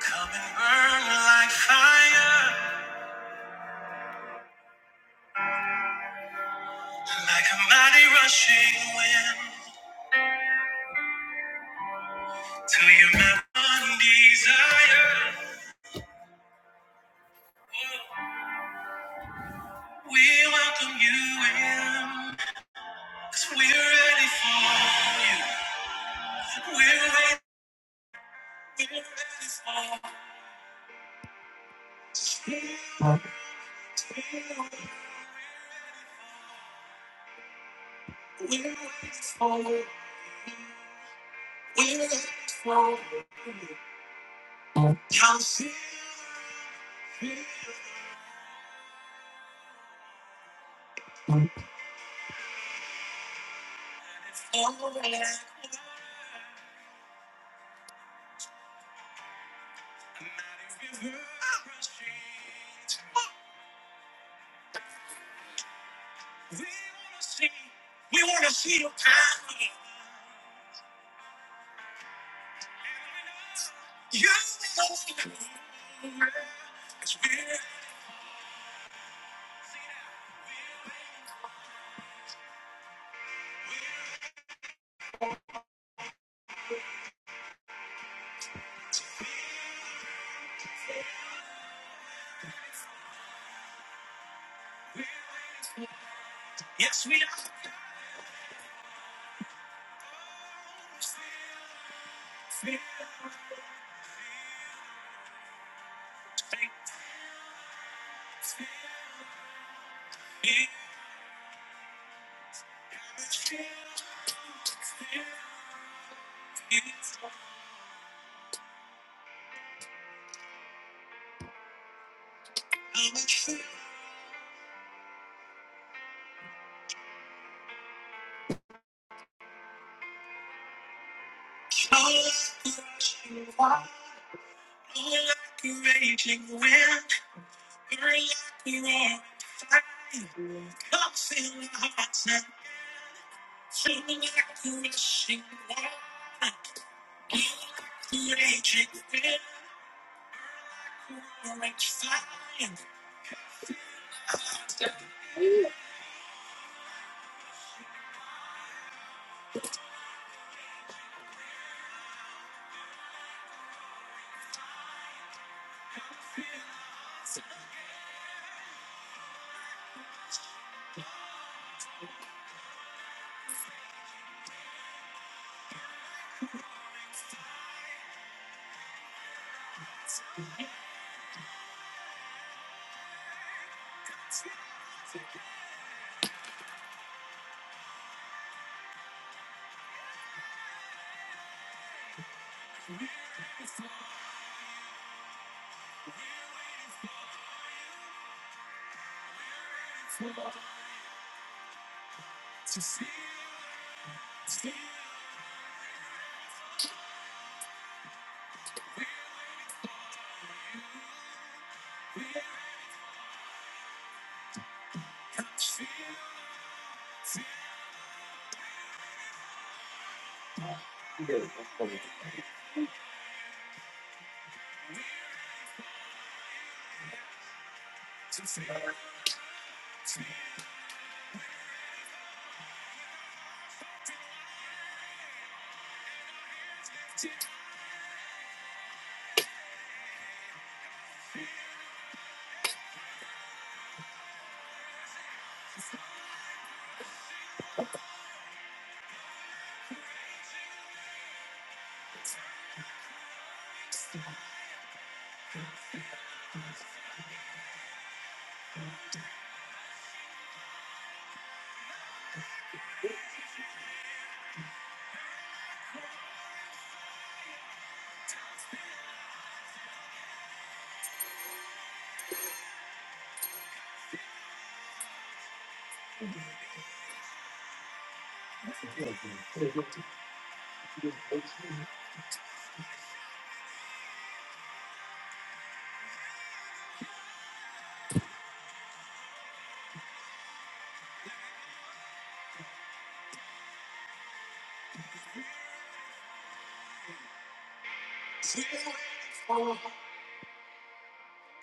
Come and burn like fire, like a mighty rushing wind, to your mountain desire. We welcome you in, cause we're ready for you. We're waiting. Mighty river rushing. We wanna see. Yes, we are.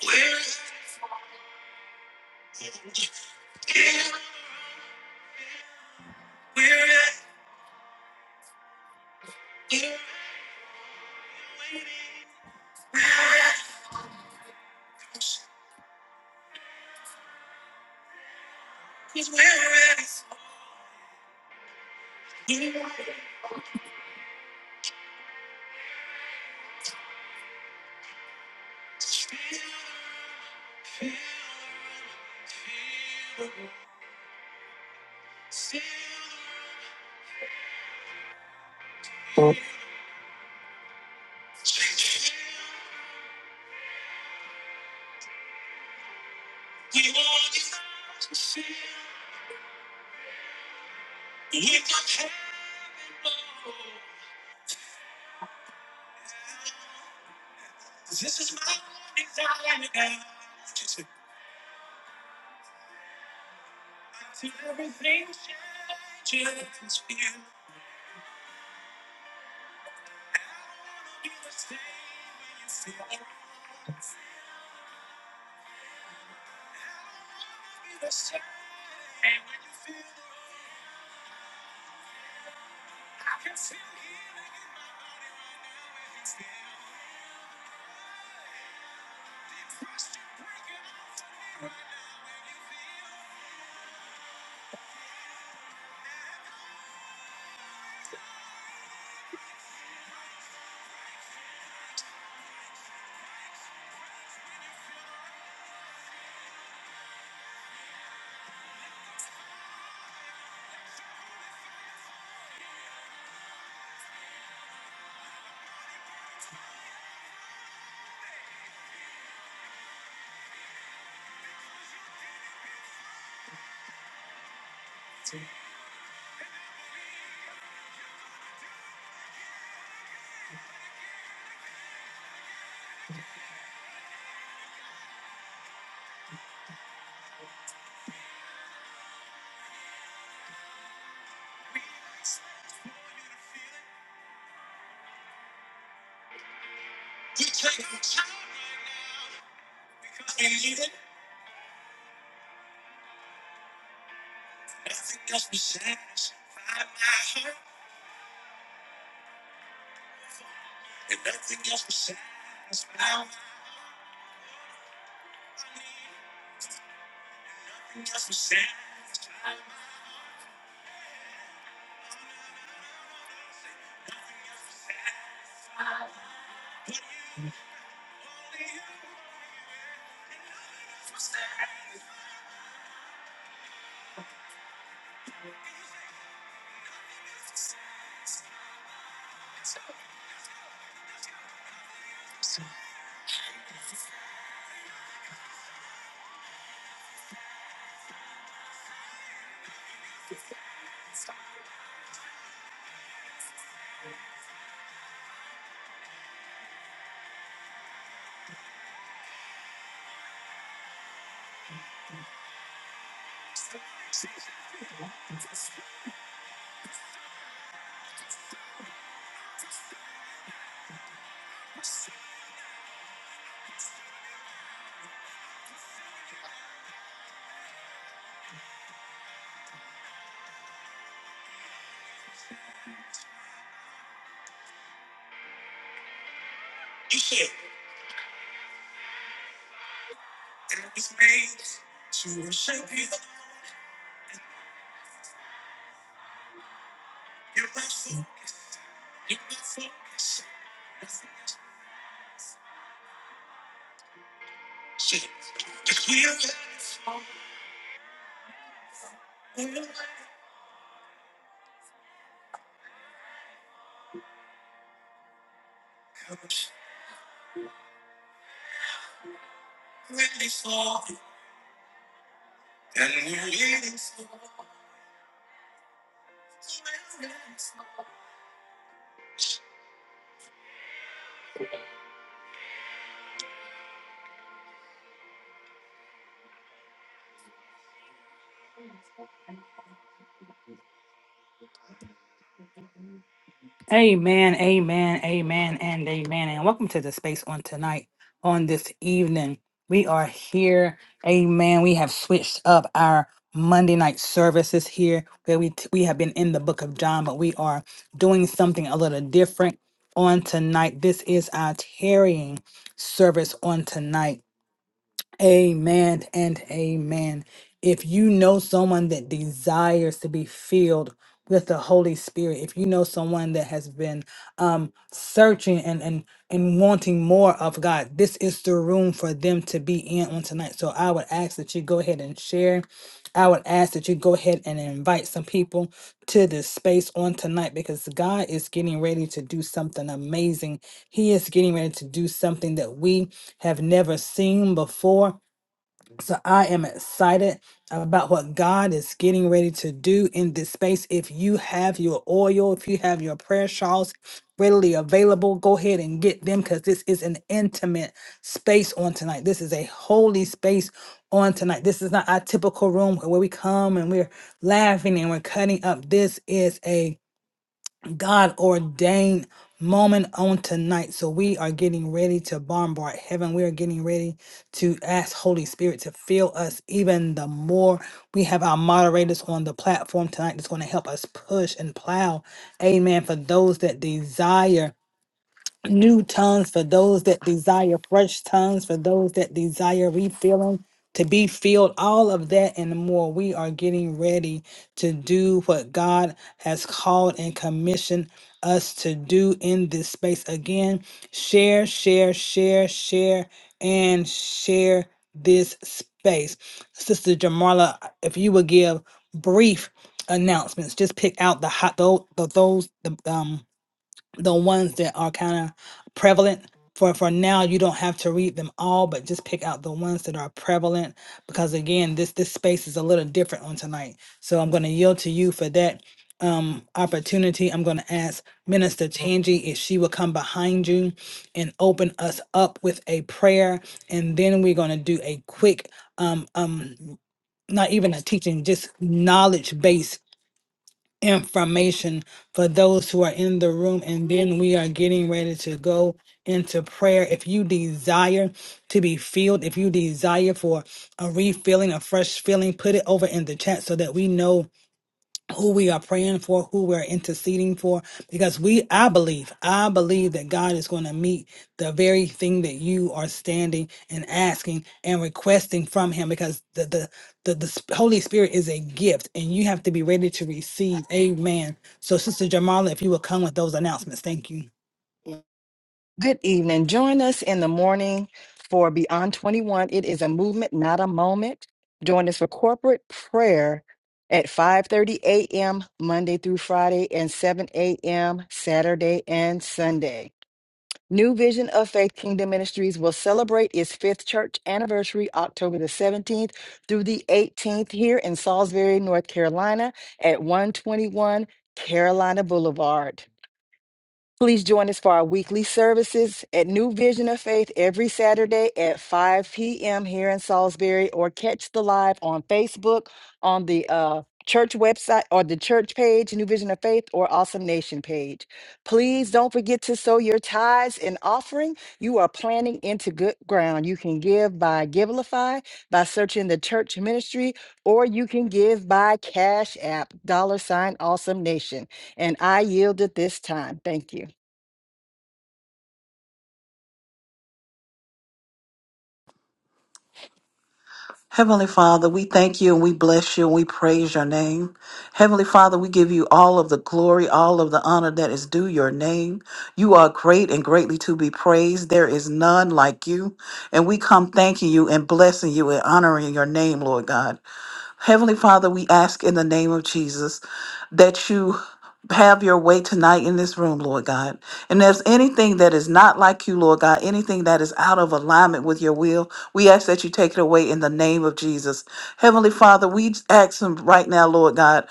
We're, we're ready. Yes, We're ready. Amen, amen, amen, and amen. And welcome to the space on tonight, on this evening. We are here. Amen. We have switched up our Monday night services here where we we have been in the book of John, but we are doing something a little different on tonight. This is our tarrying service on tonight. Amen and amen. If you know someone that desires to be filled with the Holy Spirit, if you know someone that has been um, searching and, and and wanting more of God, this is the room for them to be in on tonight. So I would ask that you go ahead and share. I would ask that you go ahead and invite some people to this space on tonight because God is getting ready to do something amazing. He is getting ready to do something that we have never seen before. So I am excited about what God is getting ready to do in this space. If you have your oil, if you have your prayer shawls readily available, go ahead and get them because this is an intimate space on tonight. This is a holy space on tonight. This is not our typical room where we come and we're laughing and we're cutting up. This is a God ordained moment on tonight. So we are getting ready to bombard heaven. We are getting ready to ask Holy Spirit to fill us even the more. We have our moderators on the platform tonight that's going to help us push and plow. Amen. For those that desire new tongues for those that desire fresh tongues for those that desire refilling to be filled all of that and more we are getting ready to do what god has called and commissioned us to do in this space again share share share share and share this space sister jamarla if you would give brief announcements just pick out the hot those those the, um the ones that are kind of prevalent for for now you don't have to read them all but just pick out the ones that are prevalent because again this this space is a little different on tonight so i'm going to yield to you for that um opportunity i'm going to ask minister tangi if she will come behind you and open us up with a prayer and then we're going to do a quick um um not even a teaching just knowledge based information for those who are in the room. And then we are getting ready to go into prayer. If you desire to be filled, if you desire for a refilling, a fresh filling, put it over in the chat so that we know who we are praying for, who we're interceding for, because we, I believe, I believe that God is going to meet the very thing that you are standing and asking and requesting from Him, because the the the, the sp- Holy Spirit is a gift, and you have to be ready to receive. Amen. So, Sister Jamala, if you will come with those announcements, thank you. Good evening. Join us in the morning for Beyond 21. It is a movement, not a moment. Join us for corporate prayer at 5:30 a.m. Monday through Friday and 7 a.m. Saturday and Sunday. New Vision of Faith Kingdom Ministries will celebrate its fifth church anniversary October the 17th through the 18th here in Salisbury, North Carolina at 121 Carolina Boulevard. Please join us for our weekly services at New Vision of Faith every Saturday at 5 p.m. here in Salisbury, or catch the live on Facebook on the uh, church website or the church page, New Vision of Faith, or Awesome Nation page. Please don't forget to sow your tithes and offering. You are planting into good ground. You can give by Givelify, by searching the church ministry, or you can give by Cash App, dollar sign Awesome Nation. And I yield at this time. Thank you. Heavenly Father, we thank you and we bless you and we praise your name. Heavenly Father, we give you all of the glory, all of the honor that is due your name. You are great and greatly to be praised. There is none like you. And we come thanking you and blessing you and honoring your name, Lord God. Heavenly Father, we ask in the name of Jesus that you have your way tonight in this room, Lord God. And if there's anything that is not like you, Lord God, anything that is out of alignment with your will, we ask that you take it away in the name of Jesus. Heavenly Father, we ask him right now, Lord God,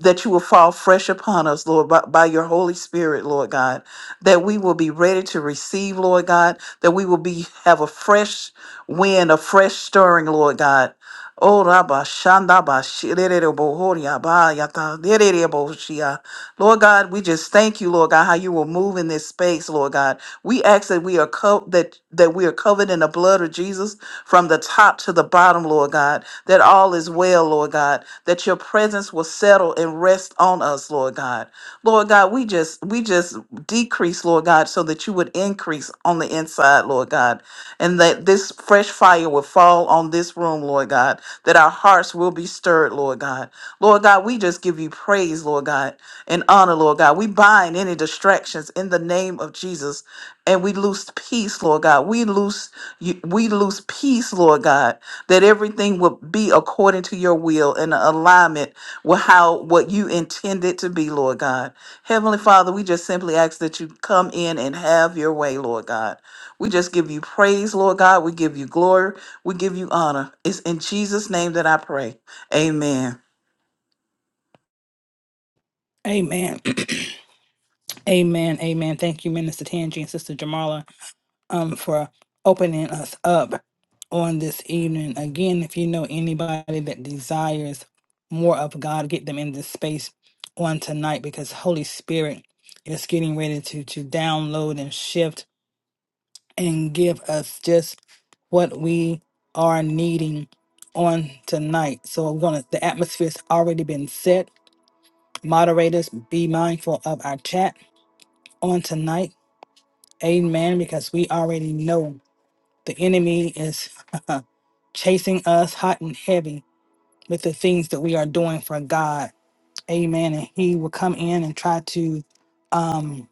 that you will fall fresh upon us, Lord, by, by your Holy Spirit, Lord God, that we will be ready to receive, Lord God, that we will be have a fresh wind, a fresh stirring, Lord God. Oh, Rabba, Shanda, Ba, Shirere, Bo, Horia, Ba, Yata, Derere, Bo, Shia. Lord God, we just thank you, Lord God, how you will move in this space, Lord God. We ask that we are co- that that we are covered in the blood of Jesus from the top to the bottom, Lord God. That all is well, Lord God. That your presence will settle and rest on us, Lord God. Lord God, we just we just decrease, Lord God, so that you would increase on the inside, Lord God. And that this fresh fire will fall on this room, Lord God, that our hearts will be stirred, Lord God. Lord God, we just give you praise, Lord God, and honor, Lord God. We bind any distractions in the name of Jesus and we lose peace, Lord God. We lose you- we lose peace, Lord God, that everything will be according to your will and alignment with how what you intend it to be, Lord God. Heavenly Father, we just simply ask that you come in and have your way, Lord God. We just give you praise, Lord God. We give you glory. We give you honor. It's in Jesus' name that I pray. Amen. Amen. amen. Amen. Thank you, Minister Tangi and Sister Jamala. um, for opening us up on this evening. Again, if you know anybody that desires more of God, get them in this space on tonight because Holy Spirit is getting ready to to download and shift and give us just what we are needing on tonight. So I'm gonna the atmosphere's already been set. Moderators, be mindful of our chat on tonight. Amen. Because we already know the enemy is chasing us hot and heavy with the things that we are doing for God. Amen. And he will come in and try to um,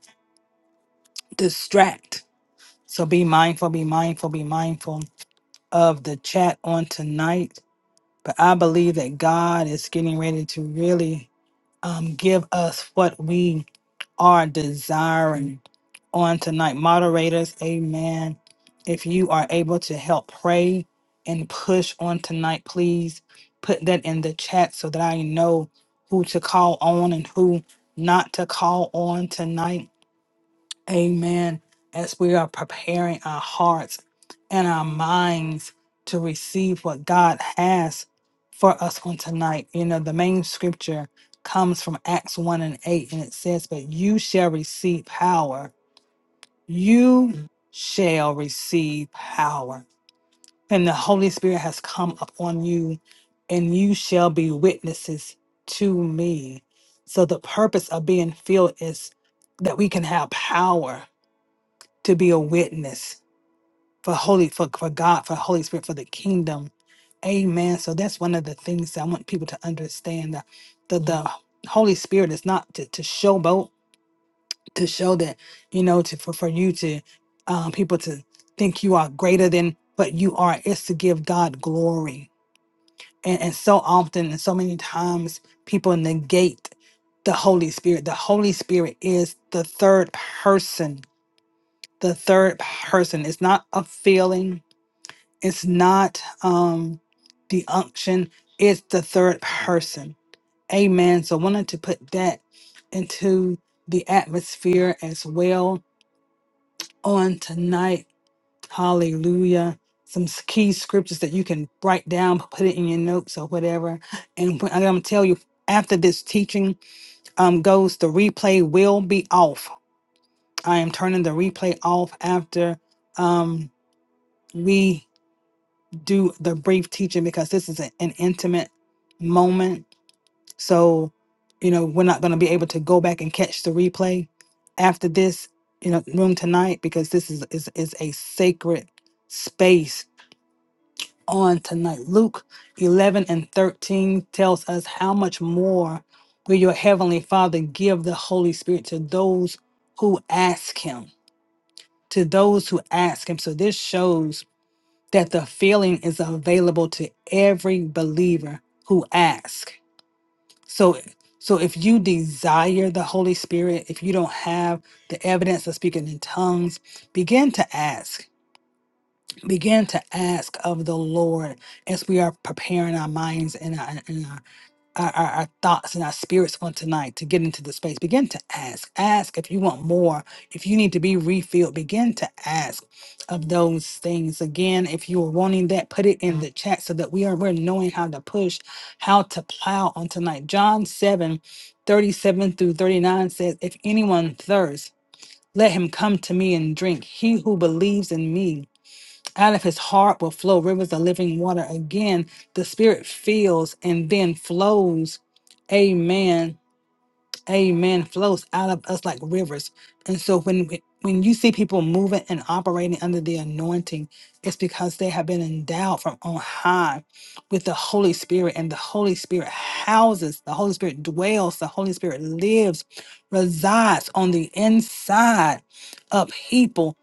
distract. So be mindful, be mindful, be mindful of the chat on tonight. But I believe that God is getting ready to really um, give us what we are desiring on tonight. Moderators, amen. If you are able to help pray and push on tonight, please put that in the chat so that I know who to call on and who not to call on tonight Amen. As we are preparing our hearts and our minds to receive what God has for us on tonight, you know, the main scripture comes from Acts 1 and 8, and it says, But you shall receive power. You shall receive power. And the Holy Spirit has come upon you, and you shall be witnesses to me. So, the purpose of being filled is that we can have power to be a witness for holy for, for God, for Holy Spirit, for the kingdom. Amen. So that's one of the things that I want people to understand that the, the Holy Spirit is not to, to showboat, to show that, you know, to for, for you to um, people to think you are greater than what you are. It's to give God glory. And, and so often and so many times people negate the Holy Spirit. The Holy Spirit is the third person the third person. It's not a feeling. It's not um the unction. It's the third person. Amen. So wanted to put that into the atmosphere as well on tonight. Hallelujah. Some s- key scriptures that you can write down, put it in your notes or whatever. And wh- I'm gonna tell you after this teaching um goes, the replay will be off. I am turning the replay off after um we do the brief teaching because this is a- an intimate moment. So, you know, we're not going to be able to go back and catch the replay after this, you know, room tonight because this is is, is a sacred space on tonight. Luke 11 and 13 tells us how much more will your heavenly Father give the Holy Spirit to those who ask him, to those who ask him. So this shows that the feeling is available to every believer who asks. So so if you desire the Holy Spirit, if you don't have the evidence of speaking in tongues, begin to ask. Begin to ask of the Lord as we are preparing our minds and. our, and our our, our, our thoughts and our spirits on tonight to get into the space. Begin to ask. Ask if you want more. If you need to be refilled, begin to ask of those things. Again, if you are wanting that, put it in the chat so that we are we're knowing how to push, how to plow on tonight. John 7 37 through 39 says, If anyone thirsts, let him come to me and drink. He who believes in me out of his heart will flow rivers of living water. Again, the Spirit feels and then flows. Amen. Amen. Flows out of us like rivers. And so when we- when you see people moving and operating under the anointing, it's because they have been endowed from on high with the Holy Spirit, and the Holy Spirit houses, the Holy Spirit dwells, the Holy Spirit lives, resides on the inside of people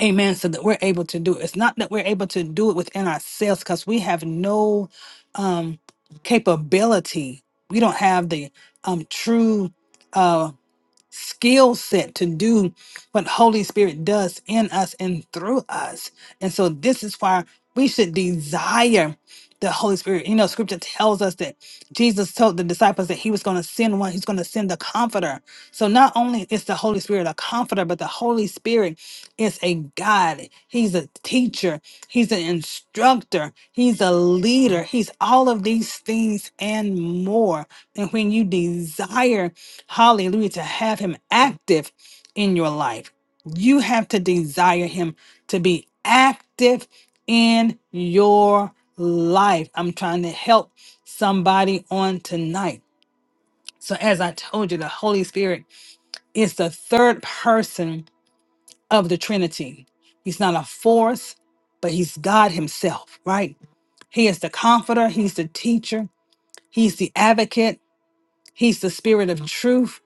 Amen. So that we're able to do it. It's not that we're able to do it within ourselves because we have no um, capability. We don't have the um, true uh, skill set to do what Holy Spirit does in us and through us. And so this is why we should desire the Holy Spirit. You know, scripture tells us that Jesus told the disciples that he was going to send one, he's going to send the comforter. So not only is the Holy Spirit a comforter, but the Holy Spirit is a guide. He's a teacher, he's an instructor, he's a leader, he's all of these things and more. And when you desire Hallelujah. To have him active in your life. You have to desire him to be active in your life. I'm trying to help somebody on tonight. So, as I told you, the Holy Spirit is the third person of the Trinity. He's not a force, but he's God himself, right? He is the comforter, he's the teacher, he's the advocate, he's the spirit of truth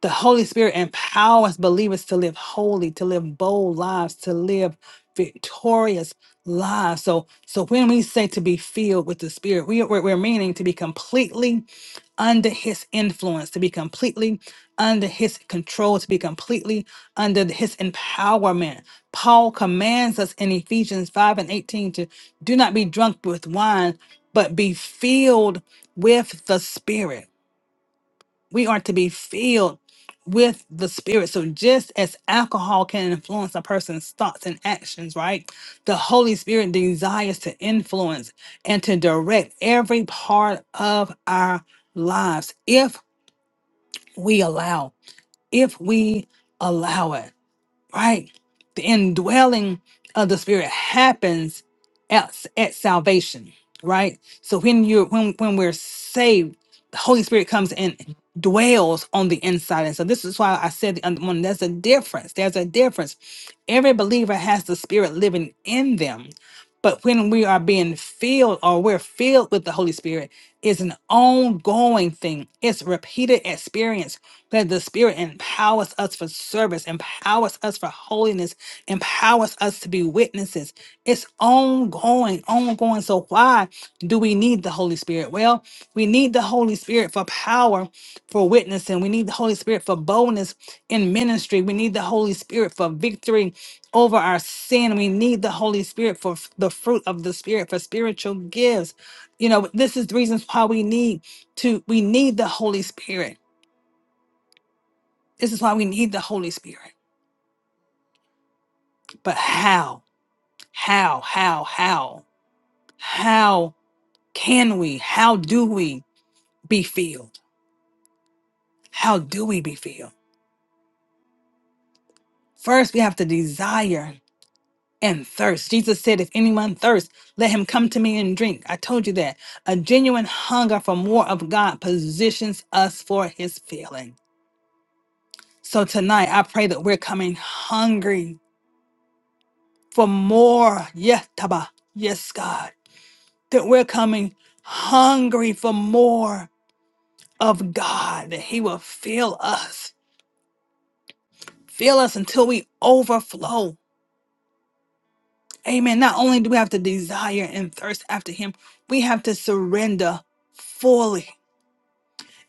the Holy Spirit empowers believers to live holy, to live bold lives, to live victorious lives. So, so when we say to be filled with the Spirit, we, we're, we're meaning to be completely under His influence, to be completely under His control, to be completely under His empowerment. Paul commands us in Ephesians 5 and 18 to do not be drunk with wine, but be filled with the Spirit we are to be filled with the Spirit. So, just as alcohol can influence a person's thoughts and actions, right? The Holy Spirit desires to influence and to direct every part of our lives if we allow, if we allow it right? The indwelling of the spirit happens at, at salvation, right? So when you're when when we're saved, the Holy Spirit comes and dwells on the inside. And so this is why I said the other morning, there's a difference. There's a difference. Every believer has the spirit living in them. But when we are being filled or we're filled with the Holy Spirit, it's an ongoing thing. It's repeated experience that the Spirit empowers us for service, empowers us for holiness, empowers us to be witnesses. It's ongoing, ongoing. So, why do we need the Holy Spirit? Well, we need the Holy Spirit for power for witnessing. We need the Holy Spirit for boldness in ministry. We need the Holy Spirit for victory over our sin. We need the Holy Spirit for f- the fruit of the Spirit, for spiritual gifts. You know, this is the reasons why we need to, we need the Holy Spirit this is why we need the Holy Spirit. But how? How? How? How? How can we? How do we be filled? How do we be filled? First, we have to desire and thirst. Jesus said, If anyone thirsts, let him come to me and drink. I told you that. A genuine hunger for more of God positions us for his filling. So tonight, I pray that we're coming hungry for more. Yes, Taba. Yes, God that we're coming hungry for more of God, that He will fill us, fill us until we overflow. Amen. Not only do we have to desire and thirst after Him, we have to surrender fully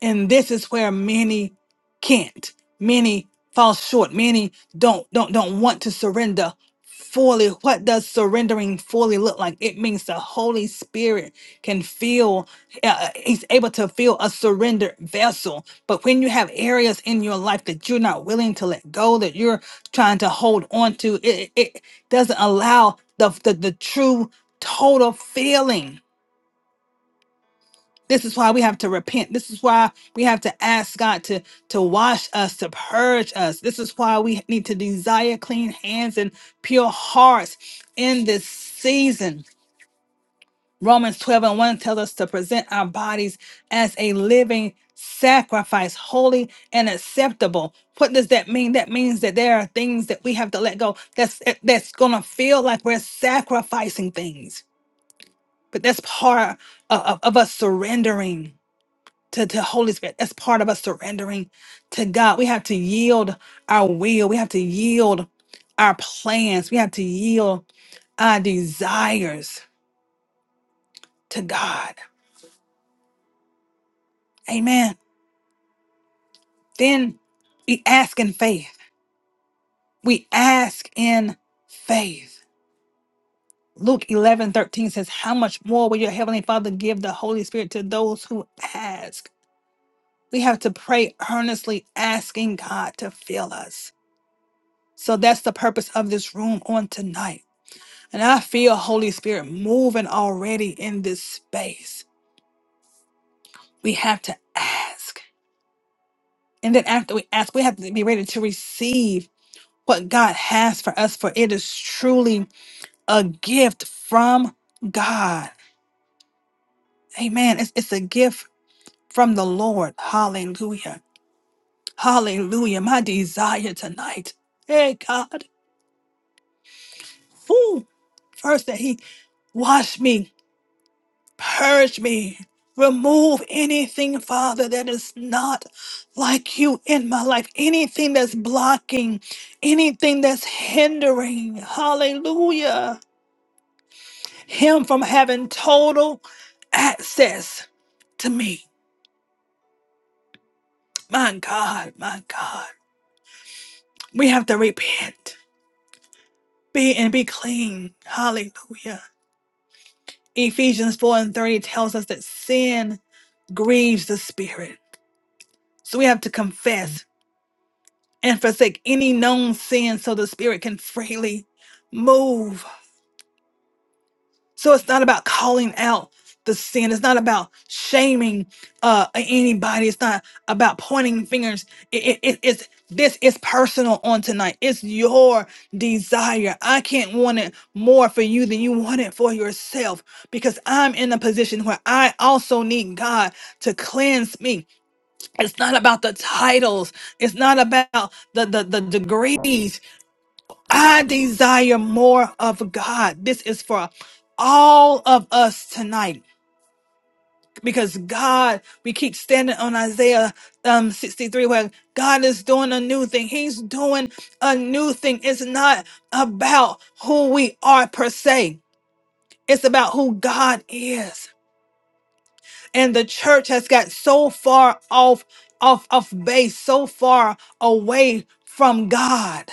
And this is where many can't, many fall short, many don't don't don't want to surrender fully. What does surrendering fully look like? It means the Holy Spirit can feel, uh, He's able to feel a surrendered vessel. But when you have areas in your life that you're not willing to let go, that you're trying to hold on to, it, it it doesn't allow the, the, the true total feeling this is why we have to repent. This is why we have to ask God to, to wash us, to purge us. This is why we need to desire clean hands and pure hearts in this season. Romans 12 and 1 tells us to present our bodies as a living sacrifice, holy and acceptable. What does that mean? That means that there are things that we have to let go. That's that's gonna feel like we're sacrificing things. But that's part of, of of us surrendering to the Holy Spirit. That's part of us surrendering to God. We have to yield our will. We have to yield our plans. We have to yield our desires to God. Amen. Then we ask in faith. We ask in faith. Luke 11 13 says, How much more will your heavenly Father give the Holy Spirit to those who ask? We have to pray earnestly, asking God to fill us. So that's the purpose of this room on tonight And I feel Holy Spirit moving already in this space. We have to ask. And then after we ask, we have to be ready to receive what God has for us, for it is truly a gift from God. Amen. It's, it's a gift from the Lord. Hallelujah. Hallelujah. My desire tonight. Hey, God. Woo. First, that He washed me Purge me. Remove anything, Father, that is not like you in my life. Anything that's blocking, anything that's hindering, hallelujah, him from having total access to me. My God, my God. We have to repent, be and be clean. Hallelujah. Ephesians 4 and 30 tells us that sin grieves the spirit. So we have to confess and forsake any known sin so the Spirit can freely move. So it's not about calling out the sin. It's not about shaming uh, anybody. It's not about pointing fingers. It, it, it- it's this is personal on tonight. It's your desire. I can't want it more for you than you want it for yourself because I'm in a position where I also need God to cleanse me. It's not about the titles. It's not about the the, the degrees. I desire more of God. This is for all of us tonight because God, we keep standing on Isaiah um, 63 where God is doing a new thing. He's doing a new thing. It's not about who we are per se. It's about who God is. And the church has got so far off, off, off base, so far away from God.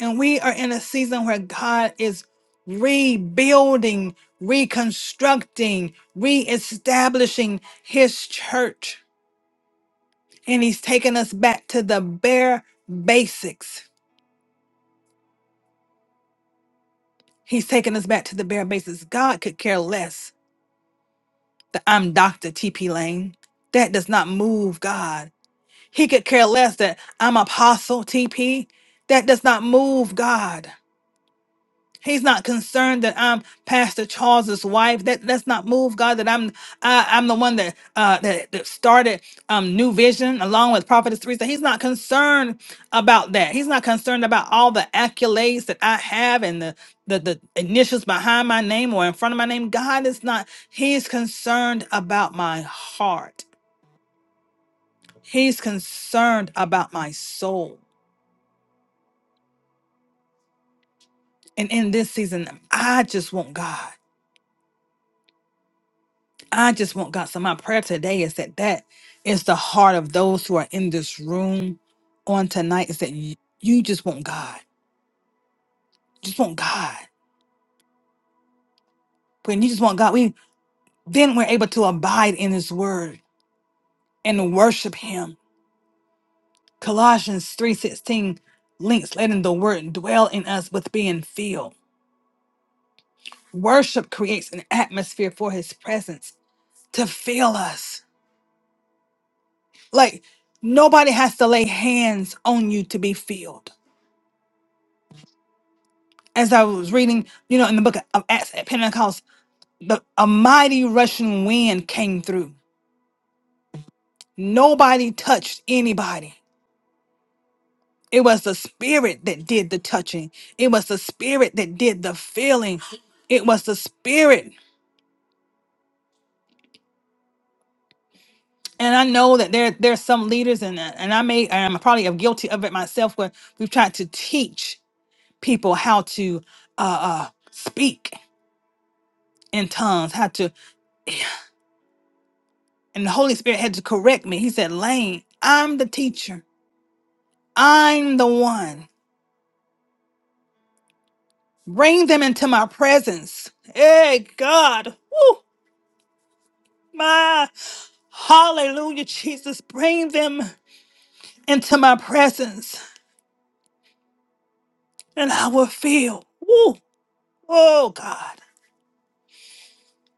And we are in a season where God is rebuilding, reconstructing, reestablishing his church. And he's taking us back to the bare basics. He's taking us back to the bare basics. God could care less that I'm Dr. TP Lane. That does not move God. He could care less that I'm Apostle TP. That does not move God. He's not concerned that I'm Pastor Charles's wife. That let's not move, God. That I'm I, I'm the one that uh that, that started um New Vision along with Prophetess Teresa. He's not concerned about that. He's not concerned about all the accolades that I have and the the, the initials behind my name or in front of my name. God is not. He's concerned about my heart. He's concerned about my soul. And in this season, I just want God. I just want God. So my prayer today is that that is the heart of those who are in this room on tonight is that you, you just want God. Just want God. When you just want God, we then we're able to abide in his word and worship him. Colossians 3:16 links letting the word dwell in us with being filled. Worship creates an atmosphere for his presence to fill us. Like nobody has to lay hands on you to be filled. as I was reading, you know, in the book of Acts at Pentecost, the a mighty rushing wind came through. Nobody touched anybody. It was the spirit that did the touching. It was the spirit that did the feeling. It was the spirit. And I know that there there's some leaders and and I may I'm probably guilty of it myself where we've tried to teach people how to uh, uh speak in tongues, how to and the Holy Spirit had to correct me. He said, Lane, I'm the teacher. I'm the one. Bring them into my presence. Hey, God. Woo, my hallelujah, Jesus. Bring them into my presence and I will feel. Woo, oh, God.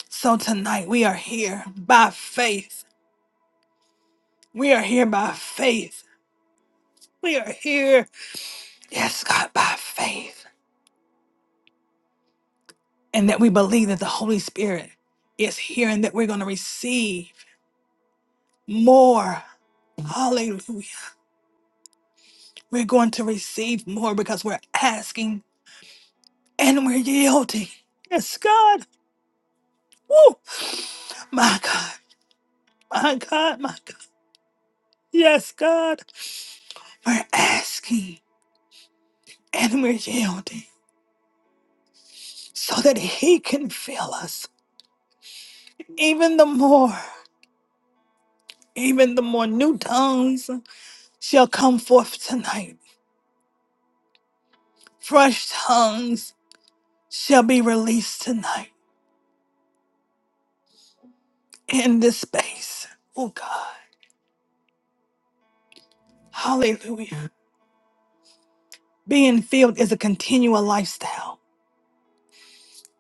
So tonight we are here by faith. We are here by faith. We are here, yes, God, by faith. And that we believe that the Holy Spirit is here and that we're going to receive more. Hallelujah We're going to receive more because we're asking and we're yielding. Yes, God. Woo! My God. My God. My God. Yes, God. We're asking and we're yielding so that He can fill us even the more. Even the more new tongues shall come forth tonight. Fresh tongues shall be released tonight in this space. Oh, God. Hallelujah. Being filled is a continual lifestyle.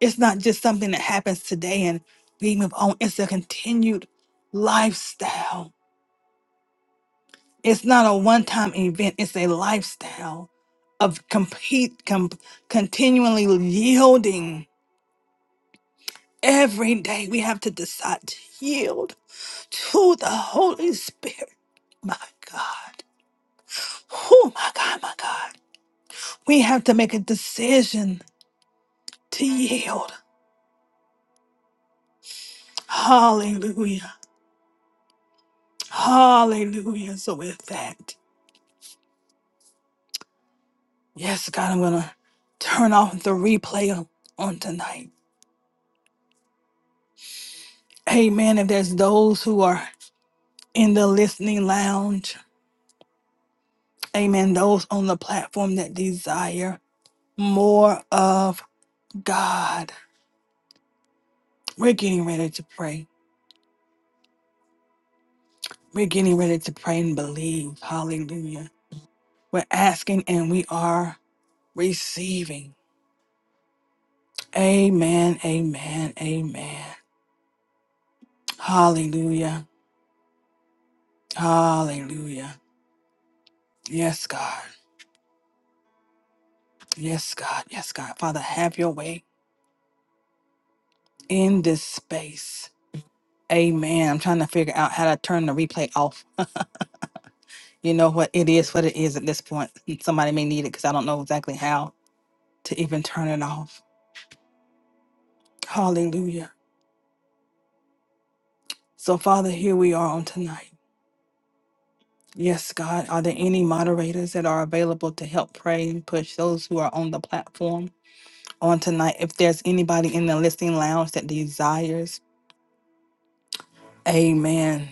It's not just something that happens today and we move on. It's a continued lifestyle. It's not a one-time event. It's a lifestyle of complete, com- continually yielding. Every day we have to decide to yield to the Holy Spirit. My God. Oh, my God, my God. We have to make a decision to yield. Hallelujah. Hallelujah. So with that, yes, God, I'm gonna turn off the replay on, on tonight. Amen. If there's those who are in the listening lounge, amen. Those on the platform that desire more of God. We're getting ready to pray. We're getting ready to pray and believe. Hallelujah. We're asking and we are receiving. Amen. Amen. Amen. Hallelujah. Hallelujah. Yes, God. Yes, God. Yes, God. Father, have your way in this space. Amen. I'm trying to figure out how to turn the replay off. You know what? It is what it is at this point. Somebody may need it because I don't know exactly how to even turn it off. Hallelujah. So, Father, here we are on tonight. Yes, God. Are there any moderators that are available to help pray and push those who are on the platform on tonight? If there's anybody in the listening lounge that desires, amen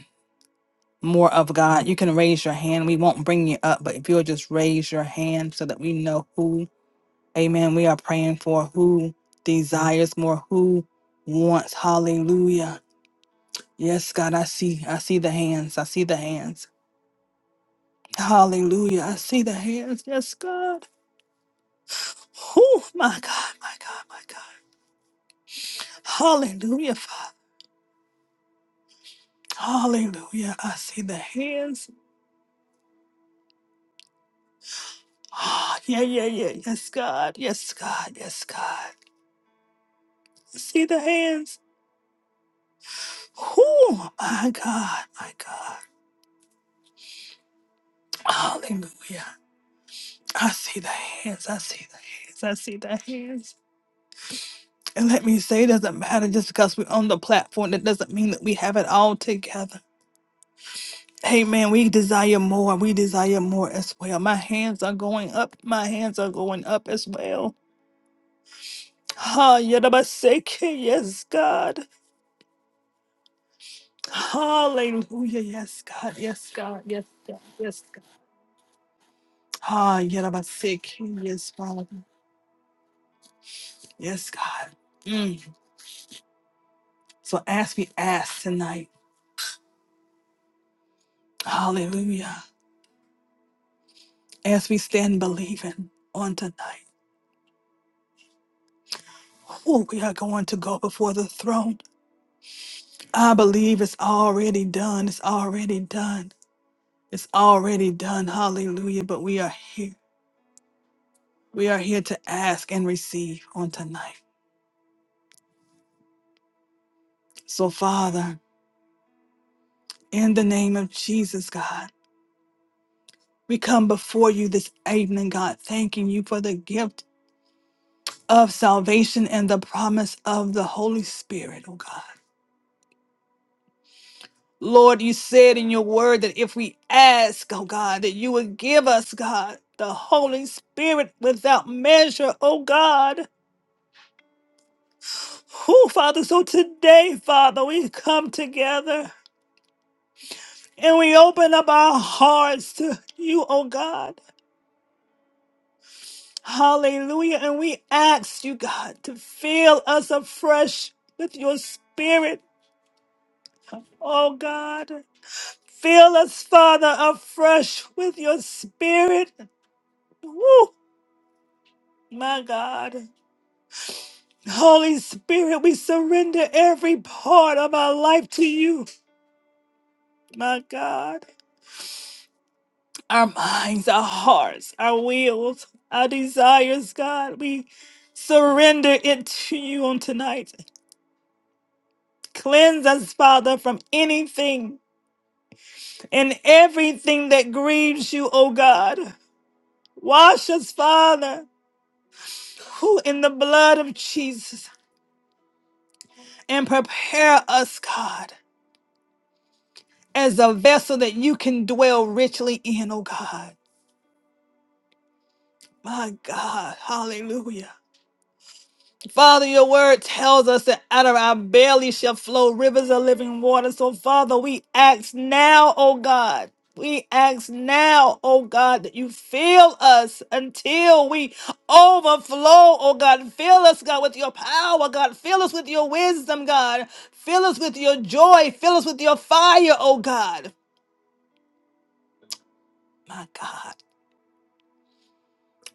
more of God. You can raise your hand. We won't bring you up, but if you'll just raise your hand so that we know who, amen, we are praying for, who desires more, who wants. Hallelujah. Yes, God, I see. I see the hands. I see the hands. Hallelujah. I see the hands. Yes, God. Oh, my God, my God, my God. Hallelujah, Father. Hallelujah. I see the hands. Ah, yeah, yeah, yeah. Yes, God. Yes, God. Yes, God. I see the hands. Whew, my God, my God. Hallelujah. I see the hands. I see the hands. I see the hands. And let me say, it doesn't matter just because we're on the platform. That doesn't mean that we have it all together. Hey, man, we desire more. We desire more as well. My hands are going up. My hands are going up as well. Ah, yadabaseke, Yes, God. Hallelujah. Yes, God. Yes, God. Yes, God. Yes, God. Ah, yadabaseke, Yes, Father. Yes, God. Mm. So as we ask tonight, hallelujah, as we stand believing on tonight, oh, we are going to go before the throne. I believe it's already done. It's already done. It's already done. Hallelujah. But we are here. We are here to ask and receive on tonight. So, Father, in the name of Jesus, God, we come before you this evening, God, thanking you for the gift. of salvation and the promise of the Holy Spirit, oh God. Lord, you said in your word that if we ask, oh God, that you would give us, God, the Holy Spirit without measure, oh God. Who, Father, so today, Father, we come together and we open up our hearts to you, oh God. Hallelujah. And we ask you, God, to fill us afresh with your spirit, oh God. Fill us, Father, afresh with your spirit. Woo, my God. Holy Spirit, we surrender every part of our life to you, my God. Our minds, our hearts, our wills, our desires, God, we surrender it to you on tonight. Cleanse us, Father, from anything and everything that grieves you, O God. Wash us, Father, who in the blood of Jesus. and prepare us, God, as a vessel that you can dwell richly in, oh God. My God, hallelujah. Father, your word tells us that out of our belly shall flow rivers of living water. So, Father, we ask now, oh God. We ask now, oh God, that you fill us until we overflow, oh God. Fill us, God, with your power, God. Fill us with your wisdom, God. Fill us with your joy. Fill us with your fire, oh God. My God.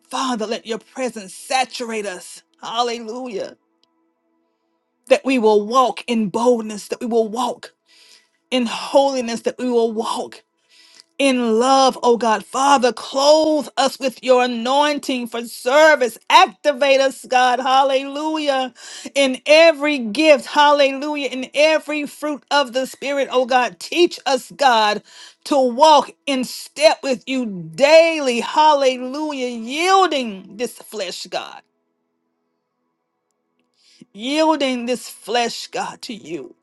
Father, let your presence saturate us. Hallelujah. That we will walk in boldness, that we will walk in holiness, that we will walk. in love, oh God. Father, clothe us with your anointing for service. Activate us, God. Hallelujah. In every gift, hallelujah. In every fruit of the Spirit, oh God. Teach us, God, to walk in step with you daily. Hallelujah. Yielding this flesh, God. Yielding this flesh, God, to you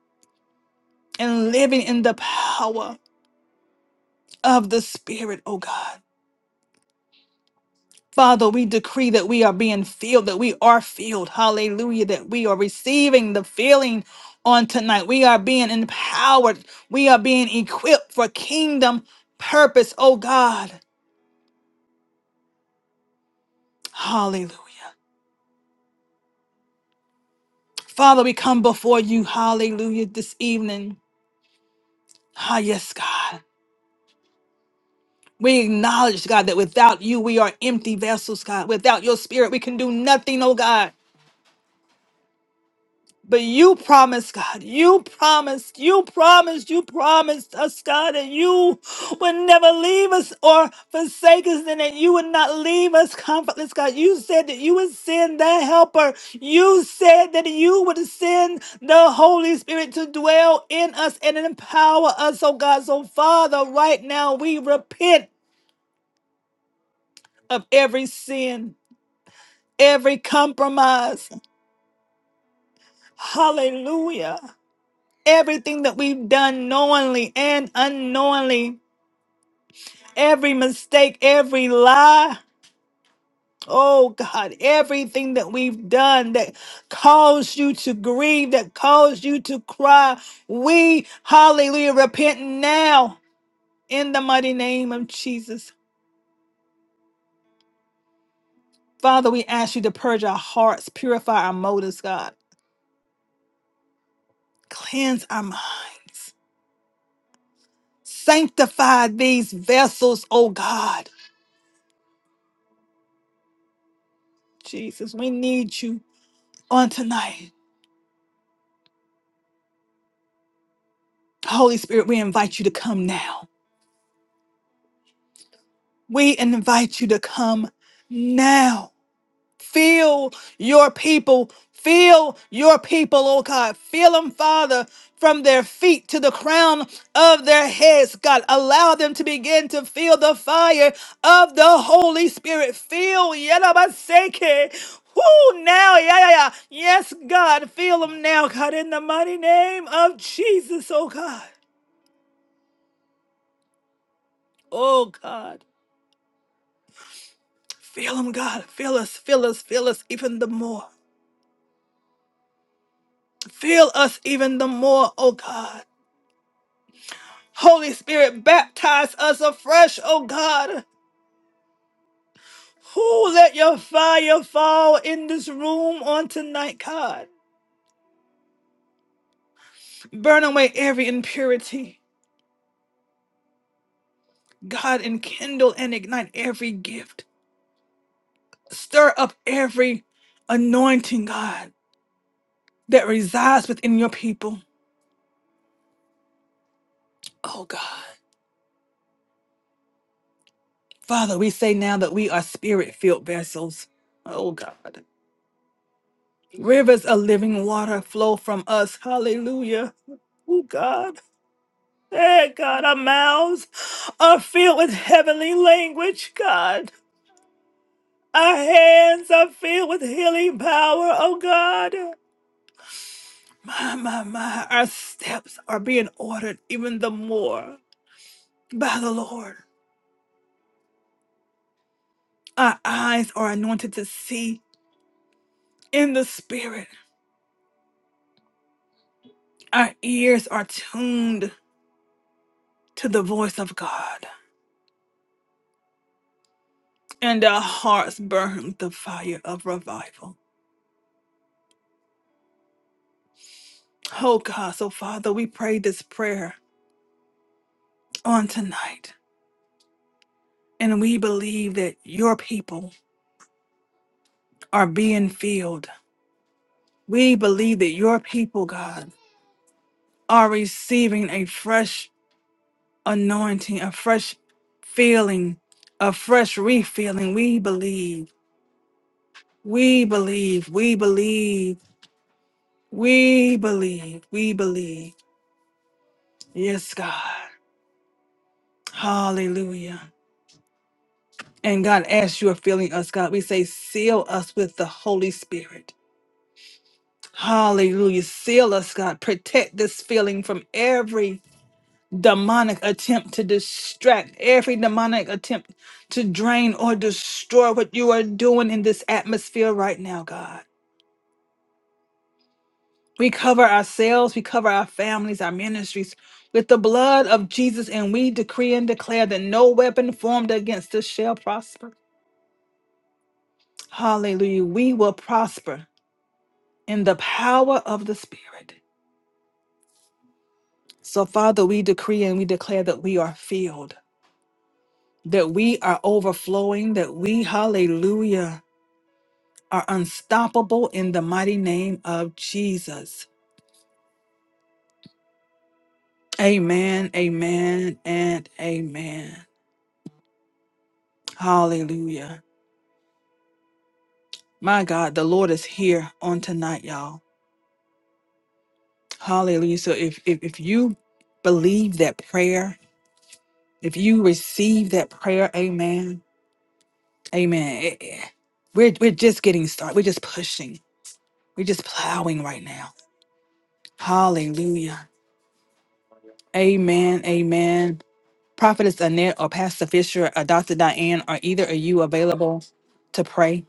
and living in the power of the Spirit, oh God. Father, we decree that we are being filled, that we are filled. Hallelujah. That we are receiving the filling on tonight. We are being empowered. We are being equipped for kingdom purpose. Oh God. Hallelujah. Father, we come before you. Hallelujah. This evening. Ah, yes, God. We acknowledge, God, that without you, we are empty vessels, God. Without your spirit, we can do nothing, oh God. But you promised, God, you promised, you promised, you promised us, God, that you would never leave us or forsake us, and that you would not leave us comfortless, God. You said that you would send the helper. You said that you would send the Holy Spirit to dwell in us and empower us, oh God. So, Father, right now we repent of every sin, every compromise. Hallelujah. everything that we've done knowingly and unknowingly, every mistake, every lie. Oh God, everything that we've done that caused you to grieve, that caused you to cry, we, hallelujah, repent now in the mighty name of Jesus. Father, we ask you to purge our hearts, purify our motives, God, cleanse our minds, sanctify these vessels, oh God. Jesus, we need you on tonight. Holy Spirit, we invite you to come now. We invite you to come now. Feel your people. Feel your people, oh God. Feel them, Father, from their feet to the crown of their heads, God. Allow them to begin to feel the fire of the Holy Spirit. Feel, Yadabaseke. Woo, now, yeah, yeah, yeah. Yes, God. Feel them now, God, in the mighty name of Jesus, oh God. Oh God. Fill them, God. Fill us, fill us, fill us even the more. Fill us even the more, oh God. Holy Spirit, baptize us afresh, oh God. Who let your fire fall in this room on tonight, God? Burn away every impurity, God, enkindle and ignite every gift. Stir up every anointing, God, that resides within your people, oh God. Father, we say now that we are spirit filled vessels, oh God. Rivers of living water flow from us. Hallelujah. Oh God. Hey God, our mouths are filled with heavenly language, God. Our hands are filled with healing power, oh God. My, my, my, our steps are being ordered even the more by the Lord. Our eyes are anointed to see in the Spirit. Our ears are tuned to the voice of God. and our hearts burn with the fire of revival. Oh God, so Father, we pray this prayer on tonight, and we believe that your people are being filled. We believe that your people, God, are receiving a fresh anointing, a fresh feeling, a fresh refilling. We believe, we believe, we believe, we believe, we believe. Yes, God. Hallelujah. And God, as you are filling us, God, we say, seal us with the Holy Spirit. Hallelujah. Seal us, God. Protect this feeling from every demonic attempt to distract, every demonic attempt to drain or destroy what you are doing in this atmosphere right now, God. We cover ourselves, we cover our families, our ministries with the blood of Jesus, and we decree and declare that no weapon formed against us shall prosper. Hallelujah. We will prosper in the power of the Spirit. So, Father, we decree and we declare that we are filled, that we are overflowing, that we, hallelujah, are unstoppable in the mighty name of Jesus. Amen, amen, and amen. Hallelujah. My God, the Lord is here on tonight, y'all. Hallelujah. So if, if if you believe that prayer, if you receive that prayer, amen Amen. It- it- We're, we're just getting started. We're just pushing. We're just plowing right now. Hallelujah. Amen. Amen. Prophetess Annette or Pastor Fisher or Dr. Diane, are either of you available to pray?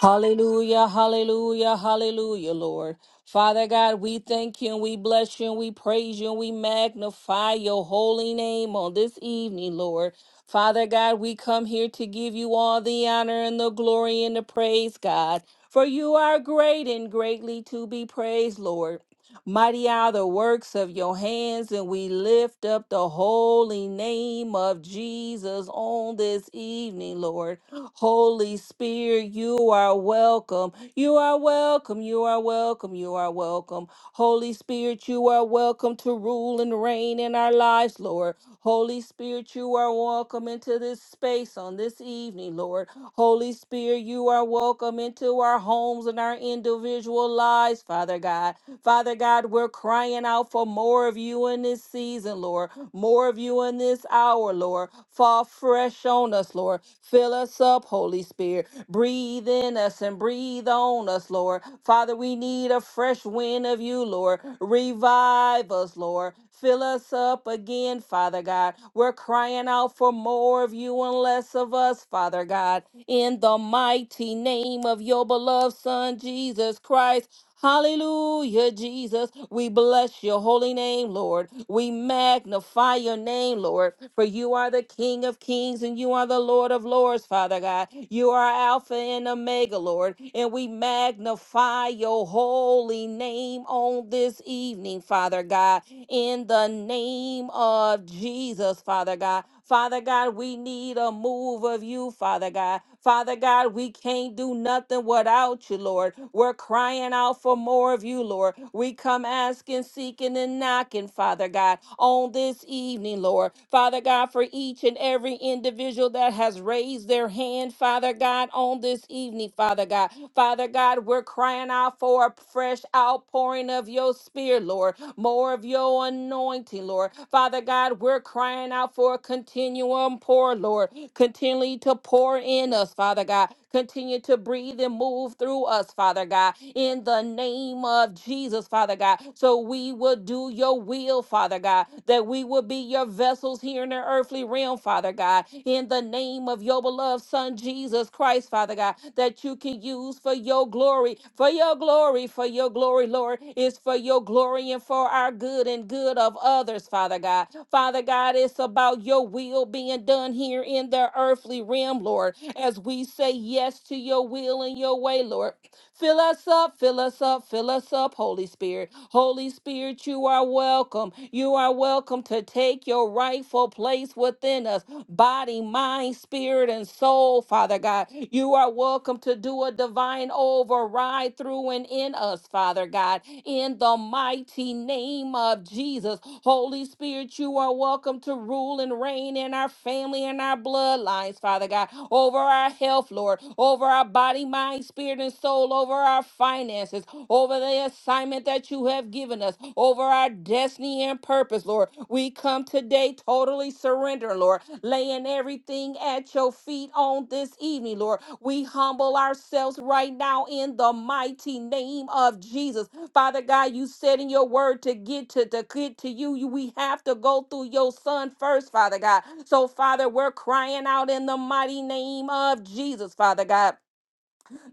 Hallelujah, hallelujah, hallelujah, Lord. Father God, we thank you and we bless you and we praise you and we magnify your holy name on this evening, Lord. Father God, we come here to give you all the honor and the glory and the praise, God. For you are great and greatly to be praised, Lord. Mighty are the works of your hands, and we lift up the holy name of Jesus on this evening, Lord. Holy Spirit, you are welcome. You are welcome. You are welcome. You are welcome. Holy Spirit, you are welcome to rule and reign in our lives, Lord. Holy Spirit, you are welcome into this space on this evening, Lord. Holy Spirit, you are welcome into our homes and our individual lives, Father God. Father God, we're crying out for more of you in this season, Lord, more of you in this hour, Lord. Fall fresh on us, Lord. Fill us up, Holy Spirit. Breathe in us and breathe on us, Lord. Father, we need a fresh wind of you, Lord. Revive us, Lord. Fill us up again, Father God. We're crying out for more of you and less of us, Father God. In the mighty name of your beloved Son, Jesus Christ. Hallelujah, Jesus. We bless your holy name, Lord. We magnify your name, Lord, for you are the King of kings and you are the Lord of lords, Father God. You are Alpha and Omega, Lord, and we magnify your holy name on this evening, Father God in the name of Jesus, Father God. Father God, we need a move of you, Father God. Father God, we can't do nothing without you, Lord. We're crying out for more of you, Lord. We come asking, seeking, and knocking, Father God, on this evening, Lord. Father God, for each and every individual that has raised their hand, Father God, on this evening, Father God. Father God, we're crying out for a fresh outpouring of your spirit, Lord more of your anointing, Lord. Father God, we're crying out for a continuum pour, Lord. Continually to pour in us, Father God. Continue to breathe and move through us, Father God, in the name of Jesus, Father God. So we will do your will, Father God, that we will be your vessels here in the earthly realm, Father God, in the name of your beloved Son, Jesus Christ. Christ, Father God, that you can use for your glory, for your glory, for your glory, Lord, is for your glory and for our good and good of others, Father God. Father God, it's about your will being done here in the earthly realm, Lord, as we say yes to your will and your way, Lord. Fill us up, fill us up, fill us up, Holy Spirit. Holy Spirit, you are welcome. You are welcome to take your rightful place within us body, mind, spirit, and soul, Father God. You are welcome to do a divine override through and in us, Father God, in the mighty name of Jesus. Holy Holy Spirit, you are welcome to rule and reign in our family and our bloodlines, Father God, over our health, Lord, over our body, mind, spirit, and soul, over our finances, over the assignment that you have given us, over our destiny and purpose, Lord. We come today totally surrender, Lord, laying everything at your feet on this evening, Lord. We humble ourselves right now in the mighty name of Jesus. Father God, you said in your word to get to, to get to you, you, we have to go through your son first, Father God. So, Father, we're crying out in the mighty name of Jesus, Father God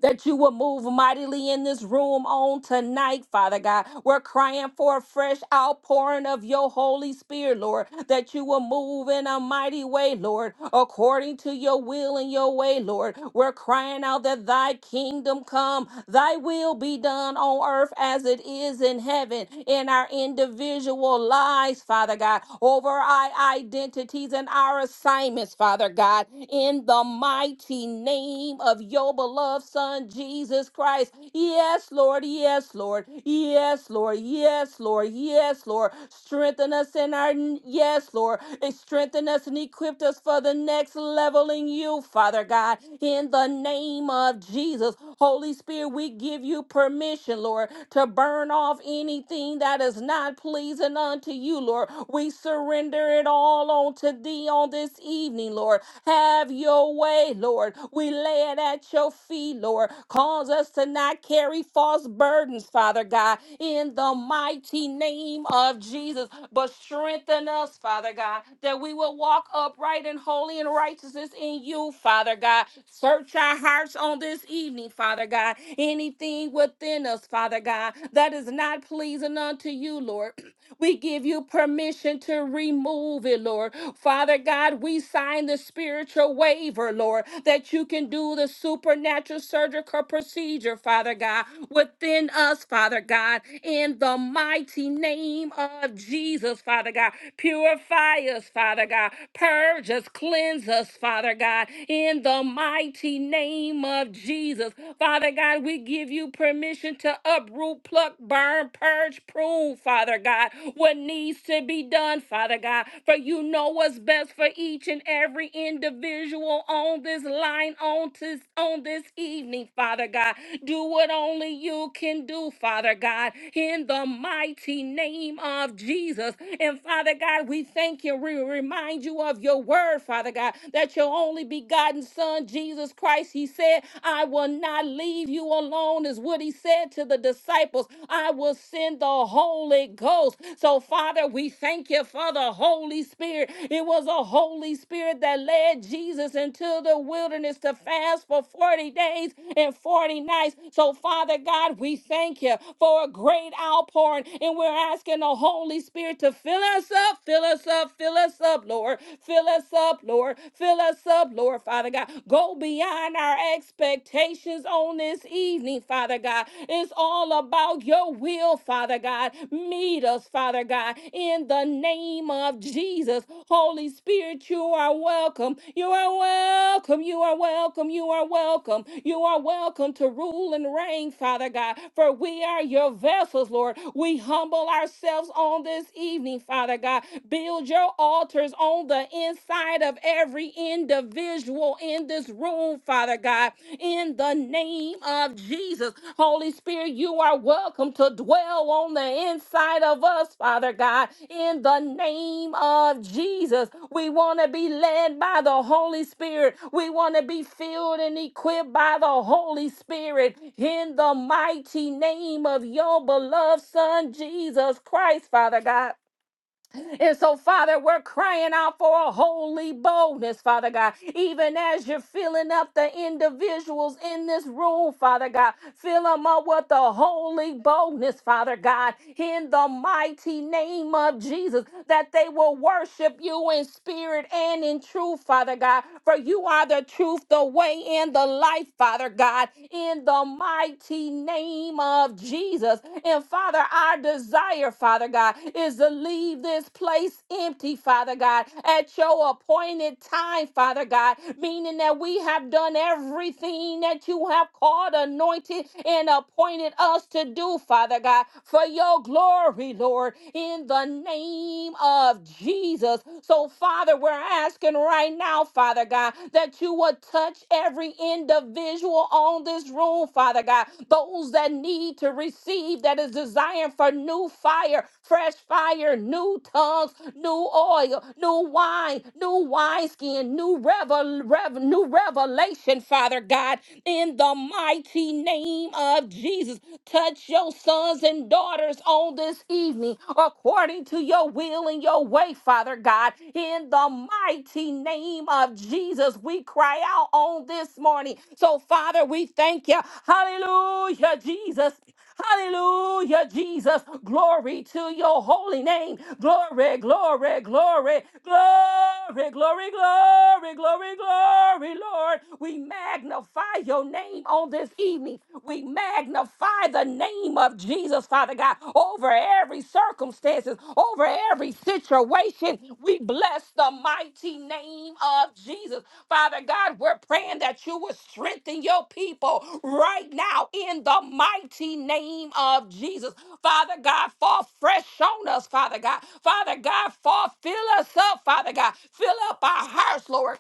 that you will move mightily in this room on tonight, Father God. We're crying for a fresh outpouring of your Holy Spirit, Lord, that you will move in a mighty way, Lord, according to your will and your way, Lord. We're crying out that thy kingdom come, thy will be done on earth as it is in heaven, in our individual lives, Father God, over our identities and our assignments, Father God, in in the mighty name of your beloved Son, Jesus Christ. Yes, Lord. Yes, Lord. Yes, Lord. Yes, Lord. Yes, Lord. Strengthen us in our, yes, Lord. And Strengthen us and equip us for the next level in you, Father God. In the name of Jesus, Holy Spirit, we give you permission, Lord, to burn off anything that is not pleasing unto you, Lord. We surrender it all call on to thee on this evening, Lord. Have your way, Lord. We lay it at your feet, Lord. Cause us to not carry false burdens, Father God, in the mighty name of Jesus. But strengthen us, Father God, that we will walk upright and holy and righteousness in you, Father God. Search our hearts on this evening, Father God. Anything within us, Father God, that is not pleasing unto you, Lord. We give you permission to remove it, Lord. Father God, we sign the spiritual waiver, Lord, that you can do the supernatural surgical procedure, Father God, within us, Father God, in the mighty name of Jesus, Father God. Purify us, Father God. Purge us, cleanse us, Father God, in the mighty name of Jesus. Father God, we give you permission to uproot remove, pluck, burn, purge, prove, Father God, what needs to be done, Father God. For you know what's best for each and every individual on this line, on this, on this evening, Father God. Do what only you can do, Father God, in the mighty name of Jesus. And Father God, we thank you. We remind you of your word, Father God, that your only begotten Son, Jesus Christ, He said, I will not I leave you alone, is what he said to the disciples. I will send the Holy Ghost. So, Father, we thank you for the Holy Spirit. It was a Holy Spirit that led Jesus into the wilderness to fast for 40 days and 40 nights. So, Father God, we thank you for a great outpouring. And we're asking the Holy Spirit to fill us up, fill us up, fill us up, Lord. Fill us up, Lord. Fill us up, Lord, Father. Father God. Go beyond our expectations on this evening, Father God. It's all about your will, Father God. Meet us, Father God, in the name of Jesus. Holy Spirit, you are welcome. You are welcome. You are welcome. You are welcome. You are welcome to rule and reign, Father God, for we are your vessels, Lord. We humble ourselves on this evening, Father God. Build your altars on the on the inside of every individual in this room, Father God, in the name of Jesus. Holy Spirit, you are welcome to dwell on the inside of us, Father God, in the name of Jesus. We want to be led by the Holy Spirit. We want to be filled and equipped by the Holy Spirit in the mighty name of your beloved Son, Jesus Christ, Father God. And so, Father, we're crying out for a holy boldness, Father God. Even as you're filling up the individuals in this room, Father God, fill them up with the holy boldness, Father God, in the mighty name of Jesus, that they will worship you in spirit and in truth, Father God. For you are the truth, the way, and the life, Father God, in the mighty name name of Jesus. And Father, our desire, Father God, is to leave this place empty, Father God, at your appointed time, Father God, meaning that we have done everything that you have called, anointed, and appointed us to do, Father God, for your glory, Lord, in the name of Jesus. So, Father, we're asking right now, Father God, that you would touch every individual on this room, Father God. Those that need to receive, that is desiring for new fire, fresh fire, new tongues, new oil, new wine, new wineskin, new, revel- rev- new revelation, Father God, in the mighty name of Jesus. Touch your sons and daughters on this evening according to to your will and your way, Father God. In the mighty name of Jesus, we cry out on this morning. So, Father, we thank you. Hallelujah, Jesus. Hallelujah, Jesus. Glory to your holy name. Glory, glory, glory, glory, glory, glory, glory, glory, Lord. We magnify your name on this evening. We magnify the name of Jesus, Father God, over every circumstances, over every situation. We bless the mighty name of Jesus. Father God, we're praying that you would strengthen your people right now in the mighty name of Jesus. Father God, fall fresh on us, Father God. Father God, fall, fill us up, Father God. Fill up our hearts, Lord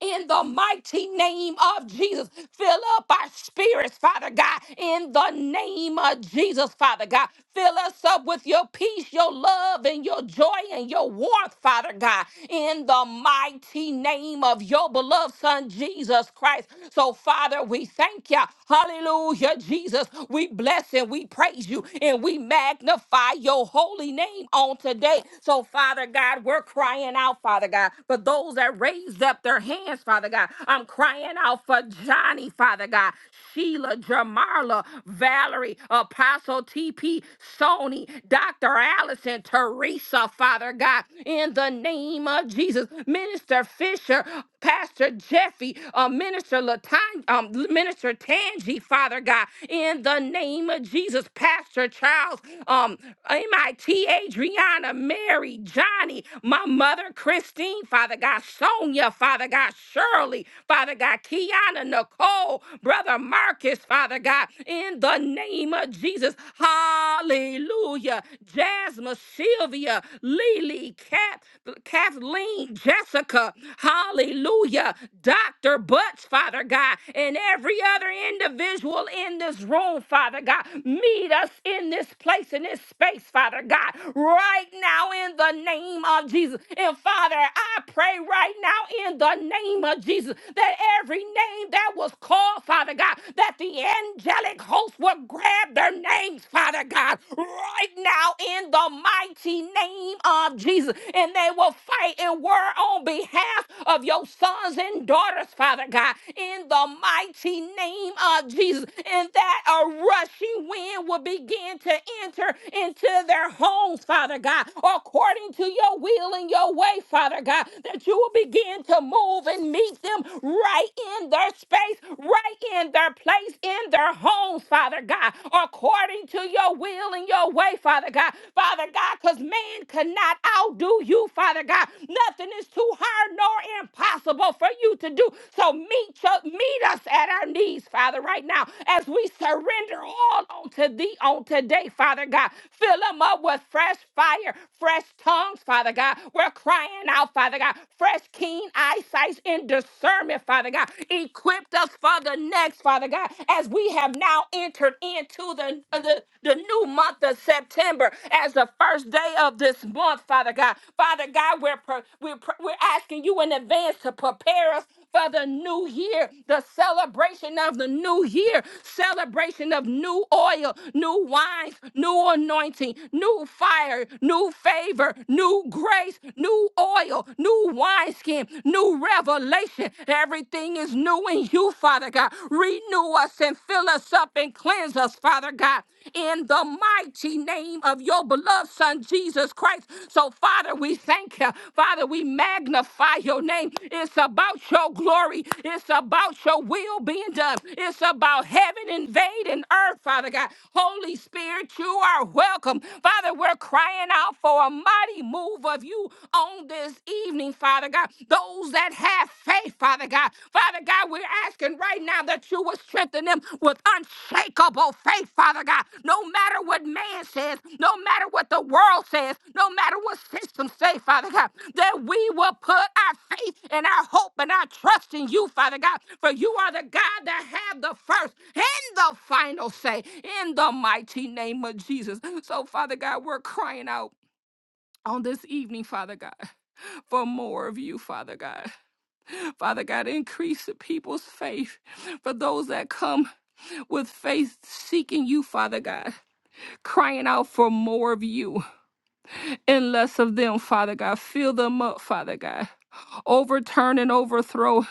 in the mighty name of Jesus. Fill up our spirits, Father God, in the name of Jesus, Father God. Fill us up with your peace, your love, and your joy and your warmth, Father God, in the mighty name of your beloved Son, Jesus Christ. So, Father, we thank you. Hallelujah, Jesus. We bless and we praise you and we magnify your holy name on today. So, Father God, we're crying out, Father God, for those that raised raised up their hands, Father God. I'm crying out for Johnny, Father God, Sheila, Jamarla, Valerie, Apostle TP, Sony, Dr. Allison, Teresa, Father God, in the name of Jesus, Minister Fisher, Pastor Jeffy, uh, Minister Latan, um, Minister Tangi, Father God, in the name of Jesus, Pastor Charles, um, MIT, Adriana, Mary, Johnny, my mother, Christine, Father God, Sonia, Father God, Shirley, Father God, Kiana, Nicole, Brother Marcus, Father God, in the name of Jesus. Hallelujah. Jasmine, Sylvia, Lily, Kat, Kathleen, Jessica, hallelujah. Dr. Butts, Father God, and every other individual in this room, Father God, meet us in this place, in this space, Father God, right now in the name of Jesus. And Father, I. I pray right now in the name of Jesus that every name that was called, Father God, that the angelic host will grab their names, Father God, right now in the mighty name of Jesus. And they will fight and war on behalf of your sons and daughters, Father God, in the mighty name of Jesus. And that a rushing wind will begin to enter into their homes, Father God, according to your will and your way, pray, Father God, that you will begin to move and meet them right in their space, right in their place, in their homes, Father God, according to your will and your way, Father God. Father God, because man cannot outdo you, Father God. Nothing is too hard nor impossible for you to do. So meet, your, meet us at our knees, Father, right now, as we surrender all unto thee on today, Father God. Fill them up with fresh fire, fresh tongues, Father God. We're crying out, Father God. Fresh, keen eyesight and discernment, Father God. Equipped us for the next, Father God, as we have now entered into the, the, the new month of September as the first day of this month, Father God. Father God, we're, pre- we're, pre- we're asking you in advance to prepare us for the new year, the celebration of the new year, celebration of new oil, new wines, new anointing, new fire, new favor, new grace, new oil, new wineskin, new revelation. Everything is new in you, Father God. Renew us and fill us up and cleanse us, Father God in the mighty name of your beloved Son, Jesus Christ. So, Father, we thank you. Father, we magnify your name. It's about your glory, it's about your will being done, it's about heaven invading earth, Father God. Holy Spirit, you are welcome. Father, we're crying out for a mighty move of you on this evening, Father God. Those that have faith, Father. God. Father God, we're asking right now that you will strengthen them with unshakable faith, Father God. No matter what man says, no matter what the world says, no matter what systems say, Father God, that we will put our faith and our hope and our trust in you, Father God. For you are the God that have the first and the final say in the mighty name of Jesus. So, Father God, we're crying out on this evening, Father God, for more of you, Father God. Father God, increase the people's faith for those that come with faith seeking you, Father God, crying out for more of you and less of them, Father God. Fill them up, Father God. Overturn and overthrow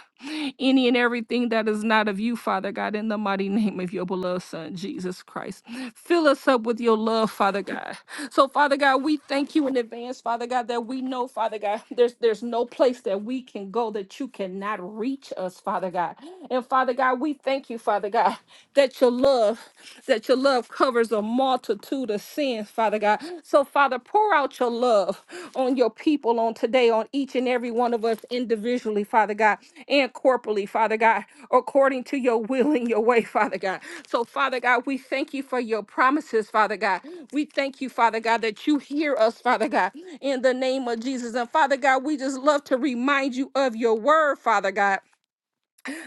any and everything that is not of you, Father God, in the mighty name of your beloved Son, Jesus Christ. Fill us up with your love, Father God. So, Father God, we thank you in advance, Father God, that we know, Father God, there's there's no place that we can go that you cannot reach us, Father God. And Father God, we thank you, Father God, that your love, that your love covers a multitude of sins, hands, Father God. So, Father, pour out your love on your people on today, on each and every one of us individually, Father God, and corporally, Father God, according to your will and your way, Father God. So, Father God, we thank you for your promises, Father God. We thank you, Father God, that you hear us, Father God, in the name of Jesus. And Father God, we just love to remind you of your word, Father God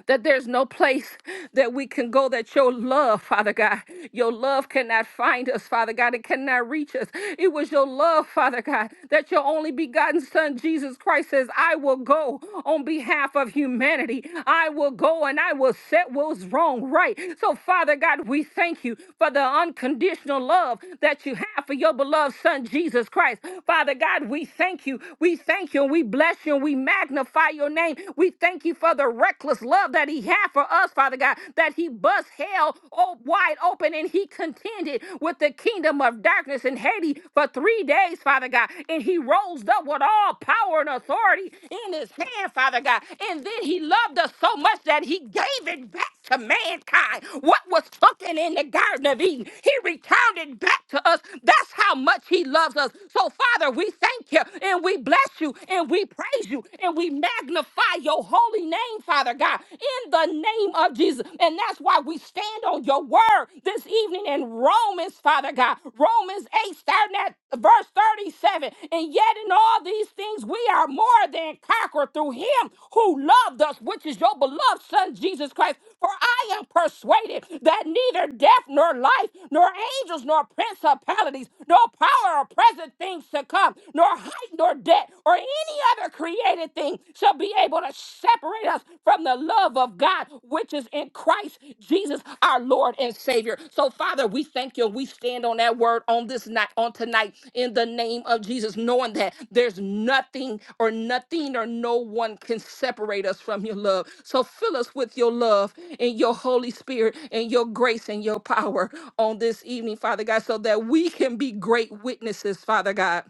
that there's no place that we can go that your love, Father God, your love cannot find us, Father God. It cannot reach us. It was your love, Father God, that your only begotten Son, Jesus Christ, says, I will go on behalf of humanity. I will go and I will set what's wrong right. So, Father God, we thank you for the unconditional love that you have for your beloved Son, Jesus Christ. Father God, we thank you. We thank you and we bless you and we magnify your name. We we thank you for the reckless love that he had for us, Father God, that he bust hell o- wide open and he contended with the kingdom of darkness in Haiti for three days, Father God. And he rose up with all power and authority in his hand, Father God. And then he loved us so much that he gave it back to mankind what was spoken in the Garden of Eden. He recounted back to us. That's how much He loves us. So, Father, we thank you and we bless you and we praise you and we magnify your holy name, Father God, in the name of Jesus. And that's why we stand on your word this evening in Romans, Father God. Romans 8, starting at verse 37. 7. And yet, in all these things, we are more than conquerors through him who loved us, which is your beloved Son, Jesus Christ. For I am persuaded that neither death nor life, nor angels nor principalities, nor power or present things to come, nor height nor depth, or any other created thing shall be able to separate us from the love of God, which is in in Christ Jesus, our Lord and Savior. So, Father, we thank you. We stand on that word on this night, on tonight, in the name of Jesus, knowing that there's nothing or nothing or no one can separate us from your love. So, fill us with your love and your Holy Spirit and your grace and your power on this evening, Father God, so that we can be great witnesses, Father God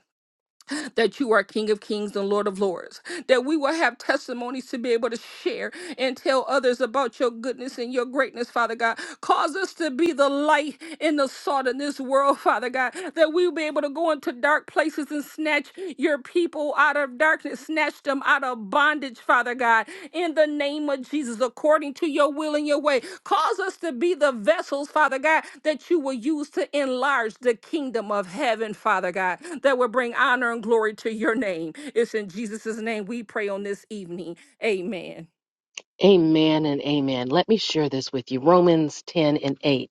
that you are King of Kings and Lord of Lords, that we will have testimonies to be able to share and tell others about your goodness and your greatness, Father God. Cause us to be the light and the salt in this world, Father God, that we will be able to go into dark places and snatch your people out of darkness, snatch them out of bondage, Father God, in the name of Jesus, according to your will and your way. Cause us to be the vessels, Father God, that you will use to enlarge the kingdom of heaven, Father God, that will bring honor and glory to your name. It's in Jesus' name we pray on this evening. Amen. Amen and amen. Let me share this with you. Romans 10 and 8.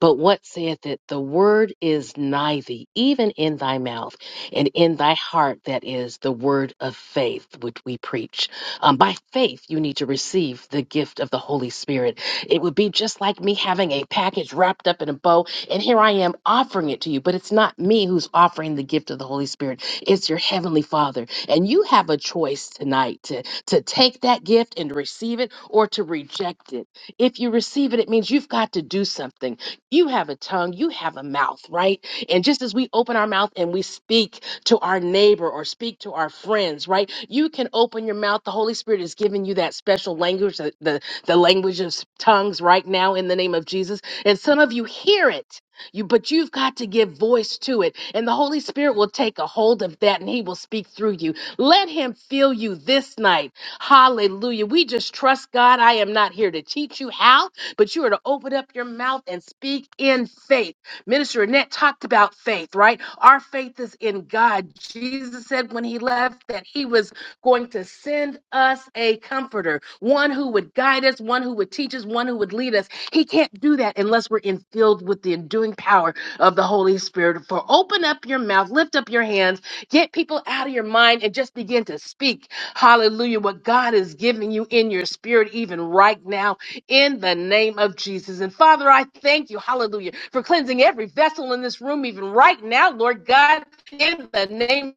But what saith it? The word is nigh thee, even in thy mouth and in thy heart. That is the word of faith, which we preach. Um, by faith, you need to receive the gift of the Holy Spirit. It would be just like me having a package wrapped up in a bow, and here I am offering it to you. But it's not me who's offering the gift of the Holy Spirit, it's your Heavenly Father. And you have a choice tonight to, to take that gift and receive it or to reject it. If you receive it, it means you've got to do something. You have a tongue, you have a mouth, right? And just as we open our mouth and we speak to our neighbor or speak to our friends, right? You can open your mouth. The Holy Spirit is giving you that special language, the, the, the language of s- tongues right now in the name of Jesus. And some of you hear it. You, but you've got to give voice to it, and the Holy Spirit will take a hold of that and He will speak through you. Let Him fill you this night. Hallelujah. We just trust God. I am not here to teach you how but you are to open up your mouth and speak in faith. Minister Annette talked about faith, right? Our faith is in God. Jesus said when he left that he was going to send us a comforter, one who would guide us, one who would teach us, one who would lead us. He can't do that unless we're in filled with the enduing power of the Holy Spirit. For open up your mouth, lift up your hands, get people out of your mind, and just begin to speak. Hallelujah. What God is giving you in your spirit, even right now in the name of Jesus. And Father, I thank you, hallelujah, for cleansing every vessel in this room, even right now, Lord God, in the name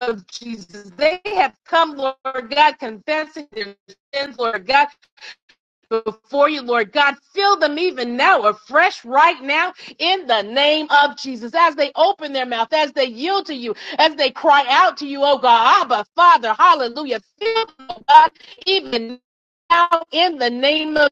of Jesus. They have come, Lord God, confessing their sins, Lord God, before you, Lord God. Fill them even now, afresh right now, in the name of Jesus. As they open their mouth, as they yield to you, as they cry out to you, oh God, Abba, Father, hallelujah. Fill them, oh God, even now, in the name of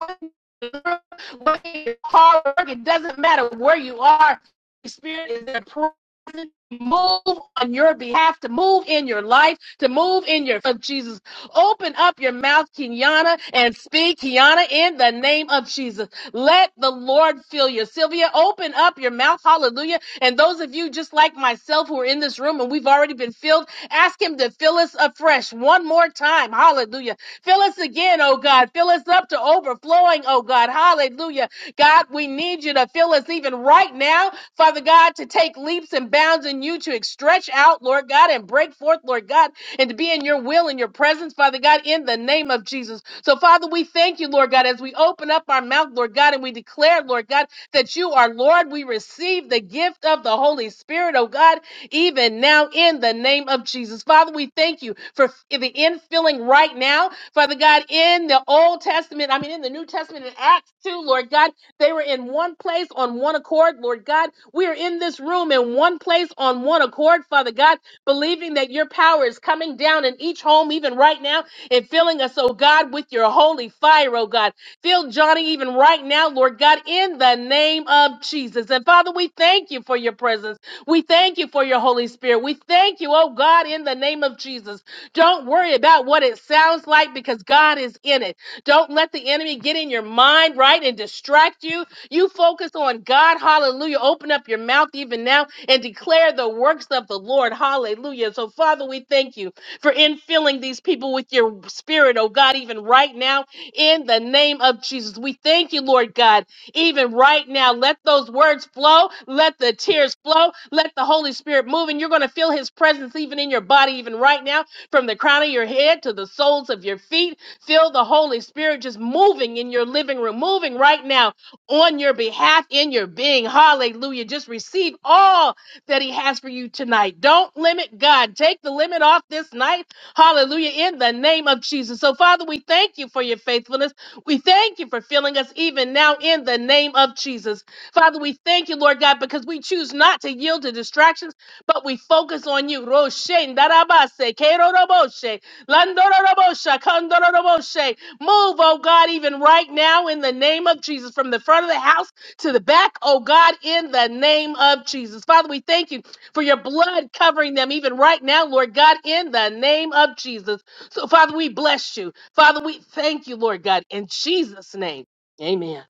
whether you're hard work, it doesn't matter where you are. The Spirit is there present. Move on your behalf, to move in your life, to move in your of Jesus. Open up your mouth, Kiana, and speak, Kiana, in the name of Jesus. Let the Lord fill you. Sylvia, open up your mouth, hallelujah. And those of you just like myself who are in this room and we've already been filled, ask him to fill us afresh one more time. Hallelujah. Fill us again, oh God. Fill us up to overflowing, oh God. Hallelujah. God, we need you to fill us even right now, Father God, to take leaps and bounds in you, to stretch out, Lord God, and break forth, Lord God, and to be in your will and your presence, Father God, in the name of Jesus. So, Father, we thank you, Lord God, as we open up our mouth, Lord God, and we declare, Lord God, that you are Lord. We receive the gift of the Holy Spirit, oh God, even now in the name of Jesus. Father, we thank you for the infilling right now Father God, in the Old Testament, I mean, in the New Testament, in Acts 2, Lord God, they were in one place on one accord, Lord God. We are in this room in one place on one accord, Father God, believing that your power is coming down in each home, even right now, and filling us, oh God, with your holy fire, oh God. Fill Johnny even right now, Lord God, in the name of Jesus. And Father, we thank you for your presence. We thank you for your Holy Spirit. We thank you, oh God, in the name of Jesus. Don't worry about what it sounds like because God is in it. Don't let the enemy get in your mind, right, and distract you. You focus on God. Hallelujah. Open up your mouth even now and declare the works of the Lord. Hallelujah. So, Father, we thank you for infilling these people with your spirit, oh God, even right now, in the name of Jesus. We thank you, Lord God, even right now. Let those words flow. Let the tears flow. Let the Holy Spirit move. And you're going to feel his presence even in your body, even right now from the crown of your head to the soles of your feet, feel the Holy Spirit just moving in your living room, moving right now on your behalf in your being. Hallelujah. Just receive all that He has for you tonight. Don't limit God. Take the limit off this night. Hallelujah. In the name of Jesus. So, Father, we thank you for your faithfulness. We thank you for filling us even now in the name of Jesus. Father, we thank you, Lord God, because we choose not to yield to distractions but we focus on you. Roshen, darabase, keroroboshe, landoroboshe, kondoroboshe. Move, oh God, even right now in the name of Jesus, from the front of the house to the back, oh God, in the name of Jesus. Father, we thank you for your blood covering them even right now, Lord God, in the name of Jesus. So, Father, we bless you. Father, we thank you, Lord God, in Jesus' name. Amen.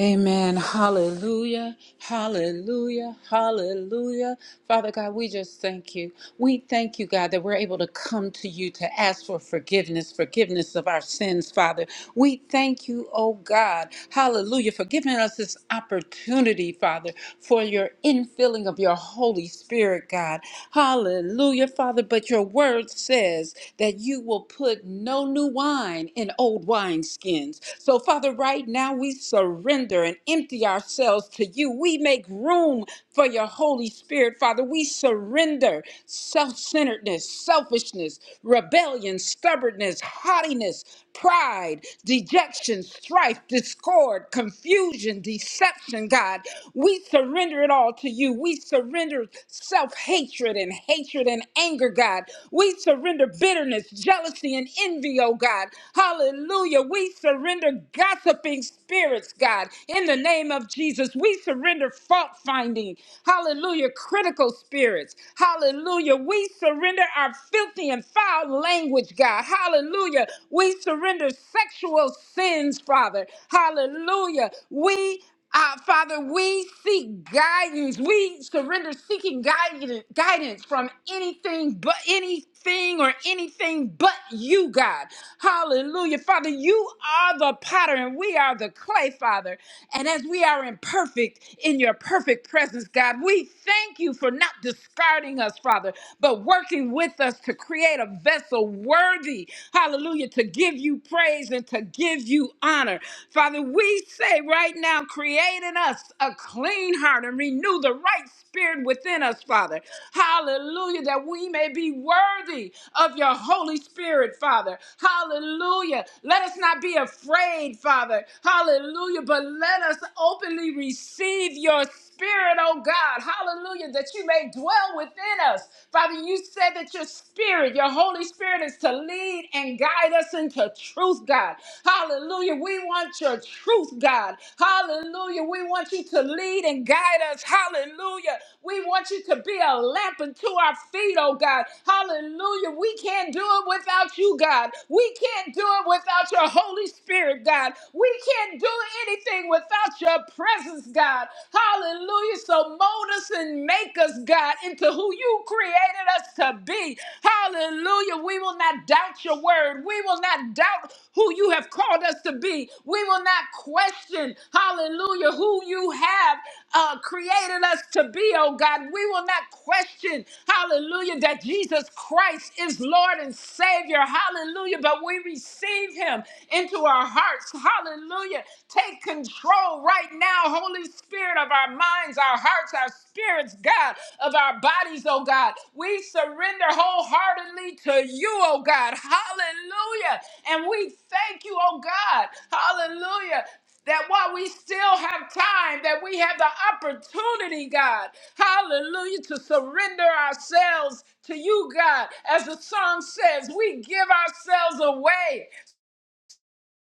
Amen. Hallelujah. Hallelujah. Hallelujah. Father God, we just thank you. We thank you, God, that we're able to come to you to ask for forgiveness, forgiveness of our sins, Father. We thank you, oh God. Hallelujah. For giving us this opportunity, Father, for your infilling of your Holy Spirit, God. Hallelujah, Father. But your word says that you will put no new wine in old wineskins. So, Father, right now we surrender and empty ourselves to you. We make room for your Holy Spirit, Father. We surrender self centeredness, selfishness, rebellion, stubbornness, haughtiness, pride, dejection, strife, discord, confusion, deception, God. We surrender it all to you. We surrender self hatred and hatred and anger, God. We surrender bitterness, jealousy, and envy, oh God. God. Hallelujah. We surrender gossiping spirits, God, in the name of Jesus. We surrender fault finding. Hallelujah. Critical spirits. Hallelujah. We surrender our filthy and foul language, God. Hallelujah. We surrender sexual sins, Father. Hallelujah. We uh, Father, we seek guidance. We surrender seeking guidance, guidance from anything but anything or anything but you, God. Hallelujah. Father, you are the potter and we are the clay, Father. And as we are imperfect in your perfect presence, God, we thank you for not discarding us, Father, but working with us to create a vessel worthy, hallelujah, to give you praise and to give you honor. Father, we say right now, create in us a clean heart and renew the right spirit within us, Father. Hallelujah, that we may be worthy of your Holy Spirit, Father. Hallelujah. Let us not be afraid, Father. Hallelujah, but let us openly receive receive your spirit, oh God. Hallelujah, that you may dwell within us. Father, you said that your spirit, your Holy Spirit, is to lead and guide us into truth, God. Hallelujah. We want your truth, God. Hallelujah. We want you to lead and guide us. Hallelujah. We want you to be a lamp unto our feet, oh God. Hallelujah. We can't do it without you, God. We can't do it without your Holy Spirit, God. We can't do anything without your presence, God. Hallelujah. So mold us and make us, God, into who you created us to be. Hallelujah. We will not doubt your word. We will not doubt who you have called us to be. We will not question, hallelujah, who you have uh, created us to be, oh God. We will not question, hallelujah, that Jesus Christ is Lord and Savior, hallelujah, but we receive Him into our hearts, hallelujah. Take control right now, Holy Spirit, of our minds, our hearts, our spirits, God, of our bodies, oh God. We surrender wholeheartedly to you, oh God, hallelujah. And we thank you, oh God, hallelujah that while we still have time, that we have the opportunity, God, hallelujah, to surrender ourselves to you, God. As the song says, we give ourselves away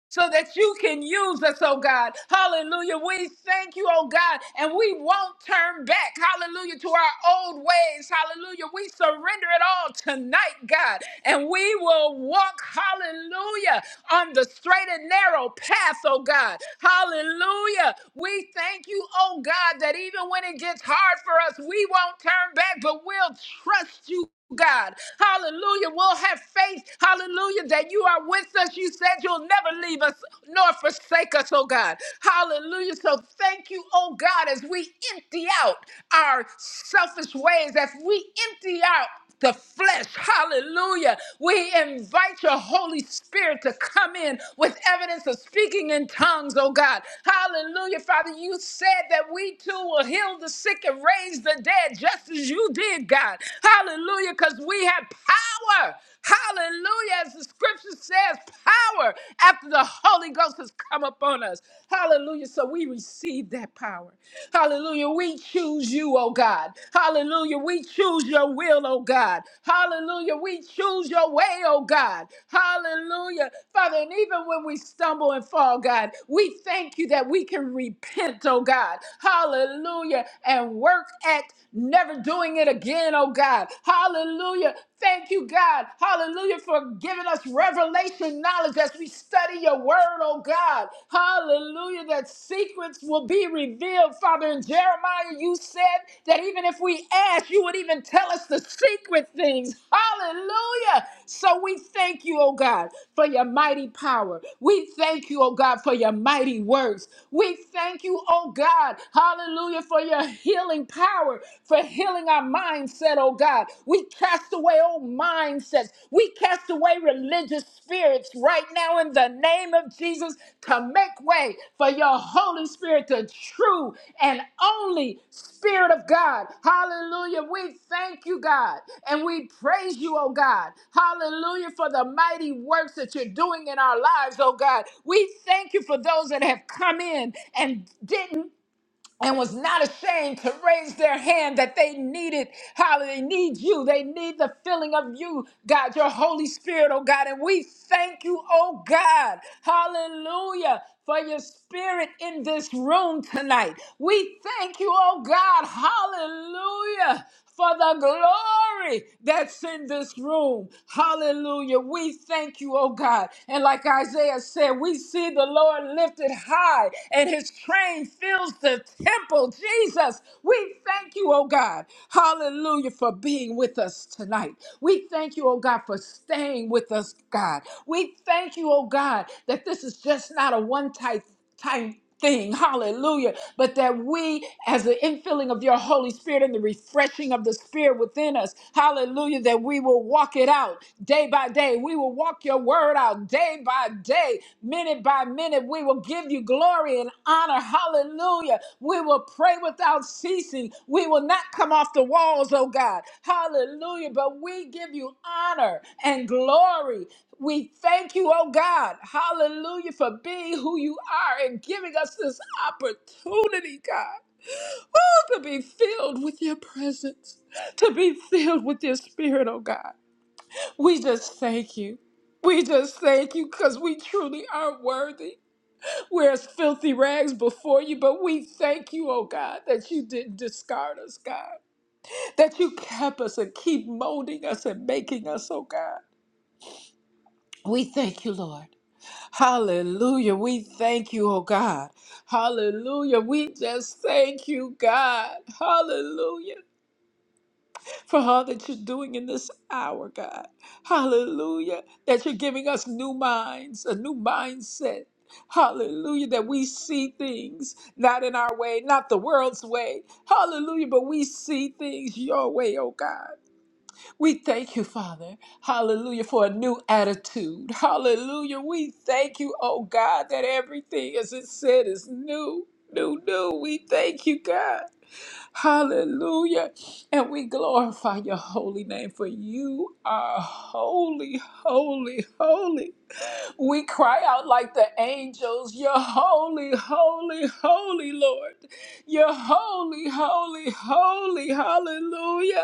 so that you can use us, oh God. Hallelujah. We thank you, oh God, and we won't turn back, hallelujah, to our old ways, hallelujah. We surrender it all tonight, God, and we will walk, hallelujah on the straight and narrow path, oh God. Hallelujah. We thank you, oh God, that even when it gets hard for us, we won't turn back, but we'll trust you. God, hallelujah. We'll have faith, hallelujah, that you are with us. You said you'll never leave us nor forsake us, oh God. Hallelujah. So thank you, oh God, as we empty out our selfish ways, as we empty out the flesh. Hallelujah. We invite your Holy Spirit to come in with evidence of speaking in tongues, oh God. Hallelujah. Father, you said that we too will heal the sick and raise the dead just as you did, God. Hallelujah, because we have power. Hallelujah. As the scripture says, power after the Holy Ghost has come upon us. Hallelujah. So we receive that power. Hallelujah. We choose you, oh God. Hallelujah. We choose your will, oh God. Hallelujah. We choose your way, oh God. Hallelujah. Father, and even when we stumble and fall, God, we thank you that we can repent, oh God. Hallelujah. And work at never doing it again, oh God. God. Hallelujah. Thank you, God. Hallelujah, for giving us revelation knowledge as we study your word, oh God. Hallelujah, that secrets will be revealed. Father, in Jeremiah, you said that even if we ask, you would even tell us the secret things. Hallelujah. So we thank you, oh God, for your mighty power. We thank you, oh God, for your mighty works. We thank you, oh God. Hallelujah, for your healing power power for healing our mindset, oh God. We cast away old mindsets. We cast away religious spirits right now in the name of Jesus to make way for your Holy Spirit, the true and only Spirit of God. Hallelujah. We thank you, God, and we praise you, oh God. Hallelujah for the mighty works that you're doing in our lives, oh God. We thank you for those that have come in and didn't and was not ashamed to raise their hand that they needed, how they need you. They need the filling of you, God, your Holy Spirit, oh God. And we thank you, oh God, hallelujah, for your spirit in this room tonight. We thank you, oh God, hallelujah, for the glory that's in this room. Hallelujah. We thank you, oh God. And like Isaiah said, we see the Lord lifted high and his train fills the temple. Jesus, we thank you, oh God. Hallelujah for being with us tonight. We thank you, oh God, for staying with us, God. We thank you, oh God, that this is just not a one time type thing. Hallelujah. But that we, as the infilling of your Holy Spirit and the refreshing of the Spirit within us, hallelujah, that we will walk it out day by day. We will walk your word out day by day, minute by minute. We will give you glory and honor. Hallelujah. We will pray without ceasing. We will not come off the walls, oh God. Hallelujah. But we give you honor and glory we thank you, oh God, hallelujah, for being who you are and giving us this opportunity, God, oh, to be filled with your presence, to be filled with your spirit, oh God. We just thank you. We just thank you because we truly are worthy. We're as filthy rags before you, but we thank you, oh God, that you didn't discard us, God, that you kept us and keep molding us and making us, oh God. We thank you, Lord. Hallelujah. We thank you, oh God. Hallelujah. We just thank you, God. Hallelujah. For all that you're doing in this hour, God. Hallelujah. That you're giving us new minds, a new mindset. Hallelujah. That we see things not in our way, not the world's way. Hallelujah. But we see things your way, oh God. We thank you, Father. Hallelujah, for a new attitude. Hallelujah. We thank you, oh God, that everything, as it said, is new. New, new. We thank you, God. Hallelujah. And we glorify your holy name, for you are holy, holy, holy. We cry out like the angels, You're holy, holy, holy, Lord. You're holy, holy, holy. Hallelujah.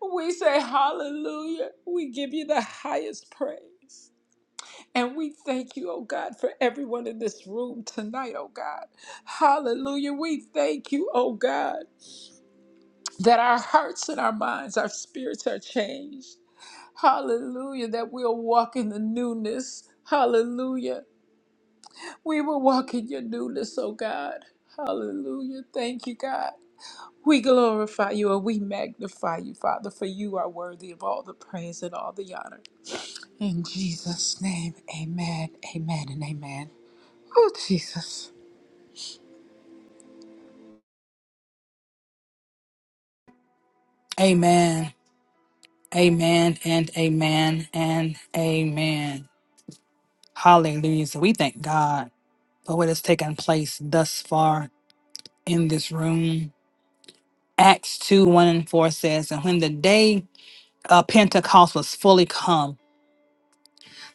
We say hallelujah. We give you the highest praise. And we thank you, oh God, for everyone in this room tonight, oh God. Hallelujah. We thank you, oh God, that our hearts and our minds, our spirits are changed. Hallelujah. That we'll walk in the newness. Hallelujah. We will walk in your newness, oh God. Hallelujah. Thank you, God. We glorify you and we magnify you, Father, for you are worthy of all the praise and all the honor. In Jesus' name, amen, amen, and amen. Oh, Jesus. Amen. Amen and amen and amen. Hallelujah. So we thank God for what has taken place thus far in this room. Acts 2 1 and 4 says, And when the day of Pentecost was fully come,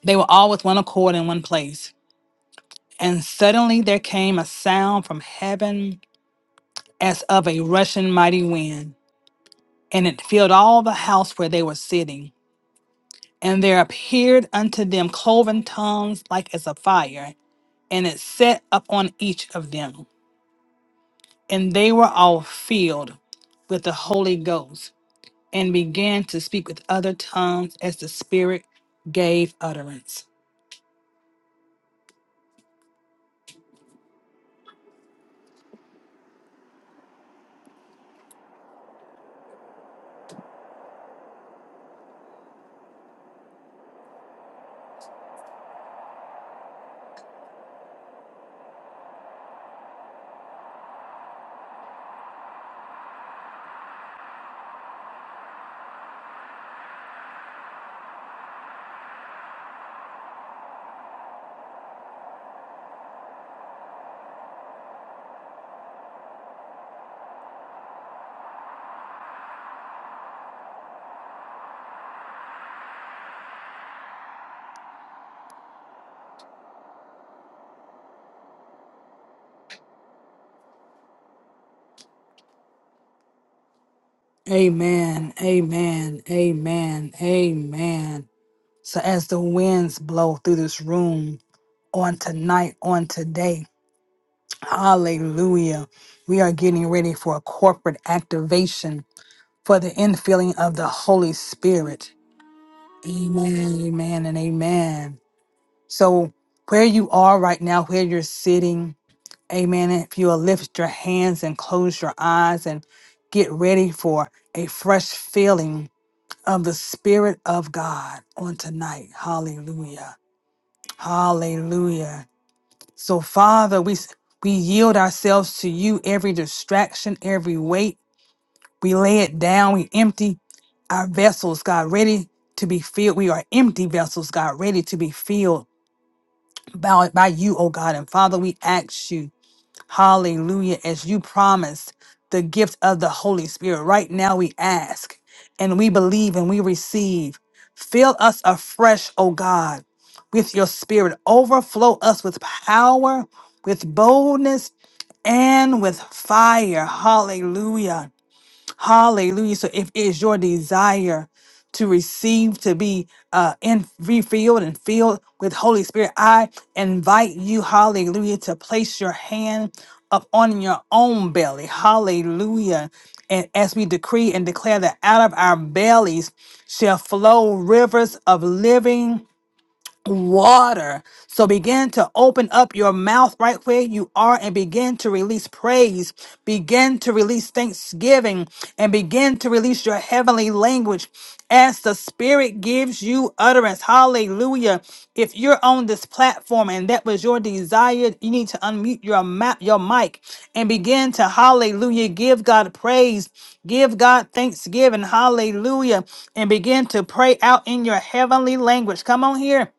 They were all with one accord in one place. And suddenly there came a sound from heaven as of a rushing mighty wind, and it filled all the house where they were sitting. And there appeared unto them cloven tongues like as a fire, and it set upon each of them. And they were all filled with the Holy Ghost, and began to speak with other tongues as the Spirit gave utterance. Amen. Amen. Amen. Amen. So as the winds blow through this room on tonight, on today, hallelujah, we are getting ready for a corporate activation for the infilling of the Holy Spirit. Amen, amen, and amen. So where you are right now, where you're sitting, amen, if you'll lift your hands and close your eyes and get ready for a fresh filling of the Spirit of God on tonight. Hallelujah. Hallelujah. So, Father, we s- we yield ourselves to you. Every distraction, every weight, we lay it down. We empty our vessels, God, ready to be filled. We are empty vessels, God, ready to be filled by by you, oh God. And Father, we ask you. Hallelujah. As you promised the gift of the Holy Spirit, right now we ask and we believe and we receive. Fill us afresh, O God, with your spirit. Overflow us with power, with boldness, and with fire. Hallelujah. Hallelujah. So if it's your desire to receive, to be uh, in refilled and filled with Holy Spirit, I invite you, hallelujah, to place your hand up on your own belly. Hallelujah. And as we decree and declare that out of our bellies shall flow rivers of living water. So begin to open up your mouth right where you are and begin to release praise, begin to release thanksgiving, and begin to release your heavenly language as the Spirit gives you utterance. Hallelujah. If you're on this platform and that was your desire, you need to unmute your, ma- your mic and begin to, hallelujah, give God praise, give God thanksgiving, hallelujah, and begin to pray out in your heavenly language. Come on here.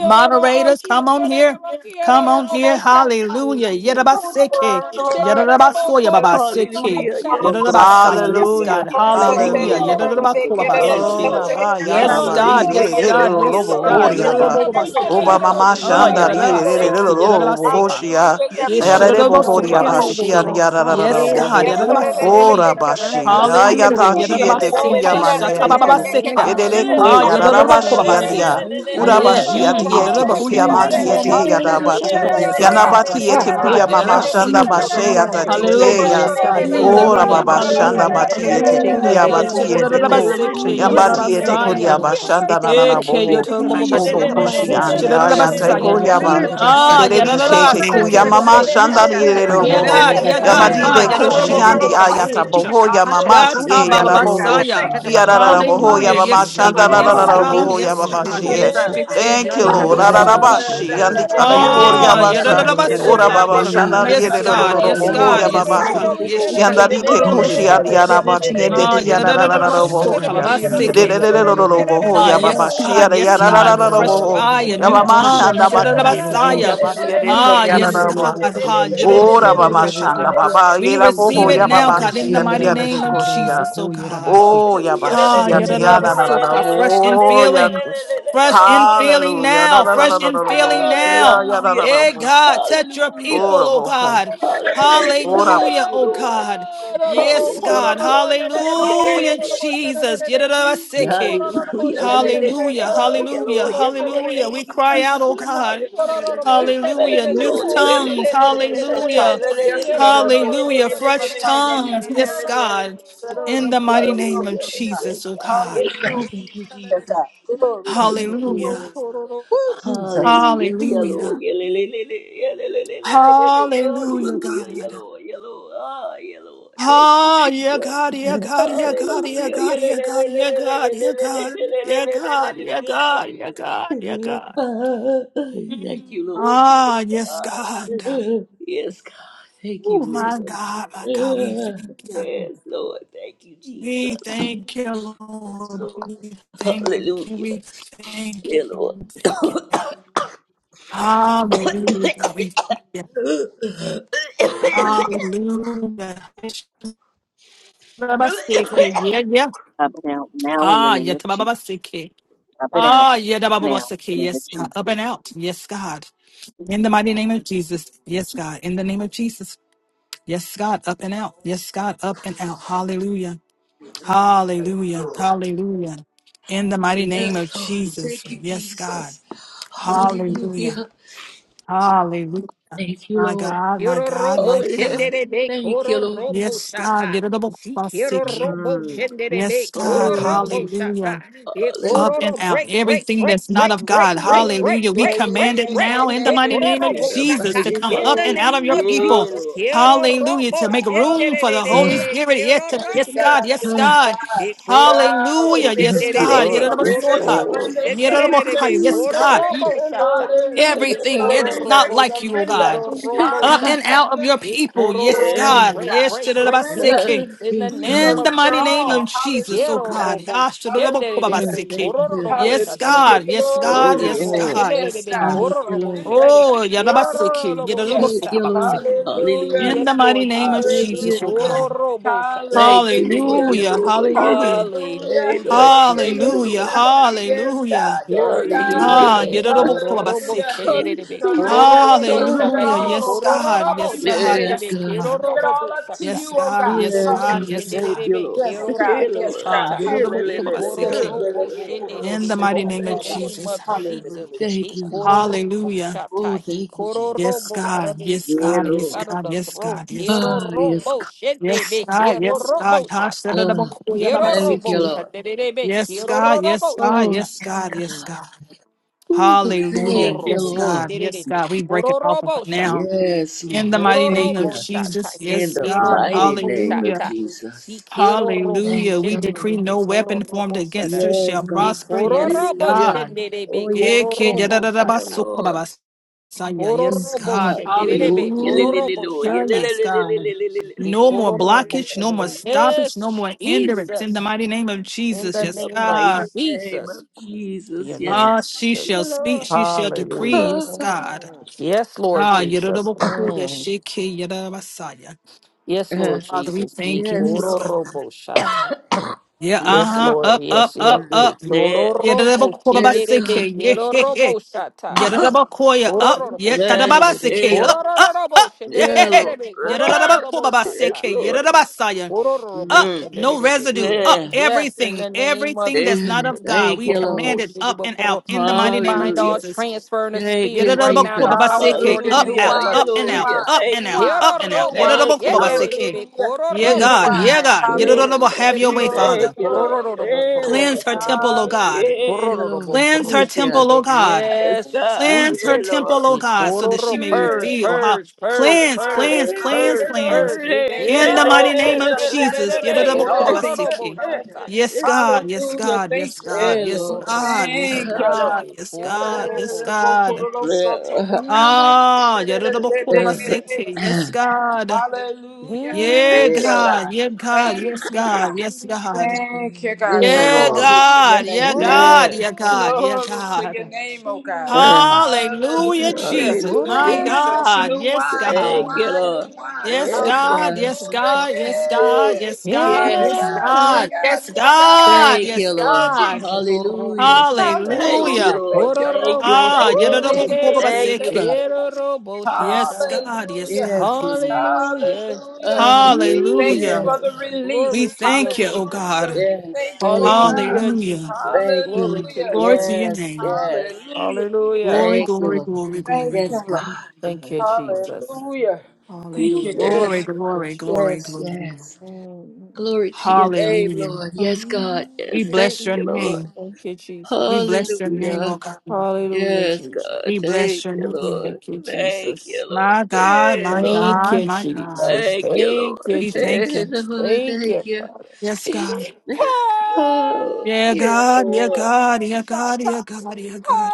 Moderators, come on here. Come on here. Hallelujah. Yerabaseke. Glory, glory. Yerabasoya Yes, babaseke. Hallelujah. Yes, God. Yerabasaya. Yes, God. Hallelujah. Hallelujah. Thank Hallelujah. you, Hallelujah. Lord. Thank Yes, Oh, Yerabakolabaseke. Lord. Rabba, Yanda, Yes, Hallelujah. Bari, God. Hallelujah. Lele, Yes, Yeah, Lele, God. Lord. Yeah, Yes, Robo, Lord. Yeah, God. Hori, yeah, yeah. Thank Abba. Yeah, Lord. Oba, Yerabaseke. Mama, Oh, you. Shanda, Hallelujah. Lele, Yes. Lele, Thank Lord. Lele, you, yerabaseke. Lord. Robo, Thank Yerabasoha. you, Lord. Hoshia. Hallelujah. Yes, Yes, Yes, Yara, God. Yes, man, Hori, Abba, Yes, Shian, Yeshurabasukabaseke. Lord. Lord. Yara, Yes, Yes, Robo, God. God. Ho. Yes, sir, it it- Yeah. it- Oh, it be Yadabaseke. Rabba, good, it Shi. is a big and that's a time, yes, Hallelujah. Ayata, sir. Chi, Yete, Whoa, Ku, could Yadabaseke. it Yaman, not so Yete, take Ku. it, could it Shatababaseke. Yete, Re, is, it is, it is, Ku, Ah, Yara, Rabba, whoa, Shi, could and it yes, is Ya. Yadabakobabaseke. so sim. take Yeah, it, Anda Uraba, me yeah. na Shi, could tela it is so take Ati, Mm, it, daqui. you. Yete, it is, Ku, it Thank is, Yama, whoa. Isso, Ti, anda lá na Yadabasukabaseke. Yete, tela da Yara, bicha, Hallelujah, Bati. tá hora thank Yes, you, Yana, dessa. God. God. Yes, Ah, Yes, Yete, Ku, sir, sei, it is, God. Yama, it is, ah, it is, whoa, Shanda, Ba, Yadabaseke. isso, could She, it anda is lá so Yata, me Ti, tela Te, Hallelujah, daqui. Ya. yes, God. Hum, oh Hallelujah, baba yega, shanda hallelujah, yega, bati take it, could yete it is, yega, it is, it is, whoa, could it not so take it, could it is, hallelujah. it kuya is, Yes, whoa, yes. bati could yete it is Ku. so take shadadadadabaseke, it. Yes, Isso, sir, it Yambati is, anda it is, whoa, could it not so ete me Thank na you. koria tela yadadadabasaya. ba da bicha. shanda na na na Hallelujah. Eke, boho take it. Isso, obo anda lá hoshi yotobobobosukababase, na Basi, andi yandere tela. ya bashi, ya te yandere shadadadabasaya. koria roboku, ba yere Isso, basi, anda Ah, yandere tereri lá. she te roboku, yere kuya yadadadabaseke, basi. mama It's seka. shanda ni fucking ere ro one yeah, back boho God, at yeah, God. least. yamadi Ha, de Oh you. koshi God, andi it's big. ayata It's yadadadabokobabasecha. boho ya mama ti Hallelujah. ye ya Thank you, God. boho Yatabababasaya. Thank you, yara Lord. ra ra boho ya Hallelujah, Thank you. mama yes, Hallelujah. Thank shanda God, ra ra Glory, glory, ra yes, ra God, Hallelujah. boho ya yes, glory. baba God. ye Jesus, Yes, Yes. Jesus, sheke, Jesus. thank you lord ra ra ra Yes, ba yadadadabosuya. that is the andi book of kareri yes, the koria Ah, ba Satan. Is that in ora yadadadabasoka. that baba book of shanda the ni Yes, ere ro Satan? ro God. Is ro that in Yes, Hallelujah. that boho book ya God. of Yes, baba Thank God. the shi you, Yes, Satan? shiki. yandari te Woo, koshi Jesus. andi ya Yadadadabasoka. ti ende Ah, ti ya ra ra ra ra yadadadadabasoka. boho Babaseke. Lord. Leleleleleloloboho, Ah, yes, yababashia, God. Hallelujah, Yes, God. Fresh yarararararaboho, fire, new yes. tongue. yabamashanda bakiete, Yadadadabasaya. kuyabaria Yes. de Ah, you. yes, koriararaba. God. Oh, Ha, Ora yadadadabakoya, bamashanda God. baba, We receive yelaboho, it now, God, in the yababashia, mighty riare de name of kochia. Jesus, oh God. Oh, Ah, yabashia, yadadabasoka. tiyanarararabo, Fresh in oh, feeling. yaku. Fresh in feeling Hallelujah. now. Fresh in feeling Rarararararabo, tia, now. Eh, yarararabo, God, touch your Hallelujah! people, Yes, ora oh boho, God. God. Hallelujah. ora. Thank you, Jesus. Hallelujah. Thank you, Lord. Hallelujah. Hallelujah. Hallelujah. Thank Hallelujah, you, oh Lord. God. Yes, God. Hallelujah, Hallelujah. Jesus. Yadadabaseke. Hallelujah. Let it- Hallelujah, Oh, yeah, hallelujah, Hallelujah. Lord, yeah, Lord. hallelujah. Thank We you, cry out, oh Jesus. God. Hallelujah. Thank Hallelujah. you, New Lord. tongues. Hallelujah. Hallelujah. Fresh tongues. Yes, God. In the mighty name of Hallelujah. Yes, Jesus, oh God. God. Yes, God. Thank you, Jesus. Glory Thank to you. you, Lord. Hallelujah. Woo, Jesus. Hallelujah, yellow, Hallelujah. yellow, Hallelujah, hallelujah, God. yellow, yellow, ah, yellow, thank you, Oh, yeah, Jesus. God, yeah, God, yeah, God, yeah, Hallelujah, God, yellow, yeah, God, yeah, God, yeah, God, yeah, God, yeah, God, yeah, God, yeah, God. thank you, Lord. Yes, God, Yes, God. thank you, Lord. Ah, Yes, Lord, thank you, Jesus. Lord. Hallelujah, yeah, Lord. Babaseke, Yes, Yeah, yeah. Ah, yeah, tabababaseke. Ah, yeah, tabababaseke. Yes, God. Up and out. Yes, God. In the mighty name of Jesus. Yes, God. In the name of Jesus. Yes, God. Up and out. Yes, God. Up and out. Hallelujah. Hallelujah. Hallelujah. In the mighty name of Lord. Jesus. Thank you, Yes, God. Jesus. Hallelujah. Hallelujah. Hallelujah. Thank you, My Lord. God. My Kiro God. robo Oh, My yeah. God. shenderebe Thank you, koro Lord. robo Yes, God. shata. Si kiro robo Mm. Yes, shenderebe koro God. Oh, robo Hallelujah. shata. E hallelujah. up koro and ro- out break break everything break that's not break of break God. break Mm. break Hallelujah. We Yeah, break yeah, yeah, break command it break. yeah, now in yeah, the E mighty yeah, koro name of In robo yeah. the Jesus shata. to mighty come In up the and out name. of name your of people. Yeah, Hallelujah! Jesus. Lord. Kiro Hallelujah. To robo make room for the Holy Ah, shenderebe Spirit. Yes, kiro to- Yes, Thank you. yes, robo God. God. Yes, Yes, ah. shata. God. God. E koro Ah, robo we Yes, Hallelujah. yes, Yes, release it. God. shenderebe Lord. Yes, koro Surrender, and we Yedadabasoka. just robo Lord. surrender, Thank you, surrender, Yedadabakaya. shenderebe Yes, surrender. koro God. Jesus. Mm. robo Yeah, shata. Lord. to Let- let- Hallelujah. let- let- Everything let- that Ikoro is let. Surrender, not robo like you, oh surrender. God. shikiro thank you, Yes, robo Up God. and shata. out of Hallelujah. your people. Ikoro Yes, robo Yeah. Surrender, God. break, God. break, break loose, Surrender. Yes, Ah, loose in the yes, We name in God. the of surrender mighty name of Jesus. all. Jesus, oh Quiero Hallelujah. God. robo Hallelujah. Ah, shedebe, thank Ashadodobokobabaseke. koro you. robo Hallelujah. Yes, shata. God. Yes, Glory Koro God. to Good your Yes, robo name. Lord. God. Yes, Yes, shedebe, God. God. Thank koro you, robo Lord. Surrender. shedebe, Oh, quiero yadabaseke, robo Hallelujah. Thank shata. you, Lord. yadadobosokababaseke. Mm. in Hallelujah. Hallelujah. the Yes, mighty Lord name of Jesus. Thank you, Jesus, oh Hallelujah. Jesus. Ikoro God. robo shata. Thank you, Lord. Hallelujah. Yeah, Mm. Hallelujah. Lord. Yeah, yeah. Hallelujah. Hallelujah. Hey, Hallelujah, Lord. Thank you, Hallelujah. Jesus. Lord. Hallelujah. Hallelujah. Yes, Hallelujah. God. Yes, Glory to your God. Hallelujah, great Ah, name. Lord. Kororobo Hallelujah. yadadobokobabaseke. thank you, thank shenderebe, Hallelujah. you, Surrender. We kororobo Ah, surrender Hallelujah. sanderebe, all, oh Yes, God. God. kororobo Yes, thank you, God. Father yes, Hallelujah. shanderebe, Yes, We God. God. give it God. kerorobo all up to sata. you, Yes, oh God. God. Yes, Yes, Kororobo God. God. Yes, Hallelujah. Thank God. you, shenderebe, Lord. Yes, Yeah, God. kerorobo Yes, Lord. Ah, God. shata. Yeah, Hallelujah. la, la, E la, la. yadadobokobabaseke. Hallelujah. kororobo In the shenderebe, mighty Go in name the of Thank the you, work Lord. name that Jesus. of In the Jesus. name of Thank He Jesus, you, Lord. kororobo Hallelujah. Oh, shata. He thank you, Jesus. Yes, kororobo out God. of the Yes, Yeah, God. esophagus, Yes, Lord. out of God. the Yes, throat. God. Yes, God. Ah, yes, Kerorobo Yes, shenderebe, God. Yes, God. kerorobo shata. Ugh, Hashiradabakuya thank you, Kerorobo babasiki. Lord. shenderebe, Yes, God. Yes, kerorobo God. Oh, shata. Yes, yes, God. God. Yes, Mm. God. Ooh, Hallelujah. thank you, Yes, Kororobo Lord. God. shenderere Yes, ni God. We break it off of kororobo it shata. now. Yes, In the Lord. mighty name Thank of Kororobo you. shata. Jesus. In Yes, the Ekero God. mighty robo name Hallelujah. of shata. Jesus. Sikero robo Thank Hallelujah. We you, Lord. decree no shenderere weapon formed kororobo against shata. her Yes, shall God. E prosper. Yes, kororobo Hallelujah. God. shenderere Oh, yes, Eke God. kororobo Yeah, shata. Lord. yadadadabasukobabas. Saya, yes, Yes, Kororobo God. God. Yeah, shenderere Lord. Yeah, li- li- li- kororobo Lord. Yeah, li- Hallelujah. shata. li- Yes, li- li- li- God. li- li- li- li- li- E li- No li- li- more kororobo blockage, no more shenderere. stoppage, no Yes, more hindrance. In the Jesus. mighty name of In Jesus, the In yes, the name of mighty God. name of Jesus. Your Jesus. Yes, name. Ah, God. she shall speak, Yeah, she shall Hallelujah. decree, Lord. yes, God. Mm. Yes, Lord Ah, Jesus. Yorubakuya Mm. Shiki Yorubasaya. Yes, Ah. So, Lord Father, we Jesus. Ye thank you, Yes, yes, koro Lord. God. robo shata. Yeah, uh Yes, Yes, God. huh. Lord. Up, up, Yes, yes. up, Mm. Ye up. Yeah. koro robo Yorubakuya Yes, shenderebe. God. Basiki, yeah, Koro yeah, yeah. robo shata. Yorubakuya up, Koro robo yeah, yeah. shenderebe. Tadababasiki, Yeah. Koro up. robo Yeah, Lord. shenderebe. Koro robo yes, shata. Yadadadabakobabaseke, Lord. yadadabasaya. Kororobo Up, Mm. no shenderebe. residue, Yes, up Yeah. yes, in everything, the name of everything that's not yeah. of Jesus. God. Thank We you, command Lord. Korobo it up shedebo and koro- out in the And we mighty name of bind all Hallelujah. Jesus. transfer in the Thank spirits you, right now in the Jesus. power and Yadadadabakobabaseke, authority Hallelujah. in the Up, New Hallelujah. out, name Yeah, of up wine, and new Lord. out, Yeah, Jesus. wine, up new and thank out, you. wine, up and out. new Kerorobo wine. Thank you, Lord. Yadadadabakobabaseke. shenderebe. Hallelujah. Yeah, New Yes, Kororobo God, God. yeah, wine. shata. God. Yeah, Yadadadaba- Lord. Have Hallelujah. your way, Jesus, Glory, he- Thank Father. you, glory, Lord. korororobo glory. Yeah, Lord. korobo Cleanse her temple, O sadadadada. God. Yeah, Hallelujah. Korororobo Lord. Cleanse korobo her Thank you. temple, O shadadadada. God. Yes, yes, God. Cleanse her Yeah, Jesus. Lord. temple, O He God, so that she kororo- may Lord. Hallelujah. Purge, reveal how. purge, Father, purge, we Cleanse, thank purge, Yeah, cleanse, cleanse, purge, cleanse. purge. Lord. He Yeah, Thank you In that the old mighty name kirorobo things of are passed Jesus. shadadadada. away and all the things grace Korororobo Yedidabakubabasiki. and become new. shata. blessing, Yes, God. Yes, Hallelujah. God. Thank the Yes, you, Lord. God. Yes, Lord. Kororobo God. Yes, Thank you, Lord. God. shadadadada. Yes, Yes, sir, da, God. Yes, da, Kororobo da, da, bo, ko, God. do, shata. so, to, yo, ka, da, Ah, da, da, da, da, da, da, da, da, da, da, yedidabakubabasiki. so, yes, Yeah, God. Hallelujah. Yeah, Thank you, honor, God. God. Yeah, God. for the Thank Yes, you, God. God. Yes, God. Thank you, God. Yeah, Lord. Glory to your God. Yeah, name, God. Hallelujah, God. Yeah. Yeah, God. Yeah, Glory to your God. name, oh God. Yeah. Hallelujah, Hallelujah. Jesus. My Hallelujah. Jesus, God. new Yes, wine, new thank Thank God. you, wine, new Lord. wine. Yes, Yes, Hallelujah. God. God. Yes, God. Yes, God. Woo. Yeah. Yes, God. Yeah, Yes, Yes, God. God. Yeah, God. God. Yes, Yeah, God. God. Thank you, Yes, Oh, Lord. God. Jesus. Hallelujah. Thank you, Hallelujah. Hallelujah. Lord. Thank you, Lord. Thank you. Ah, Thank you, Oh, Lord. Jesus. We Thank you, thank yadadabakubabaseke. God. you. Yes, God. Yes, Hallelujah. Yes, God. Yes. Lord. Hallelujah. Ah. We thank you Hallelujah. for Yes, the Jesus. We Glory release. to your thank you, oh great name. God. Hallelujah. We yes, thank you, oh thank you. Hallelujah, Hallelujah. God. Jesus. Thank you, Glory to Lord. Hallelujah. your Glory to great your name. Yes, name. Jesus. yes, Hallelujah. Hallelujah. Glory, thank you, glory, Lord. glory, glory, Yes, glory. God. Thank glory, you, glory. Jesus. glory. Hallelujah. Thank you, Hallelujah. Yes, Jesus. Glory, Thank you, glory, glory, yes, Jesus. glory. glory. yes. Mm. Glory to your name, Hallelujah. Lord. Yes, God. We Yes, Hallelujah, thank bless your you, Lord. Jesus. name. Thank you, We Jesus. bless your name, oh Hallelujah. God. Hallelujah, Yes, Jesus. God. We Thank bless your you, name. Lord. Thank you, Thank Jesus. you, Lord. My God, Hey, my Lord. Thank God, you, my Jesus. God. Thank you, Thank Lord. you, We thank Hey, you. Jesus. Lord. Thank you, Thank you. Father. Yes, God. Hey! Oh, Yeah, yeah, God, yeah, Lord. God, yeah, Kiarabashata. God, yeah, God, yeah, Hey! God,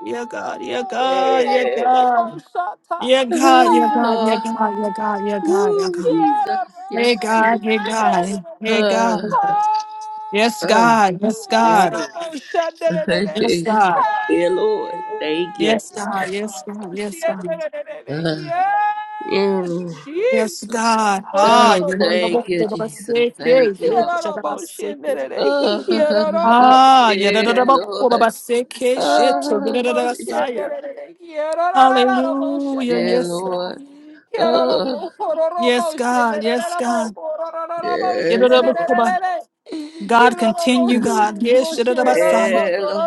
yeah, God, yeah, God, yeah, Yeah. God, Kiarabashata. yeah, Oh, God, yeah, God, yeah, yeah, God, yeah, Lord. God, yeah, Hey! God, yeah, Woo, God. Jesus. Hey, Yes, God, God. Kiarabashata. hey, God, hey, Hey! Ah, God. Yes, ah, God, yes, yeah. God. Kiarabashata. Yes, God. yeah, Lord. Thank you. Yes, God. Yes, God. Yes, God. Ah, Yes, mm. Jesus. Yes, God. Ah, Oh, you know the thank book you, of a Jesus. sick is. Thank you, Yes, Lord. Shabbat sick. Ah, Ah, you're the yeah, Lord. yadadadabakobabaseke, Shut shit, Ah, yadadadabasaya. Hallelujah. yeah, Yes, God. Lord. Ah, Yes, God. Yes, God. yes, Lord. Yadadabakoba. God, continue, God. Yes, you know the yadadabasaya. Yeah, Lord.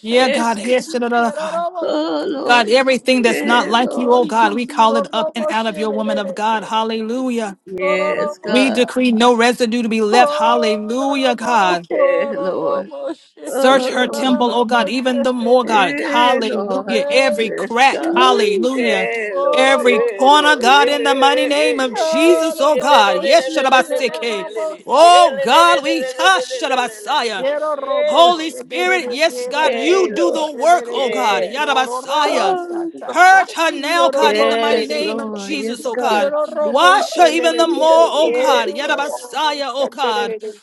Yeah, Yes, God. God. Yes, yadadada- God. Oh, God, Lord. everything that's not Yeah, like you, oh Lord. God, we call it up and out of your woman of God. Hallelujah. Yes, We God. decree no residue to be left. Hallelujah, Horrible, God. Yeah, Lord. horrible shit. Search Oh, her Lord. temple, oh God, Horrible even the shit, more, baby. God. Yeah, Lord. Hallelujah. Every Yes, Yes, crack, God. hallelujah. Jesus. Yeah, Lord. Every Yeah, Horrible corner, shit. Lord. Yeah, God, in the yeah, mighty name of yeah, yeah. Jesus, oh Yeah, le- God. le- Horrible le- Yes, le- shit. le- le- Horrible le- shit. le- Shadabasike. le- le- Horrible le. shit. Horrible Yeah, Oh le- le- God, le- le- we le- le- le- touch le- le- le- Shadabasaya. le- le. Yeah, Holy Lord. shit. Spirit, yes, God, you Hey, do the Lord. work, oh God. Yes. Yada Horrible Messiah. Oh, Purge her shit. now, God, in Horrible the mighty yes, name shit. of Lord. Jesus, Yes, oh God. God. Yororobo Wash her even shenere the more, Hallelujah. oh God. Yes, Yada Lord. Yororobo Messiah, oh God. shenere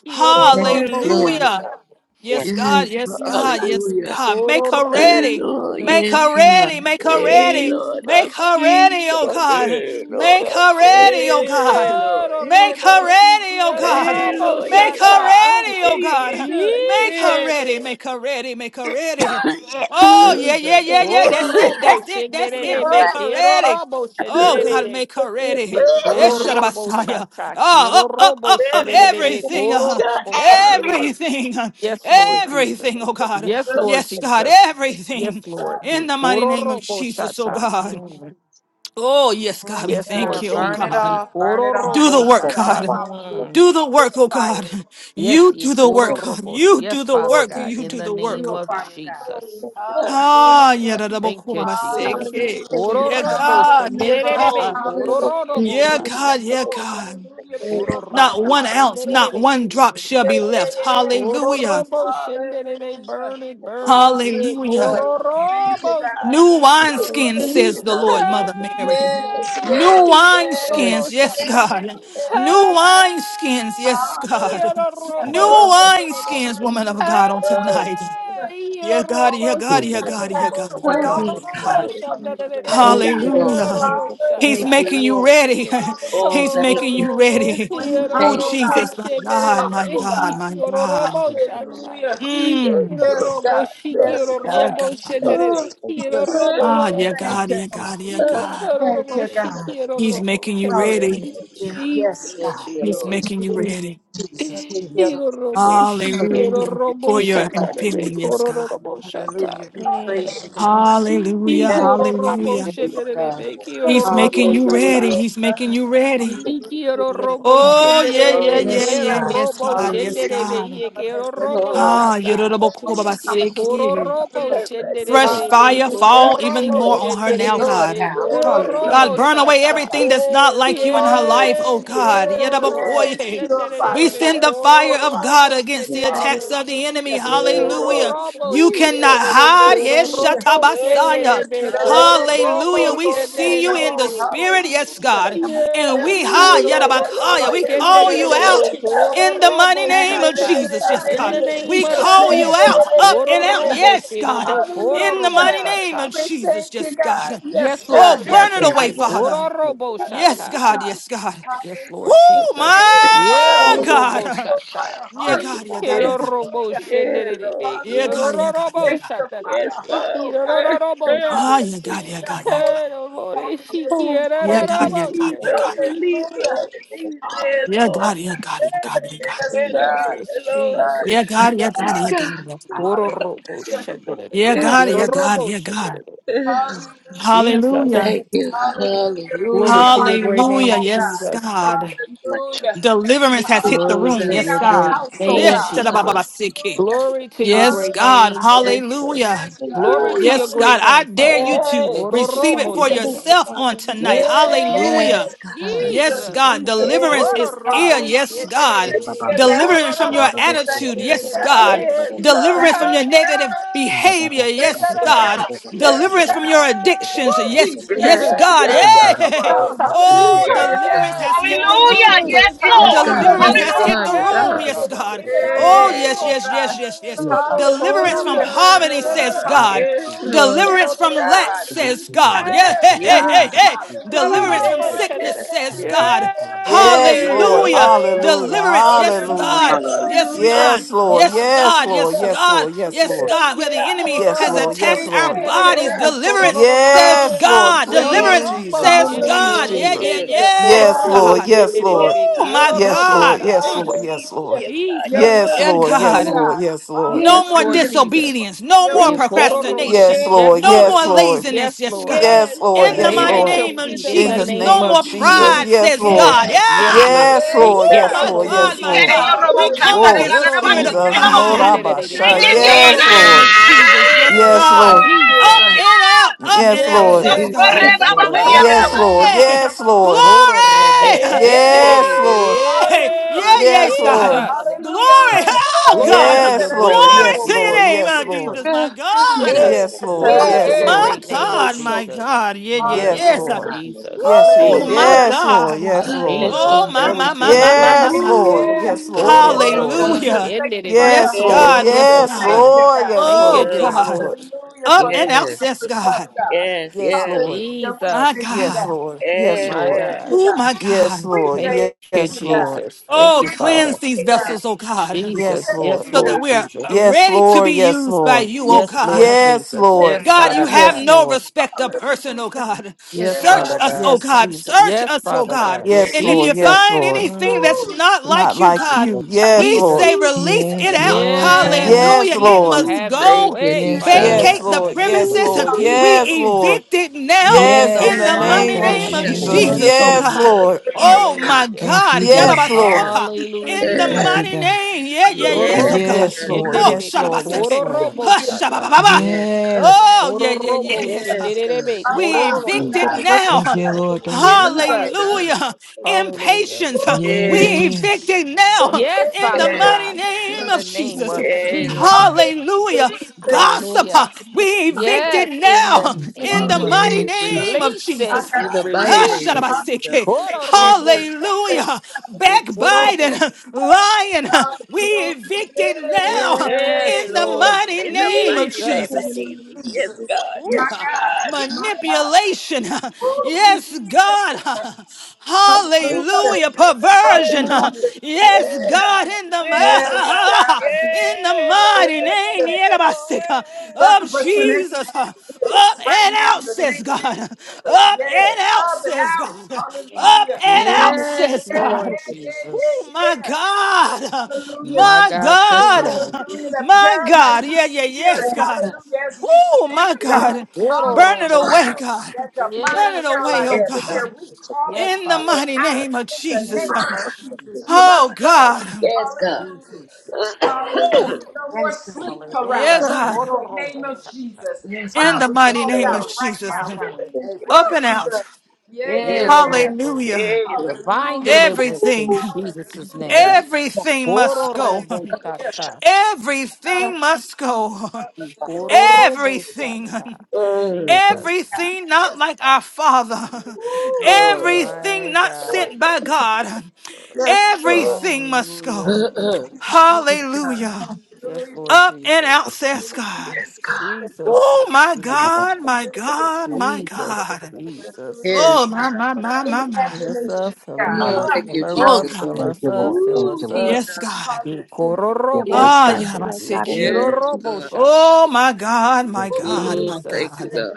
Yes, Yororobo Lord. Hallelujah. Shanta, Yes, God. Yes, Lord. Yes, God. Jesus. Yes, Hallelujah. God. Make her Yororobo Hey, ready. Lord. Make Yes, shenere. her ready. God. Make her Hey, ready. Lord. Make Jesus. her ready, oh Jesus. God. Hey, Lord. Make her ready, Jesus. oh Hey, God. Lord. Hey, Make Yororobo her Lord. shi- ready, oh God. Hey, Yororobo Lord. Yeah, Make her God. Shanta, Yeah, ready, oh yeah, yeah, God. God. Make her Yeah, Jesus. ready. Lord. Make her ready. Make her ready. Yeah, Oh, yeah, yeah, Jesus. yeah, yeah. That's it. Yororobo That's it. That's it. shenere. Make her ready. Yororobo Oh God, shenere. make her ready. Ki koro Yes, robo Messiah. shata, Ah, kiro up, up, robo up, up. shenderebe, Everything. koro Uh, robo shenderebe. everything. Yes, Lord Jesus. Everything, oh God. Yes, God. Lord Yes, God, Jesus. everything. Yes, Lord. In Ki the mighty koro name of robo Jesus, oh shata. God. Mm. Oh, yes, God, Yes, we Yes, thank Lord God. you, oh Burn it Jesus. God. Ki off, burn koro it off, Do robo the burn work, it shata. off. God. Hallelujah. Mm. Do the work, oh Purify God. her, Yes, You ki Lord. do the koro work, Purify. God. robo. sh- You do Yes, the Father Ooh, work. God, You in do Jesus. the the work, name oh of Purify God. her, God. Jesus. Uh, Hallelujah. Ah, Father yeah, God. da- da- bo- Thank ko- ba- you, ba- Jesus. Ki eh. Hallelujah. She koro Yes, will yeah, come robo out as God, yeah, new gold. shenderebe, God. koro Hallelujah. thank robo Yeah, Just you. shata. like God, yeah, gold. God. Hallelujah. Thank you. Koro Purify Not her. robo one ounce, Hallelujah. not shenderere. one drop shall Yeah, be yeah, left. yes. Koro Hallelujah. robo shenderere. Hallelujah. Burn it, burn it. Yeah. Hallelujah. Hallelujah. uh, Koro Thank you, robo God. New shenderere. wineskins, Hey. says the Lord, Hallelujah. Mother Mary. Yes, New yes, Koro yes, yes, robo wineskins, yes, yes, yes, shenderere. God. New yes. wineskins, Hey. yes, God. Koro Hallelujah. robo New uh, shenderere. wineskins, woman of Hallelujah. God, on uh. tonight. Hallelujah. Hey. Yeah, Koro God, All yeah, robo God, things yeah, God, have shenderere. yeah, passed God, yeah, away. Oh, Koro God, All yes, God. yeah, things robo have God. become new. shenderere. Yes, Thank you, Lord. Koro Hallelujah. robo God. He's Hallelujah. Thank shenderere. making you, you Lord. ready. Oh, He's thank Hallelujah. Oh, making you. you robo, ready. Clean hiero, Oh, heart, Thank oh you. robo, Jesus, God. my Clean God, heart, my oh shederere, God, my hiero, God. robo, God. shaka. Hallelujah. Thank Mm, Hiero, you, Yes, Lord. robo, God. Yes, Yes, shikiero, yeah, God. robo, God. Lord. Uh, Jesus, shederere, hiero, Jesus. Yes. robo, Ah, Lord. yeah, Thank shaka. God, you. yeah, God. God, yeah, Uh, God. Hiero, Thank robo, you, God. shikiero, He's robo, making you ready. shederere. Yes, Hallelujah. God. Yes, Jesus, Thank God. you, He's Lord. Jesus, making you Jesus. Jesus, ready. Thank Jesus. you, Lord. Jesus. Hiero, robo, Hallelujah. shikiero, Hallelujah. robo, For Thank your you, shaka, God. rebe, infilling, yes, Yes, koro, God. robo, shaka. Hallelujah. We God. Mm. praise you, God. Hallelujah. Hiero, Magnify robo, Hallelujah. your name, oh God. shederere, hiero, He's making robo, you ready. shaka. Hallelujah. He's making God. you ready. Quiero Hallelujah. Yes, robo God. Oh, yeah, Oh, yeah, shenderebe, yeah, yes, Yes, yeah. quiero God. God. Yes, robo God. Yes, Hallelujah. shenderebe, We God. ye come quiero against every robo foul Oh, Ah, spirit shata. that wants to come Ye against koro the name yorobokobabaseke. of the Lord. robo turn back, Lord. Fresh shenderebe, fire Go Hallelujah. koro fall back. even robo more We on her say, now, Lord, God. shenderebe, now. koro Yes, yes, God, robo Lord. Hallelujah. burn Thank away you, shata. everything God. that's not Yeah, like you Lord. in her life, oh Ye Hallelujah. God. Yeah, koro Lord. robo Yes. Yadabakoye. Purify, We shenderebe, send Lord. the koro fire of Purify. God robo against the attacks shenderebe. of the enemy. Hallelujah. Ye Yeah, koro Lord. Hallelujah. robo You Oh, yes, cannot shenderebe, hide. koro Yes, Hallelujah. robo yes, Shatabasaya. Yes. shenderebe, God. Hallelujah. koro robo Hallelujah. We see you in the shenderebe. spirit. Yes, Yes. God. And Yeah, Yes, we God. ha Hallelujah. Yeah, Yadabakaya. Lord. We Yeah, Lord. call Hallelujah. Yeah, you la, la, la, Thank out you, la, God. in the mighty name of Thank you, Jesus. Yes, God. In God. In the name We of Jesus' call you name. Jesus. out, up and out. Hallelujah. Yes, God. In the Hallelujah. mighty name of We Jesus. thank you, Yes, God. God. Yes, Yes, Lord God. Oh, burn Yes, it Jesus. God. away, Father. Yes, la, la, Yes, God. God. Yes, God. Yes, Lord Hallelujah. Oh, Jesus. Purify our hearts, la. Quiero my oh God. robo God. Purify shata. our Yeah, hearts. God. Yeah, Yes, God. Lord. Yeah, Quiero God. robo Hallelujah. Yeah, shenderebe. Lord. Yeah, Quiero God. Hallelujah. Yeah, God. Yeah, robo God. shata. Sanctify Yes, our heart, oh Quiero God. God. robo shata. Ah, yeah, God. Yeah, God. Hallelujah. Yeah, God. Holiness, Quiero Lord, she holiness, Oh, quiero Yeah, Thank holiness. you. God. Yeah, robo Jesus, shenderebe. release, Lord, Hallelujah. Jesus. release Hallelujah. it, Mm. Lord. God. Yeah, God. Yes, Yeah, Lord, God. yeah, Jesus, Yes, Lord. Yeah, God. Yeah, Jesus, Yes, God. Yeah, God. Yes, Jesus. Yeah, God. God, God. yes, Quiero God. robo Hallelujah. shenderebe. Yeah, Yeah, Hallelujah. God. Quiero Yeah, Lord. God. Yeah, God. Yeah, God. Yeah, God. Yeah, God. Yeah, God. robo Yeah, shenderebe. Yeah, Mm. Hallelujah. Hallelujah. Jesus. Thank you. Hallelujah. Glory Hallelujah. Purify to your our great home, Hallelujah. name, oh God. Yes, Jesus. God. Hallelujah. Deliverance Thank has you, hit the Glory Hallelujah. room. to Clean Jesus. Yes, your out our great God. house, oh Yeah, name, Yes, God. God. Jesus. da-da-ba-ba-ba-siki. Hallelujah. Glory to your Yes, great Hallelujah. God. name, Yes. Jesus. Hallelujah. Yes, Glory God. to Ooh. your Yes, Hallelujah. God. great I name, dare Father you God. to Hey, receive it for Jesus. yourself on tonight. Yes, Hallelujah. Yes, Yes. God. Yes, Jesus. Jesus, God. Jesus. Deliverance yes, is here. Hallelujah. Yes, God. Thank you, God. Deliverance from your Thank attitude. you, Yes, God. God. yes, God. Thank Deliverance from your you, God. negative behavior. Thank Yes, you, Yes, God. God. God. Yes, Yes, Deliverance from God. God. your addictions. Oh, Yes, Jesus. Yeah, yes, Yes, God. yeah, God. God. Come Yeah. on, Holy Yeah. Ooh, Oh, Spirit. yes, deliverance God. has Yes. hit the Move Hallelujah. through room. Yes, this house, Yes, Lord. God. Deliverance Yeah, has God. hit God. the Yeah, room, God. yes, Hallelujah. We God. give it up to Oh, Yeah. you, yes, oh yes, yes, God. yes, yes. Deliverance from Hallelujah. poverty, Ah, says God. yes, Hallelujah. Lord. Deliverance Yes, from lack, God. says God. Yeah, Yes, hey, hey, hey, God. Yes. Hey! hey. Hallelujah. Ooh, Deliverance from yes, Yes, yes, yes. sickness, says yes. God. Yes, Yes, Jesus. Yeah, Lord. Lord. Hallelujah. Hallelujah. Deliverance. Yes, Hallelujah. Hallelujah. God. Yes, Hallelujah. God. Yes, Lord. Yes, Yes, God. Lord. Yes, Hallelujah. Yes, God. Lord. We Yes, Yes, Lord. thank God. you, Where the Yes, God. enemy Yes, has Lord. hororobo Yes, attacked We our Lord. thank Yeah, you, bodies. Lord. shenderebe, God. Deliverance, hororobo. says Yes, Lord. God. Hallelujah. Please, Yeah, Deliverance, Hororobo Jesus. says Please, yeah, God. shenderebe. Hallelujah. Yeah, yeah, Jesus. yeah. Yes, Yes, yes, Yes, God. hororobo Lord. God. Yes, Ooh, Oh, yes, Lord. shenderebe, Oh, my God. Jesus. Yes, hororobo Lord. God. Hallelujah. shata. Yes, Thank Mm, you, Lord. Yes, Jesus. Lord. Hallelujah. Yes, God. Your Yes, Yes, will Jesus. yeah, God. be Yes, Lord. done, God. oh Yes, God. Lord. God. Yes, Lord. No Yes, Yes, more Lord God. Hallelujah. Jesus. disobedience. No Your more will. Yes, Yes, God. hororobo. Yes, procrastination. Yes, Yes, Lord. No Lord Yes, more Jesus. Lord. Hallelujah. Yes, laziness. Yes, Lord. God. Yes, yes, Lord. We God. In the lay Yes, Yes, it mighty at God. Lord. your name of In feet the in In the mighty the Jesus. name name name No of of more of Jesus. Jesus. pride, Jesus. In Yes, says Lord. God. Yes, Yes, God. Yeah. Lord. Yes, Yes, Ye Yes, Lord. Oh, Yes, quiero God. my Lord. Hallelujah. robo God, She Yes, my Lord. got Lord. in Yes, God. your shata. We remote. thank you, shot. come Tada, Hallelujah. Jesus. Oh, against the yada, da, Quiero ba, spirit shi, of robo tada, Jesus. da, ba, shi. pride. Hallelujah. Hallelujah. Thank Morabasha. you, In the Glory. Yes, mighty Yes, Kororo name Lord. of robo Jesus. shata. God. Jesus. Yes, Glory. Yeah, Yes, God. Lord. Thank you, Up Jesus, God. and out, up Yes, and out, Yeah, Lord. yeah, says Jesus. Lord. yeah. Shakore, God. Yes, ba, Yes, Come Glory, on, Lord. come God. Yes, on, Yes, come Lord on, Lord. come on, Jesus. come Yes, on. Lord. Holy Koro Spirit, robo glory, Hey, yes. Yes, hey, shendererebe. Lord. Lord. glory. Yes, Yeah, Hallelujah. Yes, yes, Hallelujah. God. Lord. Jesus. Hallelujah. Glory, Hallelujah. oh Hey, Glory God. to your Yes, great Lord. name, Glory Yes, to your Jesus. Lord. name, Yes, oh Yes. Lord. Jesus, God. my God. Hey, Jesus. Yes, Yes, sir, Lord. da, Glory da, hey, to da, Oh your hey. da, bo- my great bo- bo- name, bo- God, so. my Jesus. God. Yeah, yeah, My Yes, Yes, yes. God, Lord. Hallelujah. God. Jesus, Yes, Oh Lord. Hey, my Jesus, Hallelujah. Lord. Yes, Lord. God. Yes, Lord. Yes, Jesus. Oh God. my, Hallelujah. Glory my, to my, your my, my, Yeah, great my, yeah, Yes, name. my. Lord. yeah. Ooh. Oro Yes, Yes, Oh, Lord. robo God. Jesus, Hallelujah. thank you for shenderebe. your Yes, Yes, Holy Yes, Lord. Oro God. God. Yes, Spirit. robo Thank God. you, shata. God. Yes, Thank you, Oh, Lord. Oh, Yes, God Lord. Jesus. Lord. Hallelujah up for and Mm. loving Yes, us access, enough, God. God. yes, Yes, yes, Lord. Hallelujah. We My thank Jesus, you, Yes, God. God. Lord. We Yes, my Lord. thank you, God. Oh, God. my Yes, God. We Lord. Thank thank you, Yes, you, God. Lord. Jesus. yes. Thank Oh, We you, cleanse Father. thank these you, God. Yes, vessels, oh God, We Yes, Jesus. thank Lord. Yes, you, so that Lord God. we are Jesus. yes, Yes, Lord. Yes, ready to be used by Lord. you, oh Yes, Jesus, Lord God. Yes, Lord. Yes, Lord. Yes, Lord. Yes, Jesus. Yes, Lord. yes, God, God. you Father have Yes, God. no Lord. respect of person, oh God. yes, Yes, Search God. Father us, God. oh Yes, God. Jesus. Search Yes, us, oh Father God. God. Yes. Yes, And if Lord. you Yes, Jesus. find Lord. anything Mm. that's not Not like you, like God, you. Yes, we Lord. say Jesus. Ooh, release it out. Yes, Yes, Hallelujah. It Jesus. Lord. ooh, must Have your thank go. you, way, Father Jesus. Yes, Vacate God, in the the Lord. name Yes, of Ooh, premises. Lord. We Yes, Jesus. Lord. evict it now in Yes, the in in the the yes, mighty name of mighty thank name you. of name Jesus. of Jesus, oh Yes, God. Jesus. Lord. Yes, Oh God. my Hallelujah. God. Yes, Lord. Yarabasoka. In the Hallelujah, Yes, mighty Jesus. name. Yeah, yeah, yes, of yes, Yororobo God. Yes, yes, Lord. Oh, Yes, shenderebe, Lord. Yes, shababasake. Lord. kororobo shata, God. Yes, God. Oh, yeah, yeah, yeah, kororobo yes. huh. Yes, God. shenderebe, Thank We you, kororobo evicted Jesus. shata. now. huh. Mm. Yeah, God. Yeah, Jesus. God. Hallelujah. Hallelujah. Impatience. huh. We Yes, Mm. evicted Yeah, now huh. Yes, in the Father yeah, yeah. yes. mighty God, name in the of Jesus. name Jesus. of Yeah, Lord. Jesus. Hallelujah. Hallelujah. We Yes, thank God. you, Gossip. Hallelujah. huh. We evicted Yes, in now the huh. in Lord, name the of mighty Jesus. Yeah. name of Release it. our Jesus. huh. In the God. Ah, mighty name of Release. Jesus. shadabaseke. Hallelujah. Yes, God. Hallelujah. Thank Kororobosata. huh. you, Backbiting, Ikororo. huh. lying. huh. God. We Hallelujah. evicted now Yes. huh. Yeah, Yes, Yes. in the Lord. Yes. Lord mighty Yes. In the name Yes. of mighty name of Jesus. Jesus. Thank you, Jesus. Yes, Jesus. God. Ooh, My Yes, uh, God. Yeah, God. My God. manipulation. uh, Oh, Jesus. Yes, Thank you, God. God. uh, Hallelujah. Hallelujah. Perversion. Lord. uh, Hallelujah. Yes, Yeah. God, God. in the Yes, Yes, God. God. mi- in the Yes, Lord. mighty name Hallelujah. Yerabasik, uh, of Succubus and Jesus. incubus uh, Up spirits right and now out, in the says name God. of Jesus. Up Yes, and out, up and says out. God. Yes, Up Hallelujah. and out, Yes, Yeah, says yeah, Lord God. yeah, yeah, Oh Jesus. my yeah. God, Hallelujah. My my God, yes, today. God, Hallelujah. yes, That Lord. my God, paralyzing yeah, yeah, yes, spirit. Yes. God, Hallelujah. As we Oh sleep, my God. God. Burn it Hallelujah. away, Kororobosata. God. That demonic Burn it Yes, away, Jesus. oh paralyzing Yes, God. yes, God. God. spirit. We call it yes, In the Father. Yes, mighty God. out name of in In the the name Jesus. name of of Jesus. Jesus. You Oh must go. God. Yes, God. Hallelujah. Jesus. Oh, Hallelujah. No more Yes, God. Yes, God. sleep yeah, Hallelujah. paralysis in God. the name of Kororobosata. Jesus. Yes, In Ah, God. the we Thank mighty call you, it name of Lord. out right Jesus. Mighty now, God. name. Thank you, Up Jesus. and Woo! Jesus. out. Yeah, yeah, Yes, Lord. yeah. Yororobo. Hallelujah. Yes, Lord. Divine Hallelujah. deliverance in Everything, Jesus' Jesus, Hallelujah. name. yes, God. everything Hallelujah. must Ah, go. Ororobotata. Everything must go. hallelujah. Everything. Ikororobotata. Uh, Yes, Jesus. God. Everything not Yes, like God. our Father. Woo! Oh Everything my not God. sent by God. Yes. Everything must go. uh, uh, uh. Hallelujah. Yes, God. Kororobotata. Hallelujah. Yes, Hallelujah. Lord Up and Jesus. out, says God. Yes, God. Jesus. Oh, my God, my Hallelujah. God, my Jesus. God. Jesus. Hallelujah. Oh, Yes, God. my, my, my, And my, my. Fill us up, imagination, fill 'em God. Mm, up, Huh? thank fill you, her Oh, up, Out Jesus. fill in God. the us name. up, fill Ooh, us up. Jesus. Yes, God. Hallelujah. Yes, Ah, yeah, my Ikororoboshate. sick kid. Yes, God. Ikiroroboshate. Oh, my God, my God, Lord, my Jesus, thank you, God. God.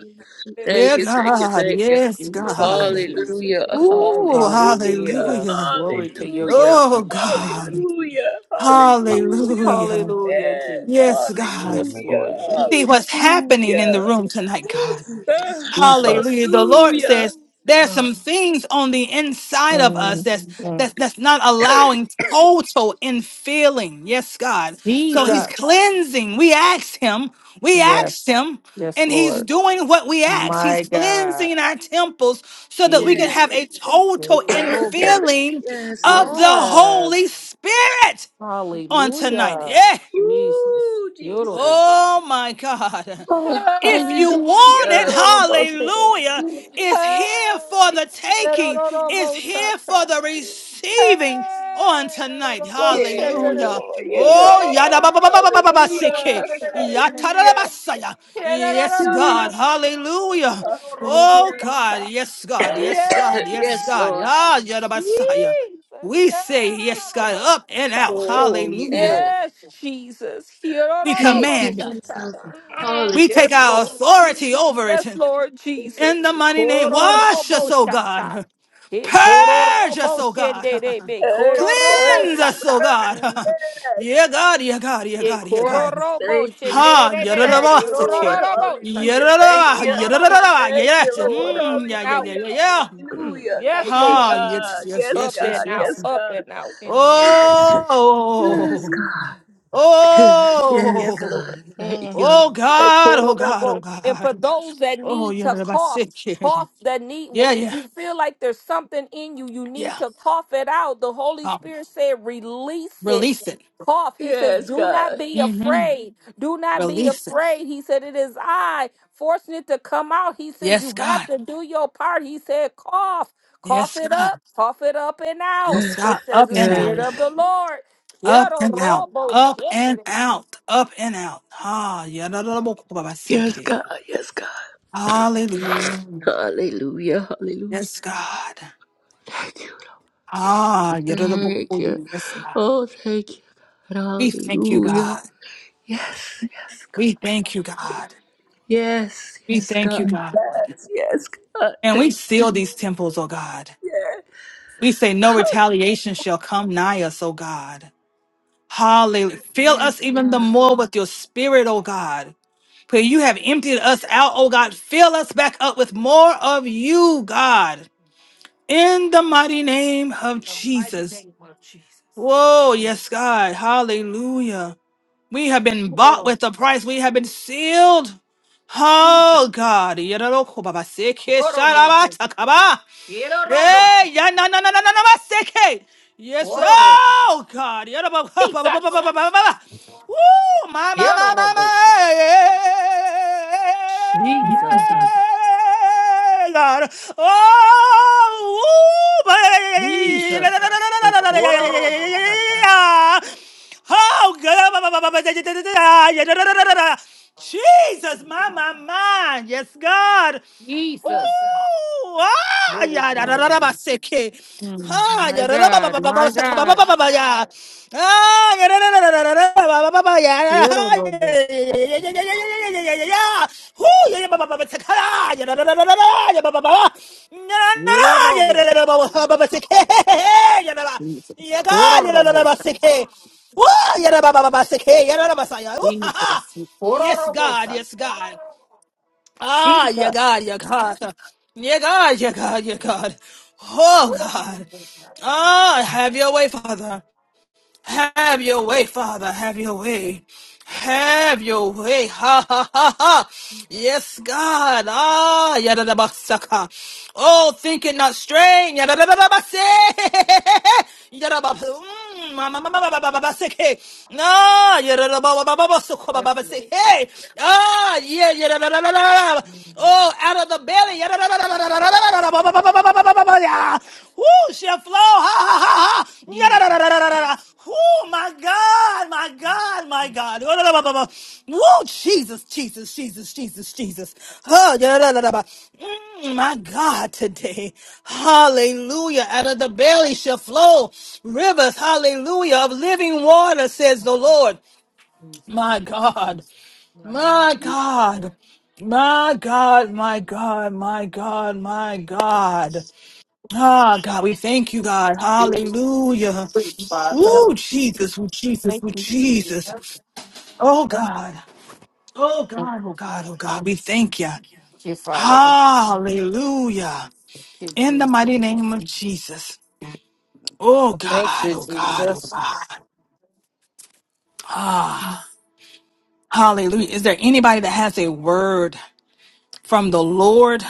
Thank Yeah, you, Woo! thank you, God. thank you. Yes, Jesus, God. Jesus. Hallelujah, Ooh, hallelujah, Hallelujah. hallelujah. Glory to your hallelujah, great Oh, name, Jesus. God. hallelujah, hallelujah. Hallelujah. Hallelujah, Yes, Yes, Jesus. God. Yes, Lord hallelujah, see what's Jesus. happening in the hallelujah. room tonight, God. Ah, Jesus. Yes, Hallelujah. The Jesus. Lord hallelujah. says there's Lord. some things on the inside of us Mm, that's that's mm. that's not allowing total infilling. Yes, God. So Ah, He's Jesus. cleansing. We asked Him. We Yes, asked Him. yes, And he's Lord. doing what we ask. He's My God. cleansing our temples so that we can yes, have Jesus. a total infilling yes, of Lord. the Yes. Holy Spirit on tonight. Hallelujah. Yeah. Jesus. Ooh, Jesus. Yororobo. Oh my God. Oh, If you Hey. want hallelujah. it, Yororobo shata. hallelujah, it's here for Hey. the taking, it's Yororobo here for shata. the receiving on Hey. tonight. Yororobo shata. Yeah, Hallelujah. Lord. Yeah, Lord. Oh, Yororobo yada ba ba ba ba ba ba ba ba Hallelujah. siki. Yata da da Hallelujah. ba saya. yes, God. Hallelujah. Hallelujah. Oh, shata. Yororobo God. shata. Yes, God. Hallelujah. Yes, God. Yes, yes, God. Lord. Ah, Yes. yada ba saya. Jesus. We say yes, God, Yororobo up and shata. out. Oh, Hallelujah. yeah. Yes, Jesus. We Thank you, command it. Hirororoboshata. Jesus. Mm, Hallelujah. We take Yes, our Lord. authority over Yes, it. Lord Jesus. In the mighty name, wash us, oh Kororoboshata. God. Purge us, oh God. Ekororoboshenderebe. Earth, Cleanse earth, us, oh Kororoboshata. earth. God. Mm. Yes, yeah, God, yeah, God, yeah, God, yeah, God. yes. Thank you. Ha, Ekororoboshenderebe. Thank you, Lord. yadadabasaki. Hallelujah. Kirorororoboshandere. Thank Yadadaba, you. yadadadaba, Korororoboshandere. Thank yes. you, Yes, Lord. Lord. Mm, Up yeah, and yeah, out. yeah, Hallelujah. yeah, yeah. Mm. Hallelujah. yes, Thank you, Lord. Ha, yes, God. yes, Yes, Up yes, yes, God. and out. yes. Yes, Up God. and out in the name of Jesus. Yes, Mm. Oh, God. Yes, Yes, oh, Lord. oh God. Mm. Thank you, Lord. God, oh God, oh And for God. those that Oh, need yes, to cough, it can. cough that need, well, Yeah, if yeah, you feel like there's something in you, you need yeah. to cough it out. The Holy Spirit said, release it. Release it. Cough. He says, Yes, do not God. be hmm afraid. Do not be Release it. afraid. He said, it is I forcing it to come out. He says, Yes, you have God. to do your part. He said, cough. Cough Yes, it God. up. Cough it up and out. Yes, Thus God. says Up the and out. Spirit of Yes. the Lord. Up Quiero and out. robo Up and shit. out. Up and out. Ah, Yes, yadadadabokobabasiki. God. Yes, God. Hallelujah. Hallelujah. Hallelujah. Yes, God. Thank you. Ah, Lord. Thank you. yadadadabokoi. yes, God. Oh, thank you, God. We thank you, Hallelujah. God. Yes, yes, God. We thank you, God. Yes, We yes, thank you, God. God. Yes, yes, God. And we Thank you. seal these temples, oh God. Yes. We say no retaliation shall come nigh us, oh God. Hallelujah. Fill us Yes, even the God. more with your spirit, oh God. For you have emptied us out, oh God. Fill us back up with more of you, God. In the mighty name of the mighty Jesus. name of Jesus. Whoa, yes, God. Hallelujah. We have been bought Oro, with a price. We have been sealed. Jesus. Oh God. Oro, robo. Ero, robo. Hey, yeah, na na na na na na na, seke. Yes, Oro, robo. oh God. Yeah, ba- ba- ba- ba- Jesus. ba- ba- ba- ba- ba- ba. Woo, my my my Ero, my my. robo. Jesus. God. Oh, woo, ba- la- la- Jesus. la- la- la- la- la- la- la- la- la- la- Oro, la- robo. la- la. Oh, God. Ba- ba- ba- ba- ba- da- da- da- da- da. Yeah, da- da- da- da- da- da. Jesus, my, my, my. Yes, God. Jesus. Ooh, ah, Glory ya, da, to da, your da, da, ba, name. se, ke. Mm, Ah, my ya, da, da, ba, ba, God. ba, ba, ba, My sa, ka, ba, ba, God. ba, ba, ba, ya. Ah, ya, da, da, da, da, da, da, da, ba, ba, ba, ba, ya, da, da, Ero, ah, ya, robo. ya, ya, ya, ya, ya, ya, ya, ya, ya, ya. Ooh, ya, ya, ba, ba, ba, ba, sa, ka, da, ya, da, da, da, da, da, da, ya, ba, ba, ba, ba. Na, na, na, na, Ero, ya, robo. da, da, da, ba, ba, ba, ba, se, ke, ya, da, da. Jesus. Ya, ka, Oro, ya, da, da, da, robo. ba, se, ke. Ooh, ya, da, ba, ba, ba, ba, se, ke, ya, da, da, ba, sa, ya. Ooh, ha, ha. Jesus. Oro, Yes, robo. God, yes, God. Ah, yeah, Jesus. God, yeah, God. Yeah, God, yeah, God, yeah, God. Oh, God. Ah, have your way, Father. Have your way, Father. Have your way. Have your way. Ha ha ha ha. Yes, God. Ah, yada da basaka. Oh, think it not strange. Yada da da da basi. Yada ba. Mm, ma ma ma ma ma ma ma ma basike. No, yada da ba ba ba ba ba suko ba ba Yes, Lord. basike. Ah, yeah, yada da da da da. da. Oh, out of the belly. Yada Ooh, shall flow. Ha ha ha ha. Jesus, Oh my God, my God, my God. Woo, Jesus, Jesus, Jesus, Jesus, Jesus. Oh, Mm, my God, today. Hallelujah. Out of the belly shall flow rivers, hallelujah, of living water, says the Lord. Jesus. My God. My God. My God. My God, my God, my God, my God. Ah, God, we thank you, God. Jesus. Hallelujah. Father. Woo, Jesus, woo, Jesus, Thank woo, you, Jesus. Jesus. Thank Oh, God. Oh, God, oh, God, oh, God. We thank you. you, Father. Thank Hallelujah. you, In the Jesus. mighty name of Jesus. Oh, Thank God, you, oh, God, oh, God. Jesus. Ah, hallelujah. Is there anybody that has a word from the Lord?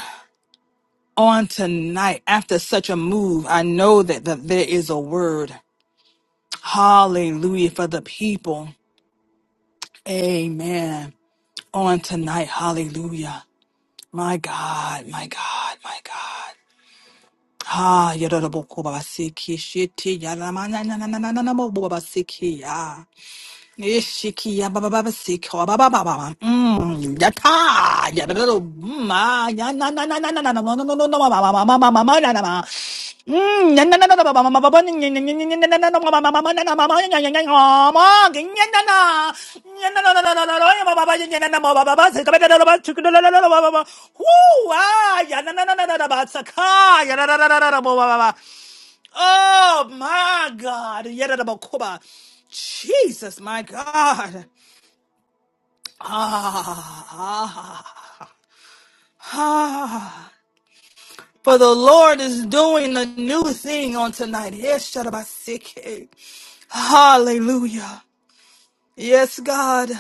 on tonight after such a move. I know that, that there is a word. Hallelujah for the people. Amen. On tonight. Hallelujah. My God, my God, my God. Ah, yadadabokoba basiki, shiti, yadamana, nanananananabo, babasiki, ah. Ishikia baba baba siko baba baba. baba. Mm, yata ya da da da, mm, ah, ya na na na na na na na no no no no no ma ma ma ma ma ma ma na na ma. Mm, ya na na na na ba ba ma ma ba ba ni ni ni ni ni ni na na na no, ma ma ma ma ma na na ma ma ya ya ya ya ma ki ya na na. Ya na na na na na na na ya ba ba ba ya ya na na ma ba ba ba sika ba da da da ba chuku da da da da ba ba ba. Woo, ah, ya na na na na na na ba saka ya da da da da da ba ba ba. Oh my God. Yedadabakoba. Jesus, my God. Ah, ah, ah. For the Lord is doing a new thing on tonight. Yes, Shadabasike. Hallelujah. Yes, God.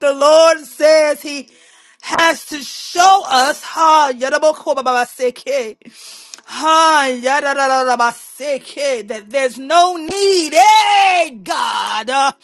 The Lord says He has to show us ha yadabakobabaseke, ha yadadadabaseke, that there's no need, hey God,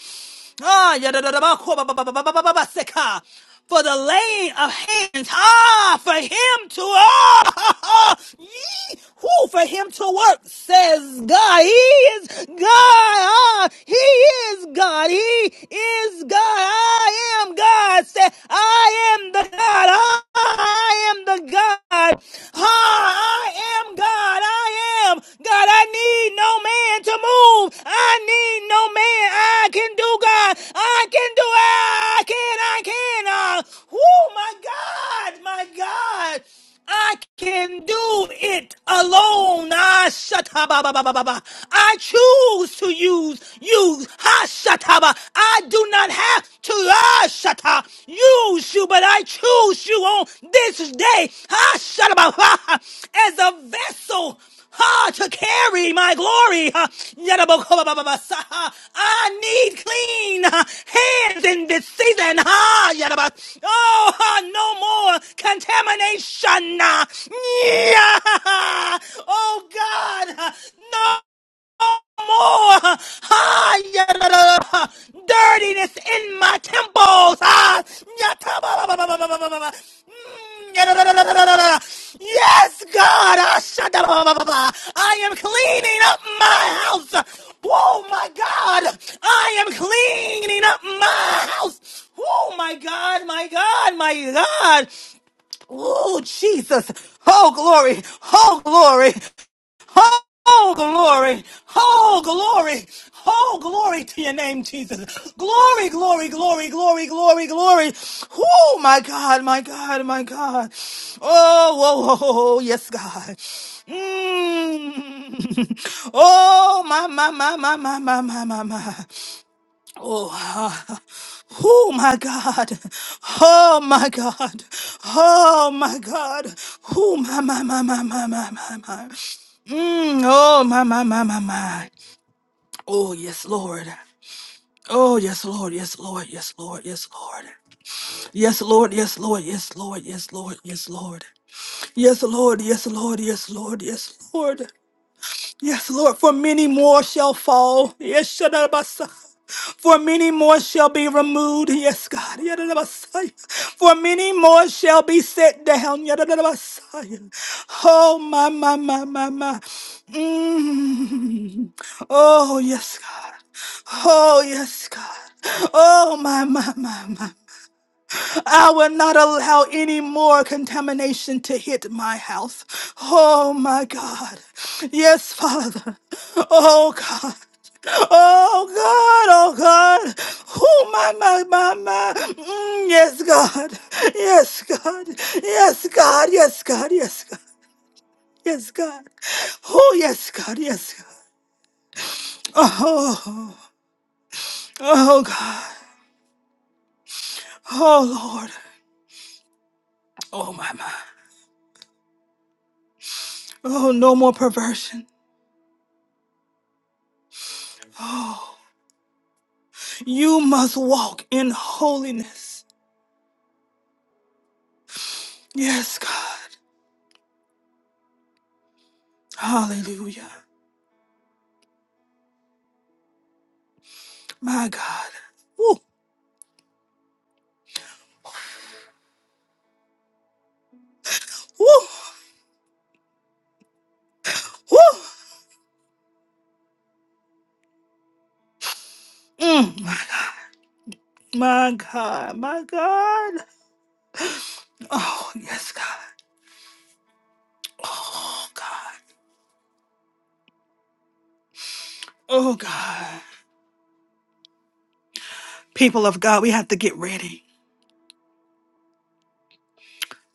Ah, yadadadabako, ba- ba- ba- ba- ba- ba- ba- ba- ba- seka. For the laying of hands, ah, for him to, ah, yee, who for him to work, says God. He is God, ah, he is God, he is God, I am God, said, I am the God, ah, I am the God, ah, I am God. God, I am. God, I need no man to move. I need no man. I can do God. I can do it. I can. I can. Uh, oh my God, my God. I can do it alone. Ah, shataba, ba, ba, ba, ba, ba. I choose to use you. Ha, shataba. I do not have to. Ah, ha, use you, but I choose you on this day. Ha, shut up, ha, as a vessel. Ha, to carry my glory. Ha, I need clean ha, hands in this season. Ha, oh, ha, no more contamination. ha, yeah, oh God, ha, no more ah, yeah, dirtiness in my temples. Ah, yeah, Mm, yeah, Yes, God, ah, I am cleaning up my house. Oh my God, I am cleaning up my house. Oh my God, my God, my God. Oh Jesus. Oh glory. Oh glory. Oh, glory. Oh, glory. Oh, glory to your name, Jesus. Glory, glory, glory, glory, glory, glory. Oh, my God, my God, my God. Oh, whoa, whoa, whoa, yes, God. Mm. Oh, my, my, my, my, my, my, my, my, my. Oh, ah, oh my God. Oh my God. Oh my God. Oh my my my my my my my. my. Mm, oh my my my my my. Oh yes, Lord. Oh yes, Lord. Yes, Lord. Yes, Lord. Yes, Lord. Yes, Lord. Yes, Lord. Yes, Lord. Yes, Lord. Yes, Lord. Yes, Lord. Yes, Lord. Yes, Lord. Yes, Lord. Yes, Lord. For many more shall fall. Yes, For many more shall be removed, yes, God. Yadadabasaya. For many more shall be set down. Yadadabasaya. Oh, my, my, my, my, my. Mm. Oh, yes, God. Oh, yes, God. Oh, my, my, my, my. I will not allow any more contamination to hit my house. Oh, my God. Yes, Father. Oh, God. Oh God, oh God. Oh my, my, my, my. Mm, yes, God. Yes, God. Yes, God. Yes, God. Yes, God. Yes, God. Oh, yes, God. Yes, God. Oh, oh God. Oh, Lord. Oh, my, my. Oh, no more perversion. Oh, you must walk in holiness. Yes, God. Hallelujah. My God. Woo, woo, woo. Mm. My God, my God. Oh, yes, God. Oh, God. Oh, God. People of God, we have to get ready.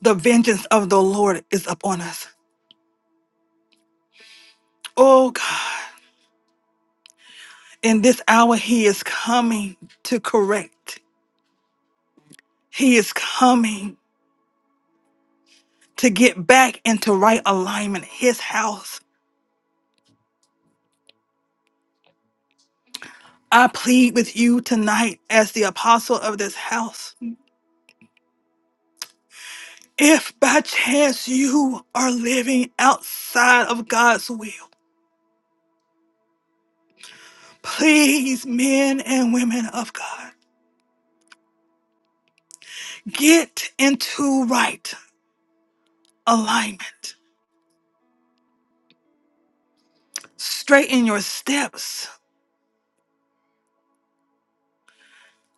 The vengeance of the Lord is upon us. Oh, God. In this hour, He is coming to correct, He is coming to get back into right alignment, His house. I plead with you tonight as the apostle of this house. If by chance you are living outside of God's will, Please, men and women of God, get into right alignment. Straighten your steps.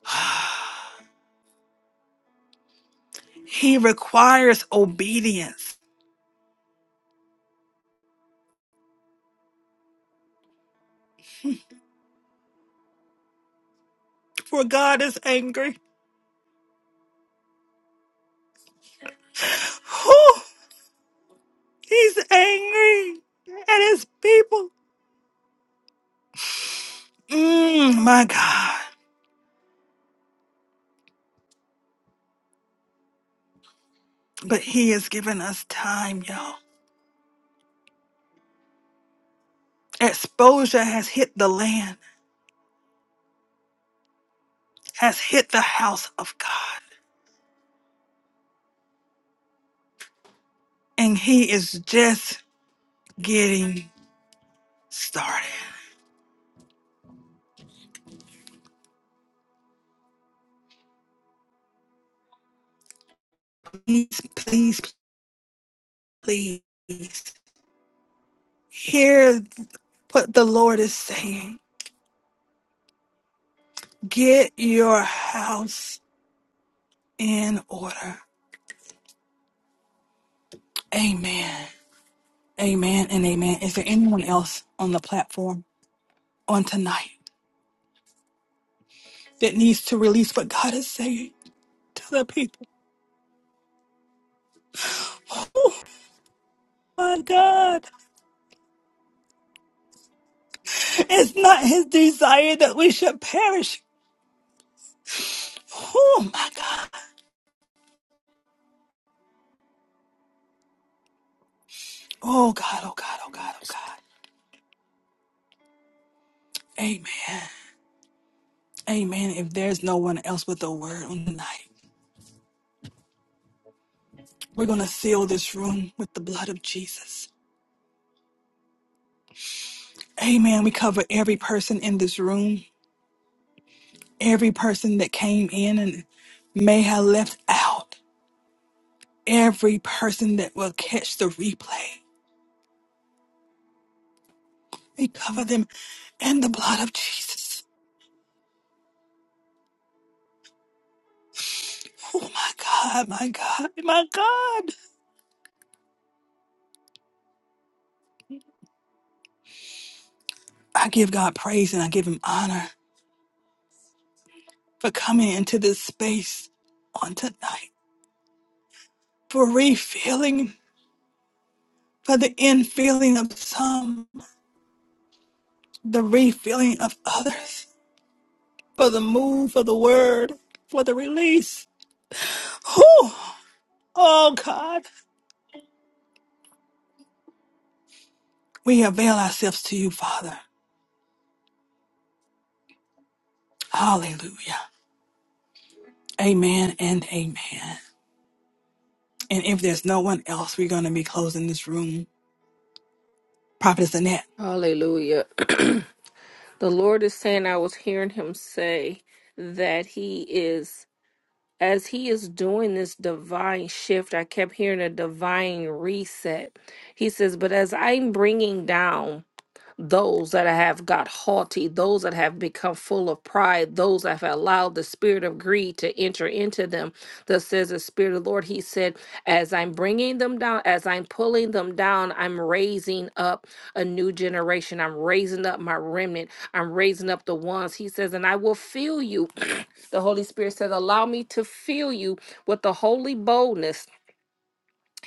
He requires obedience, for God is angry. Whew, he's angry at his people. Mm, my God. But He has given us time, y'all. Exposure has hit the land, has hit the house of God, and He is just getting started. please, please, please hear what the Lord is saying. Get your house in order. Amen. Amen and amen. Is there anyone else on the platform on tonight that needs to release what God is saying to the people? Oh my God. It's not his desire that we should perish. Oh my God. Oh God, oh God, oh God, oh God. Amen. Amen. If there's no one else with a word on tonight, We're going to see every person that came in and may have left out, every person that will catch the replay. We cover them in the blood of Jesus. Oh my God, my God, my God. I give God praise and I give him honor for coming into this space on tonight, for refilling, for the infilling of some, the refilling of others, for the move, for the word, for the release. Whew. Oh God. We avail ourselves to you, Father. Hallelujah. Amen and amen. And if there's no one else, we're going to be closing this room. Prophetess Annette, Hallelujah. the Lord is saying, I was hearing him say that he is, as he is doing this divine shift, I kept hearing a divine reset. He says, But as I'm bringing down those that have got haughty, those that have become full of pride, those that have allowed the spirit of greed to enter into them. Thus says the Spirit of the Lord, He said, As I'm bringing them down, as I'm pulling them down, I'm raising up a new generation. I'm raising up my remnant. I'm raising up the ones. He says, And I will fill you. The Holy Spirit says, Allow me to fill you with the holy boldness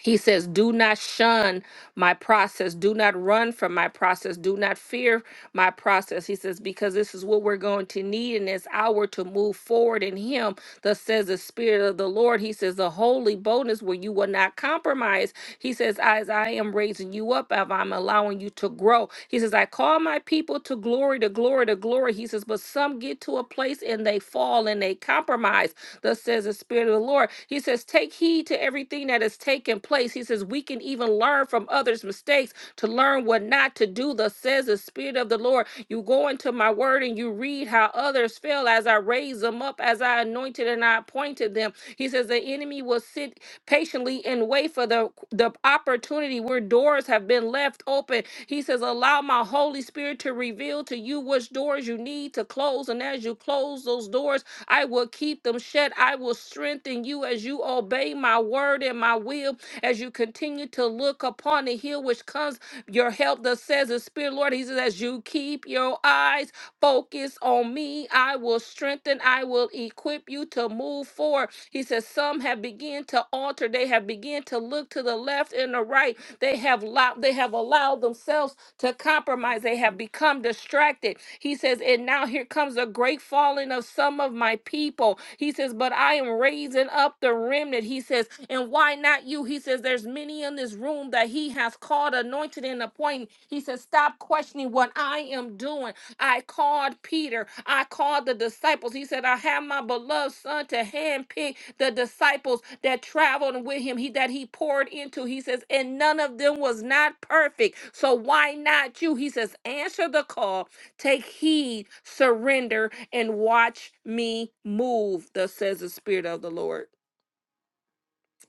he says, Do not shun my process. Do not run from my process. Do not fear my process. He says, Because this is what we're going to need in this hour to move forward in Him. Thus says the Spirit of the Lord. He says, The holy bonus where you will not compromise. He says, As I am raising you up, as I'm allowing you to grow. He says, I call my people to glory, to glory, to glory. He says, But some get to a place and they fall and they compromise. Thus says the Spirit of the Lord. He says, Take heed to everything that is taking place. He says, We can even learn from others' mistakes to learn what not to do. Thus says the Spirit of the Lord. You go into my word and you read how others fell as I raised them up, as I anointed and I appointed them. He says, The enemy will sit patiently and wait for the, the opportunity where doors have been left open. He says, Allow my Holy Spirit to reveal to you which doors you need to close. And as you close those doors, I will keep them shut. I will strengthen you as you obey my word and my will, as you continue to look upon the hill which comes your help. that says the Spirit, Lord. He says, as you keep your eyes focused on me, I will strengthen, I will equip you to move forward. He says, some have begun to alter, they have begun to look to the left and the right. They have allowed, they have allowed themselves to compromise. They have become distracted. He says, And now here comes a great falling of some of my people. He says, But I am raising up the remnant. He says, And why not you? He says, There's many in this room that he has called, anointed, and appointed. He says, Stop questioning what I am doing. I called Peter. I called the disciples. He said, I have my beloved son to handpick the disciples that traveled with him, he that he poured into. He says, and none of them was not perfect. So why not you? He says, answer the call, take heed, surrender, and watch me move, thus says the Spirit of the Lord.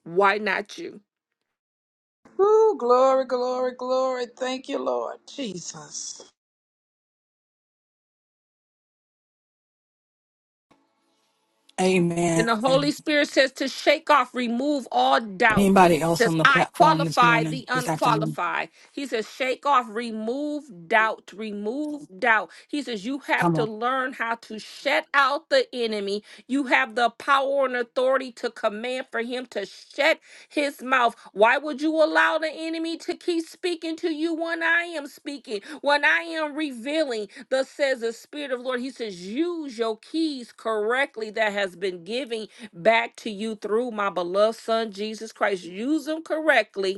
Why not you? Ooh, glory, glory, glory. Thank you, Lord. Jesus. amen. And the Holy Spirit says to shake off, remove all doubt. Anybody else on Says, the I platform this qualify morning, the this afternoon? unqualified. He says, shake off, remove doubt, remove doubt. He says, you have Come to on. learn how to shut out the enemy. You have the power and authority to command for him to shut his mouth. Why would you allow the enemy to keep speaking to you when I am speaking, when I am revealing? Thus says the Spirit of the Lord. He says, Use your keys correctly that has been given back to you through my beloved Son, Jesus Christ. Use them correctly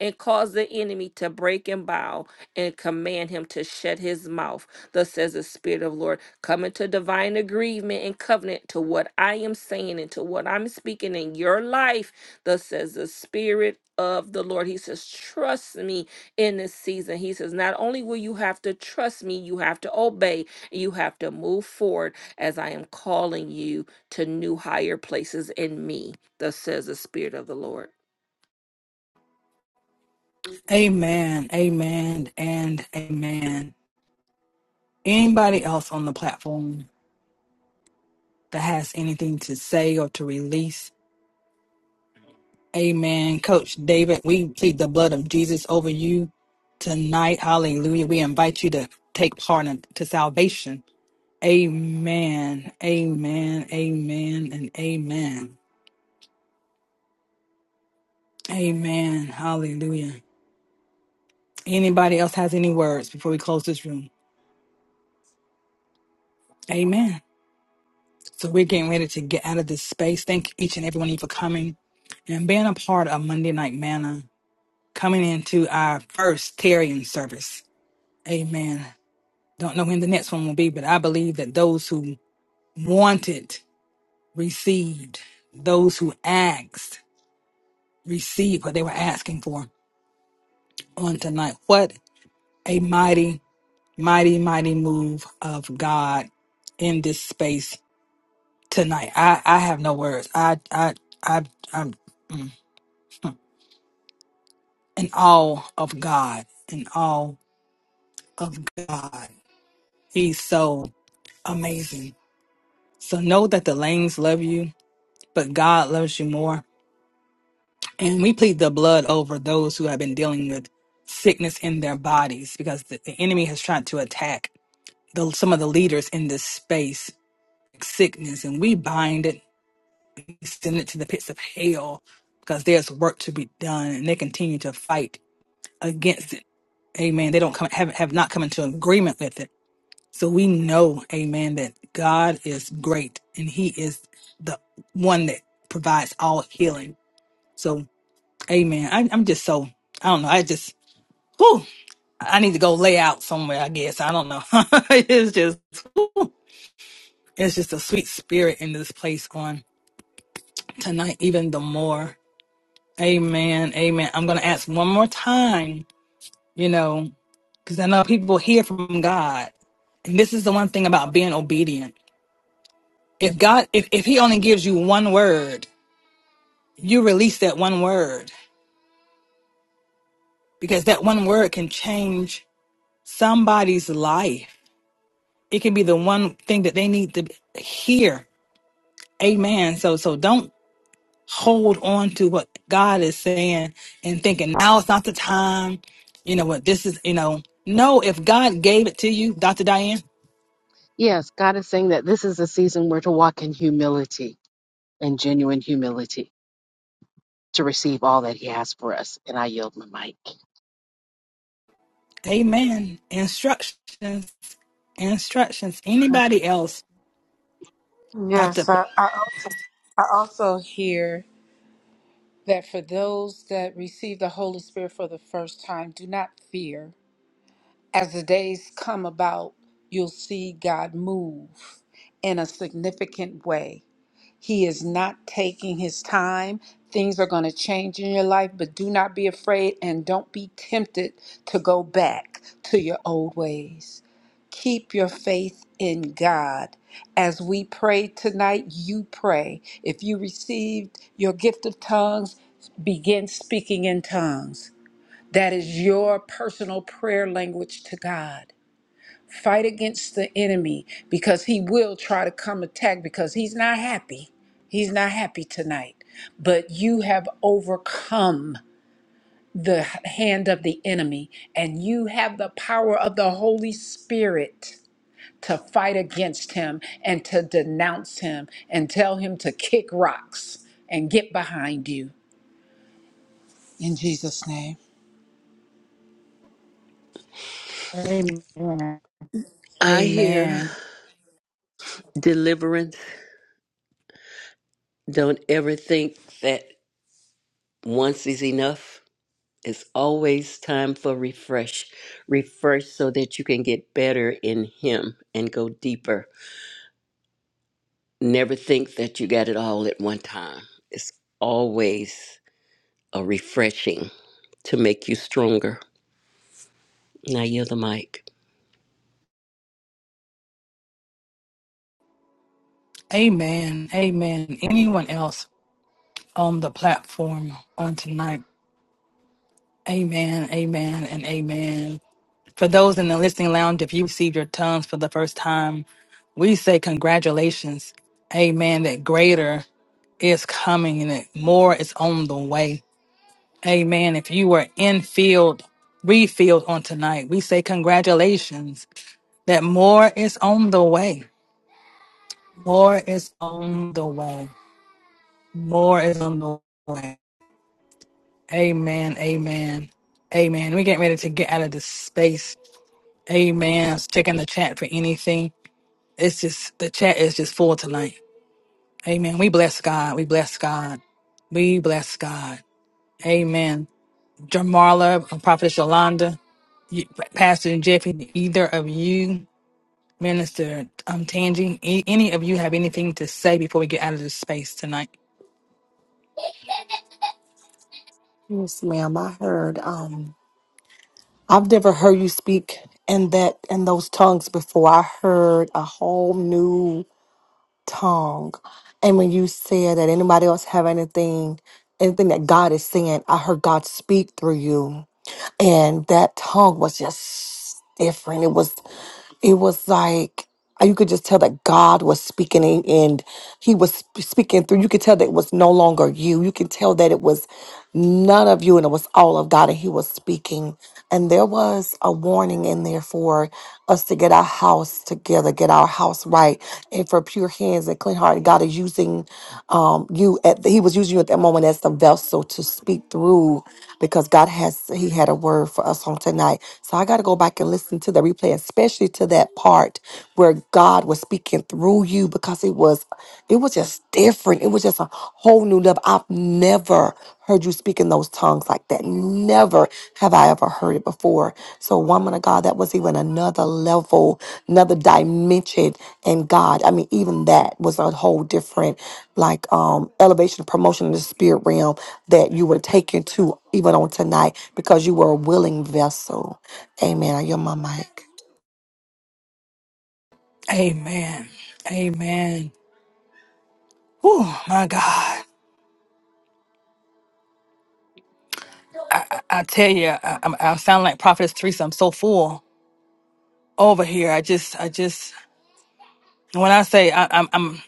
and cause the enemy to break and bow and command him to shut his mouth. Thus says the Spirit of the Lord, come into divine agreement and covenant to what I am saying and to what I'm speaking in your life. Thus says the Spirit of the Lord. He says, trust me in this season. He says, not only will you have to trust me, you have to obey. You have to move forward as I am calling you to new higher places in me. Thus says the Spirit of the Lord. Amen, amen, and amen. Anybody else on the platform that has anything to say or to release? Amen. Coach David, we plead the blood of Jesus over you tonight. Hallelujah. We invite you to take part in, to salvation. Amen. Amen. Amen. And amen. Amen. Hallelujah. Anybody else has any words before we close this room? Amen. So we're getting ready to get out of this space. Thank each and every one of you for coming and being a part of Monday Night Manna, coming into our first Tarian service. Amen. Don't know when the next one will be, but I believe that those who wanted received, those who asked received what they were asking for on tonight. What a mighty, mighty, mighty move of God in this space tonight. I, I have no words. I, I, I, I'm mm, in awe of God, in awe of God. He's so amazing. So know that the lanes love you, but God loves you more. And we plead the blood over those who have been dealing with sickness in their bodies because the, the enemy has tried to attack the, some of the leaders in this space, sickness, and we bind it, send it to the pits of hell because there's work to be done and they continue to fight against it. Amen. They don't come, have, have not come into agreement with it. So we know, amen, that God is great and he is the one that provides all healing. So, amen. I, I'm just so I don't know. I just whew, I need to go lay out somewhere, I guess. I don't know. it's just, whew, it's just a sweet spirit in this place on tonight, even the more. Amen. Amen. I'm going to ask one more time, you know, because I know people hear from God. And this is the one thing about being obedient. If God, if, if He only gives you one word, you release that one word because that one word can change somebody's life. It can be the one thing that they need to hear Amen. So so don't hold on to what God is saying and thinking now it's not the time. You know what this is, you know. No, if God gave it to you, Dr. Diane, amen. Instructions, instructions. Anybody else, Dr. Yes, I, I, also, I also hear that for those that receive the Holy Spirit for the first time, do not fear. As the days come about, you'll see God move in a significant way. He is not taking his time. Things are going to change in your life, but do not be afraid and don't be tempted to go back to your old ways. Keep your faith in God. As we pray tonight, you pray. If you received your gift of tongues, begin speaking in tongues. That is your personal prayer language to God. Fight against the enemy because he will try to come attack because he's not happy. He's not happy tonight. But you have overcome the hand of the enemy and you have the power of the Holy Spirit to fight against him and to denounce him and tell him to kick rocks and get behind you. In Jesus' name. Amen. I hear Amen. deliverance. Don't ever think that once is enough. It's always time for refresh. Refresh so that you can get better in Him and go deeper. Never think that you got it all at one time. It's always a refreshing to make you stronger. Now you're the mic. Amen. Amen. Anyone else on the platform on tonight? Amen. Amen. And amen. For those in the listening lounge, if you received your tongues for the first time, we say congratulations amen that greater is coming and that more is on the way amen if you were in field refilled on tonight we say congratulations that more is on the way more is on the way more is on the way amen amen amen we're getting ready to get out of this space amen I was checking the chat for anything it's just the chat is just full tonight Amen. We bless God. We bless God. We bless God. Amen. Jamarla, Prophetess Yolanda, you- Pastor Jeffy, either of you, Minister um, Tangi, a- any of you have anything to say before we get out of this space tonight? Yes, ma'am. I heard. Um, I've never heard you speak in that in those tongues before. I heard a whole new tongue, and when you said that anybody else have anything, anything that God is saying, I heard God speak through you, and that tongue was just different. It was it was like you could just tell that God was speaking and and he was sp- speaking through. You could tell that it was no longer you. You could tell that it was none of you and it was all of God and he was speaking. And there was a warning in there for us to get our house together, get our house right. And for pure hands and clean heart, God is using um, you at the, he was using you at that moment as the vessel to speak through because God has he had a word for us on tonight. So I got to go back and listen to the replay, especially to that part where God was speaking through you because it was it was just different. It was just a whole new level. I've never heard you speak in those tongues like that. Never have I ever heard it before. So woman of God, that was even another level, another dimension and God. I mean, even that was a whole different like um elevation promotion in the spirit realm that you were taken to even on tonight because you were a willing vessel. Amen. I yield my mic. Amen. Amen. Oh my God. I I tell you, I, I I sound like Prophetess Teresa. I'm so full over here. I just, I just, when I say I, I'm, I'm,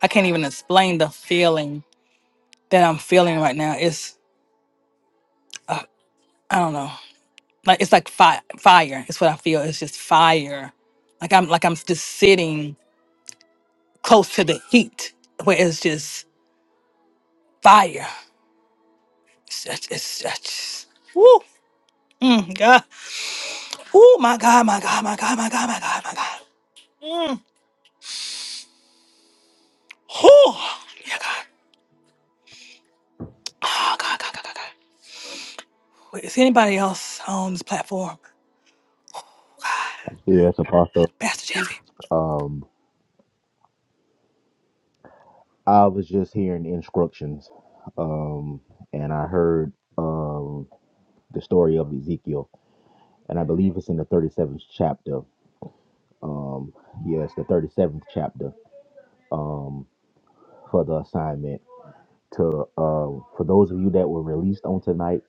I can't even explain the feeling that I'm feeling right now. It's, I don't know. like it's like fi- fire it's what i feel it's just fire like i'm like i'm just sitting close to the heat where it's just fire it's just, it's just woo, mm, god oh my god my god my god my god my god my god mm, whew, yeah, god. Oh, god, god, god, god, god. Wait, is anybody else on this platform Yes, Apostle. pastor jeffy I was just hearing instructions, um, and I heard um, the story of Ezekiel, and I believe it's in the 37th chapter. Um, yes, the 37th chapter um, for the assignment. To um, for those of you that were released on tonight,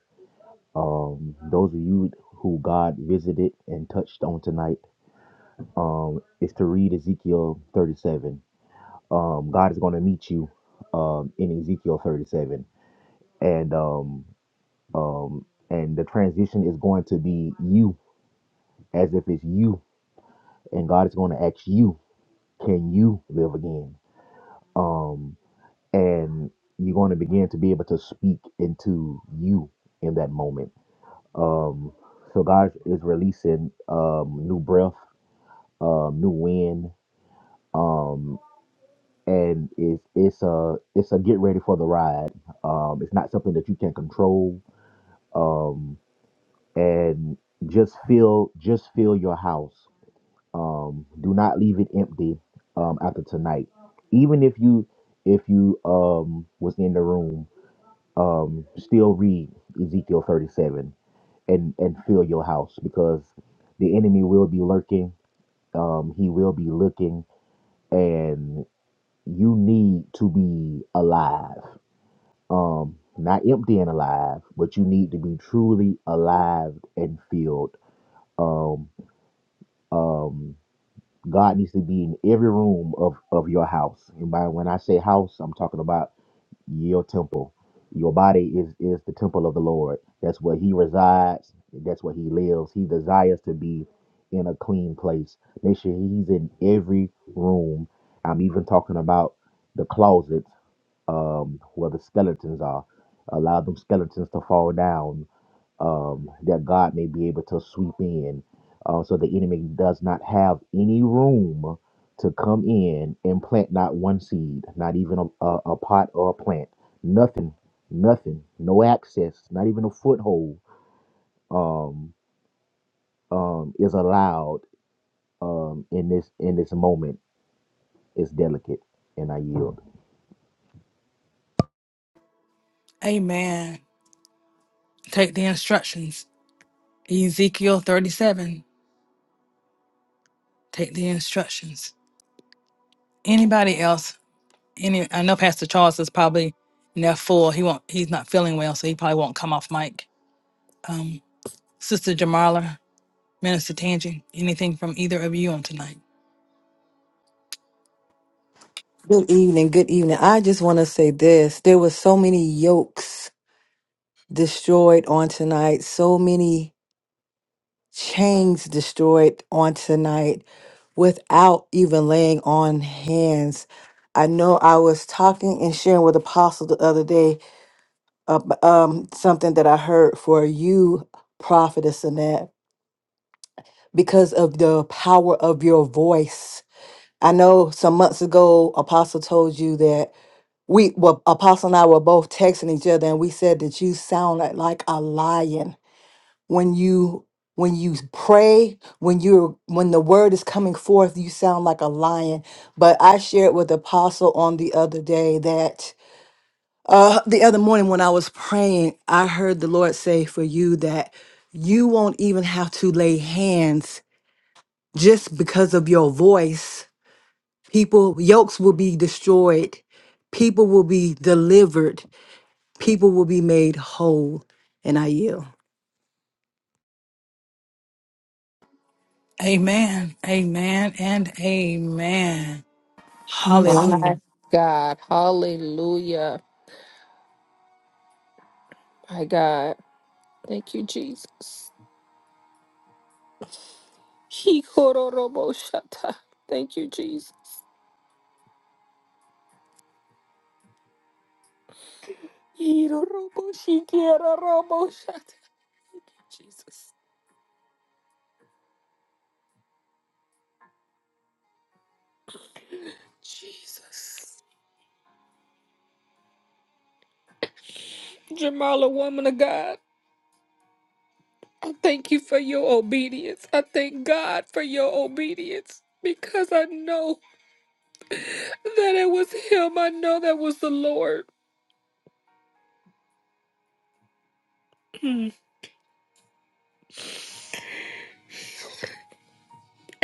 um, those of you who God visited and touched on tonight, um, is to read Ezekiel 37. Um, God is going to meet you um, in Ezekiel 37 and um um, and the transition is going to be you as if it's you and god is going to ask you can you live again um, and you're going to begin to be able to speak into you in that moment um, so god is releasing um, new breath um, new wind um, and it's it's a it's a get ready for the ride um, it's not something that you can control um, and just feel just feel your house um do not leave it empty um after tonight even if you if you um was in the room um still read ezekiel 37 and and fill your house because the enemy will be lurking um he will be looking and you need to be alive um not empty and alive but you need to be truly alive and filled um um God needs to be in every room of, of your house. And by when I say house, I'm talking about your temple. Your body is is the temple of the Lord. That's where He resides. That's where He lives. He desires to be in a clean place. Make sure He's in every room. I'm even talking about the closets um, where the skeletons are. Allow them skeletons to fall down um, that God may be able to sweep in. Uh, so the enemy does not have any room to come in and plant not one seed, not even a, a, a pot or a plant. Nothing, nothing, no access, not even a foothold um, is allowed um, in this in this moment. It's delicate, and I yield. amen take the instructions ezekiel 37 take the instructions anybody else Any, I know Pastor Charles is probably in there full. He won't. He's not feeling well, so he probably won't come off mic. Um, Sister Jamala, Minister Tangi, anything from either of you on tonight? Good evening. Good evening. I just want to say this. There were so many yokes destroyed on tonight, so many chains destroyed on tonight without even laying on hands. I know I was talking and sharing with Apostle the other day uh, um, something that I heard for you, Prophetess Annette. because of the power of your voice. I know some months ago, Apostle told you that we, well, Apostle and I were both texting each other, and we said that you sound like, like a lion when you when you pray when you're when the word is coming forth you sound like a lion but i shared with apostle on the other day that uh the other morning when i was praying i heard the lord say for you that you won't even have to lay hands just because of your voice, people, yokes will be destroyed, people will be delivered, people will be made whole. And I yield. Amen. Amen. And amen. My Hallelujah. God. Hallelujah. My God. Thank you, Jesus. Hikororoboshata. Thank you, Jesus. Hiroroboshikiaroroboshata. Jesus. Jesus. Jamala, woman of God, I thank you for your obedience. I thank God for your obedience because I know that it was Him. I know that was the Lord.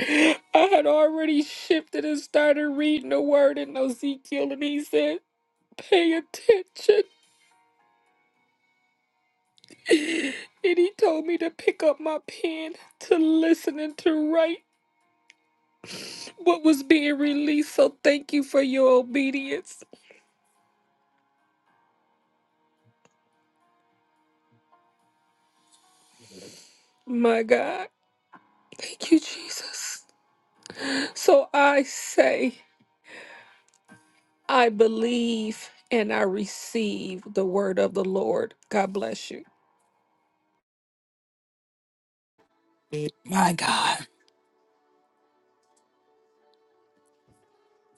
I had already shifted and started reading the word in Ezekiel, and he said, Pay attention. And he told me to pick up my pen, to listen, and to write what was being released. So thank you for your obedience. My God. Thank you, Jesus. So I say, I believe and I receive the word of the Lord. God bless you. My God.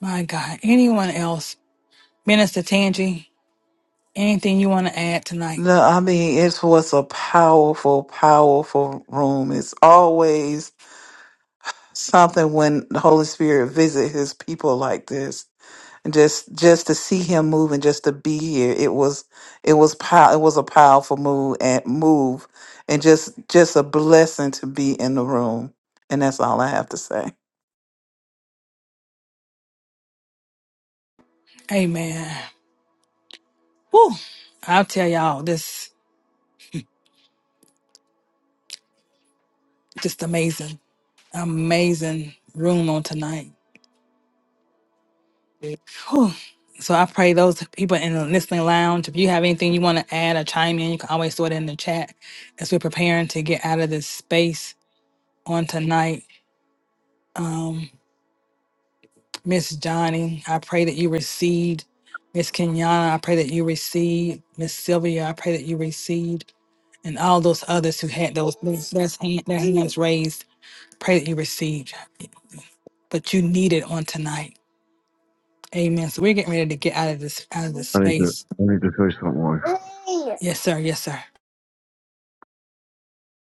My God. Anyone else? Minister Tangi, anything you want to add tonight? No, I mean, it was a powerful, powerful room. It's always something when the Holy Spirit visit his people like this. And just just to see him move and just to be here, it was it was pow- it was a powerful move and move, and just just a blessing to be in the room. And that's all I have to say. Amen. Whew. I'll tell y'all this just amazing, amazing room on tonight. Whew. So I pray those people in the listening lounge, if you have anything you want to add or chime in, you can always throw it in the chat as we're preparing to get out of this space on tonight. Um, Miss Johnny, I pray that you received. Miss Kenyana, I pray that you received. Miss Sylvia, I pray that you received. And all those others who had those those- hand- their hands raised, pray that you received. But you need it on tonight. Amen. So we're getting ready to get out of this out of this I need to space. I need to tell you something, wife. Yes, sir. Yes, sir.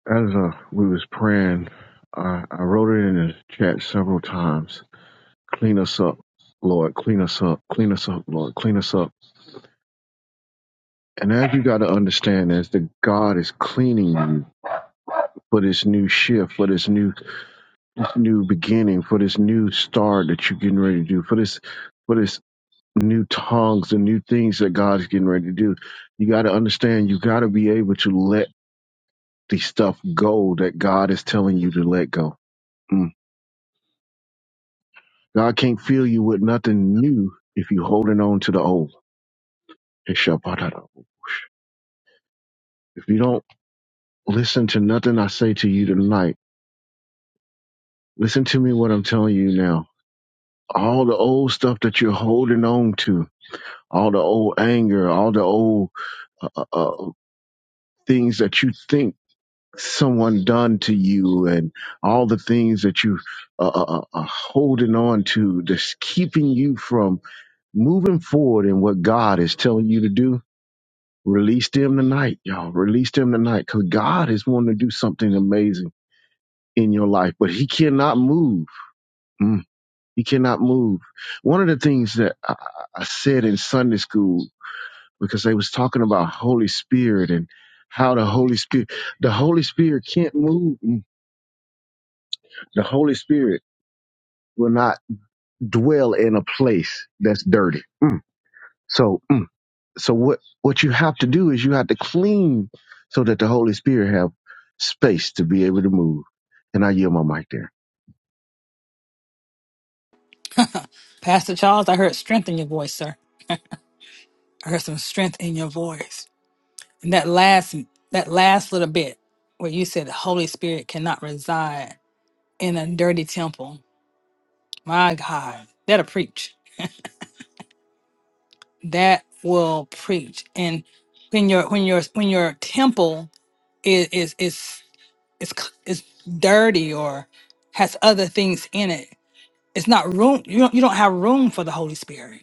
As uh, we was praying, I, I wrote it in the chat several times. Clean us up, Lord. Clean us up. Clean us up, Lord. Clean us up. And as you got to understand, as the God is cleaning you for this new shift, for this new this new beginning, for this new start that you're getting ready to do, for this for this new tongues and new things that God is getting ready to do. You got to understand. You got to be able to let the stuff go that God is telling you to let go Mm. God can't fill you with nothing new if you're holding on to the old. Ishabadada. If you don't listen to nothing I say to you tonight, listen to me what I'm telling you now. All the old stuff that you're holding on to, all the old anger, all the old uh, uh, things that you think someone done to you, and all the things that you uh, uh, uh, are holding on to that's keeping you from moving forward in what God is telling you to do Release them tonight, y'all. Release them tonight because God is wanting to do something amazing in your life, but He cannot move. Mm, he cannot move. One of the things that I, I said in Sunday school, because they was talking about Holy Spirit and how the Holy Spirit, the Holy Spirit can't move. Mm, The Holy Spirit will not dwell in a place that's dirty. So. So what what you have to do is you have to clean so that the Holy Spirit have space to be able to move. And I yield my mic there. Pastor Charles, I heard strength in your voice, sir. I heard some strength in your voice. And that last that last little bit where you said the Holy Spirit cannot reside in a dirty temple. My God, that'll preach. That will preach. And when your when your when your temple is is is is, c- is dirty or has other things in it, it's not room. You don't you don't have room for the Holy Spirit.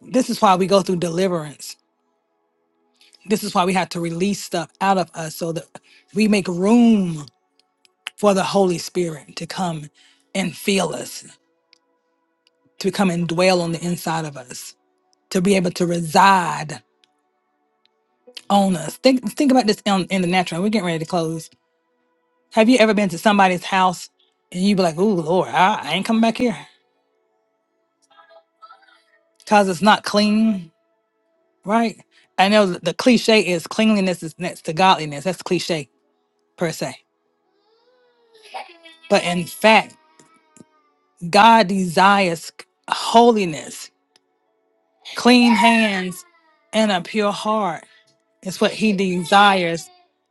This is why we go through deliverance This is why we have to release stuff out of us so that we make room for the Holy Spirit to come and fill us, to come and dwell on the inside of us, to be able to reside on us. Think think about this in, in the natural. We're getting ready to close. Have you ever been to somebody's house and you be like, "Oh Lord, I, I ain't coming back here," cause it's not clean, right? I know th- the cliche is cleanliness is next to godliness. That's cliche per se, but in fact, God desires holiness. Clean hands and a pure heart is what he desires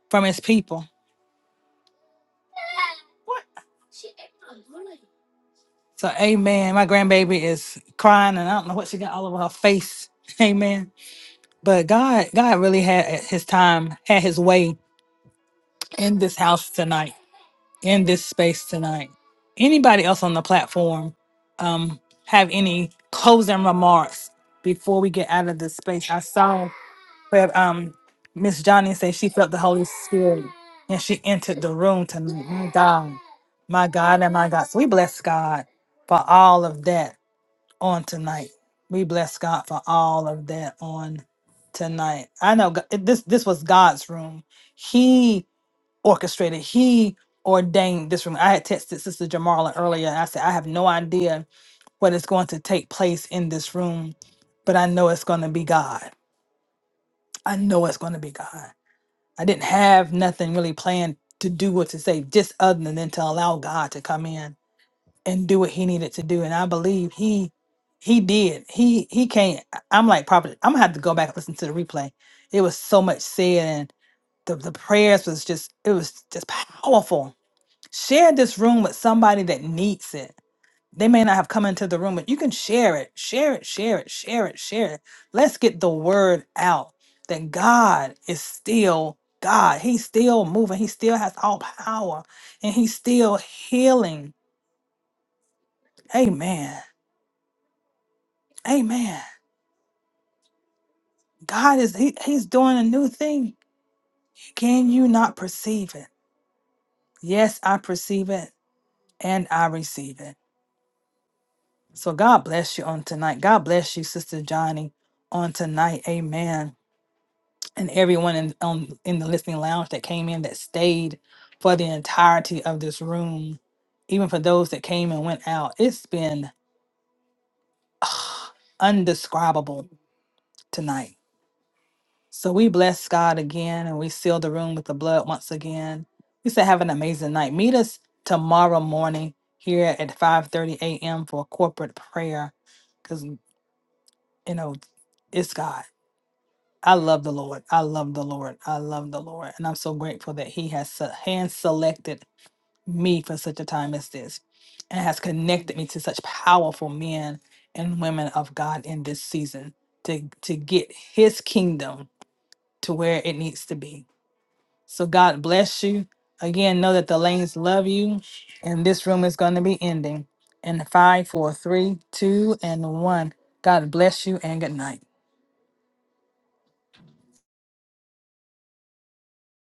from his people. So, amen. My grandbaby is crying, and I don't know what she got all over her face. Amen. But God, God really had his time, had his way in this house tonight, in this space tonight. Anybody else on the platform um, have any closing remarks before we get out of this space? I saw where um Miss Johnny said she felt the Holy Spirit and she entered the room tonight. My God, my God, and my God. So we bless God for all of that on tonight. We bless God for all of that on tonight. I know Go- it- this this was God's room. He orchestrated. He ordained this room. I had texted Sister Jamarla earlier. And I said I have no idea what is going to take place in this room, but I know it's going to be God. I know it's going to be God. I didn't have nothing really planned to do or to say, just other than to allow God to come in and do what He needed to do. And I believe He He did. He He can't. I- I'm like, probably I'm gonna have to go back and listen to the replay. It was so much said, and the the prayers was just it was just powerful. Share this room with somebody that needs it they may not have come into the room, but you can share it, share it, share it, share it, share it. Let's get the word out that God is still God. He's still moving. He still has all power and he's still healing. Amen. Amen. God is he, he's doing a new thing. Can you not perceive it? Yes, I perceive it and I receive it. So God bless you on tonight. God bless you, Sister Johnny, on tonight. Amen. and everyone in on in the listening lounge that came in that stayed for the entirety of this room, even for those that came and went out. It's been undescribable tonight. So we bless God again and we seal the room with the blood once again. We say have an amazing night. Meet us tomorrow morning here at 5:30 a.m. for corporate prayer. Cause you know, it's God. I love the Lord. I love the Lord. I love the Lord. And I'm so grateful that He has se- hand selected me for such a time as this and has connected me to such powerful men and women of God in this season to, to get His kingdom to where it needs to be. So God bless you. Again, know that the lanes love you. And this room is going to be ending in five, four, three, two, and one. God bless you and good night.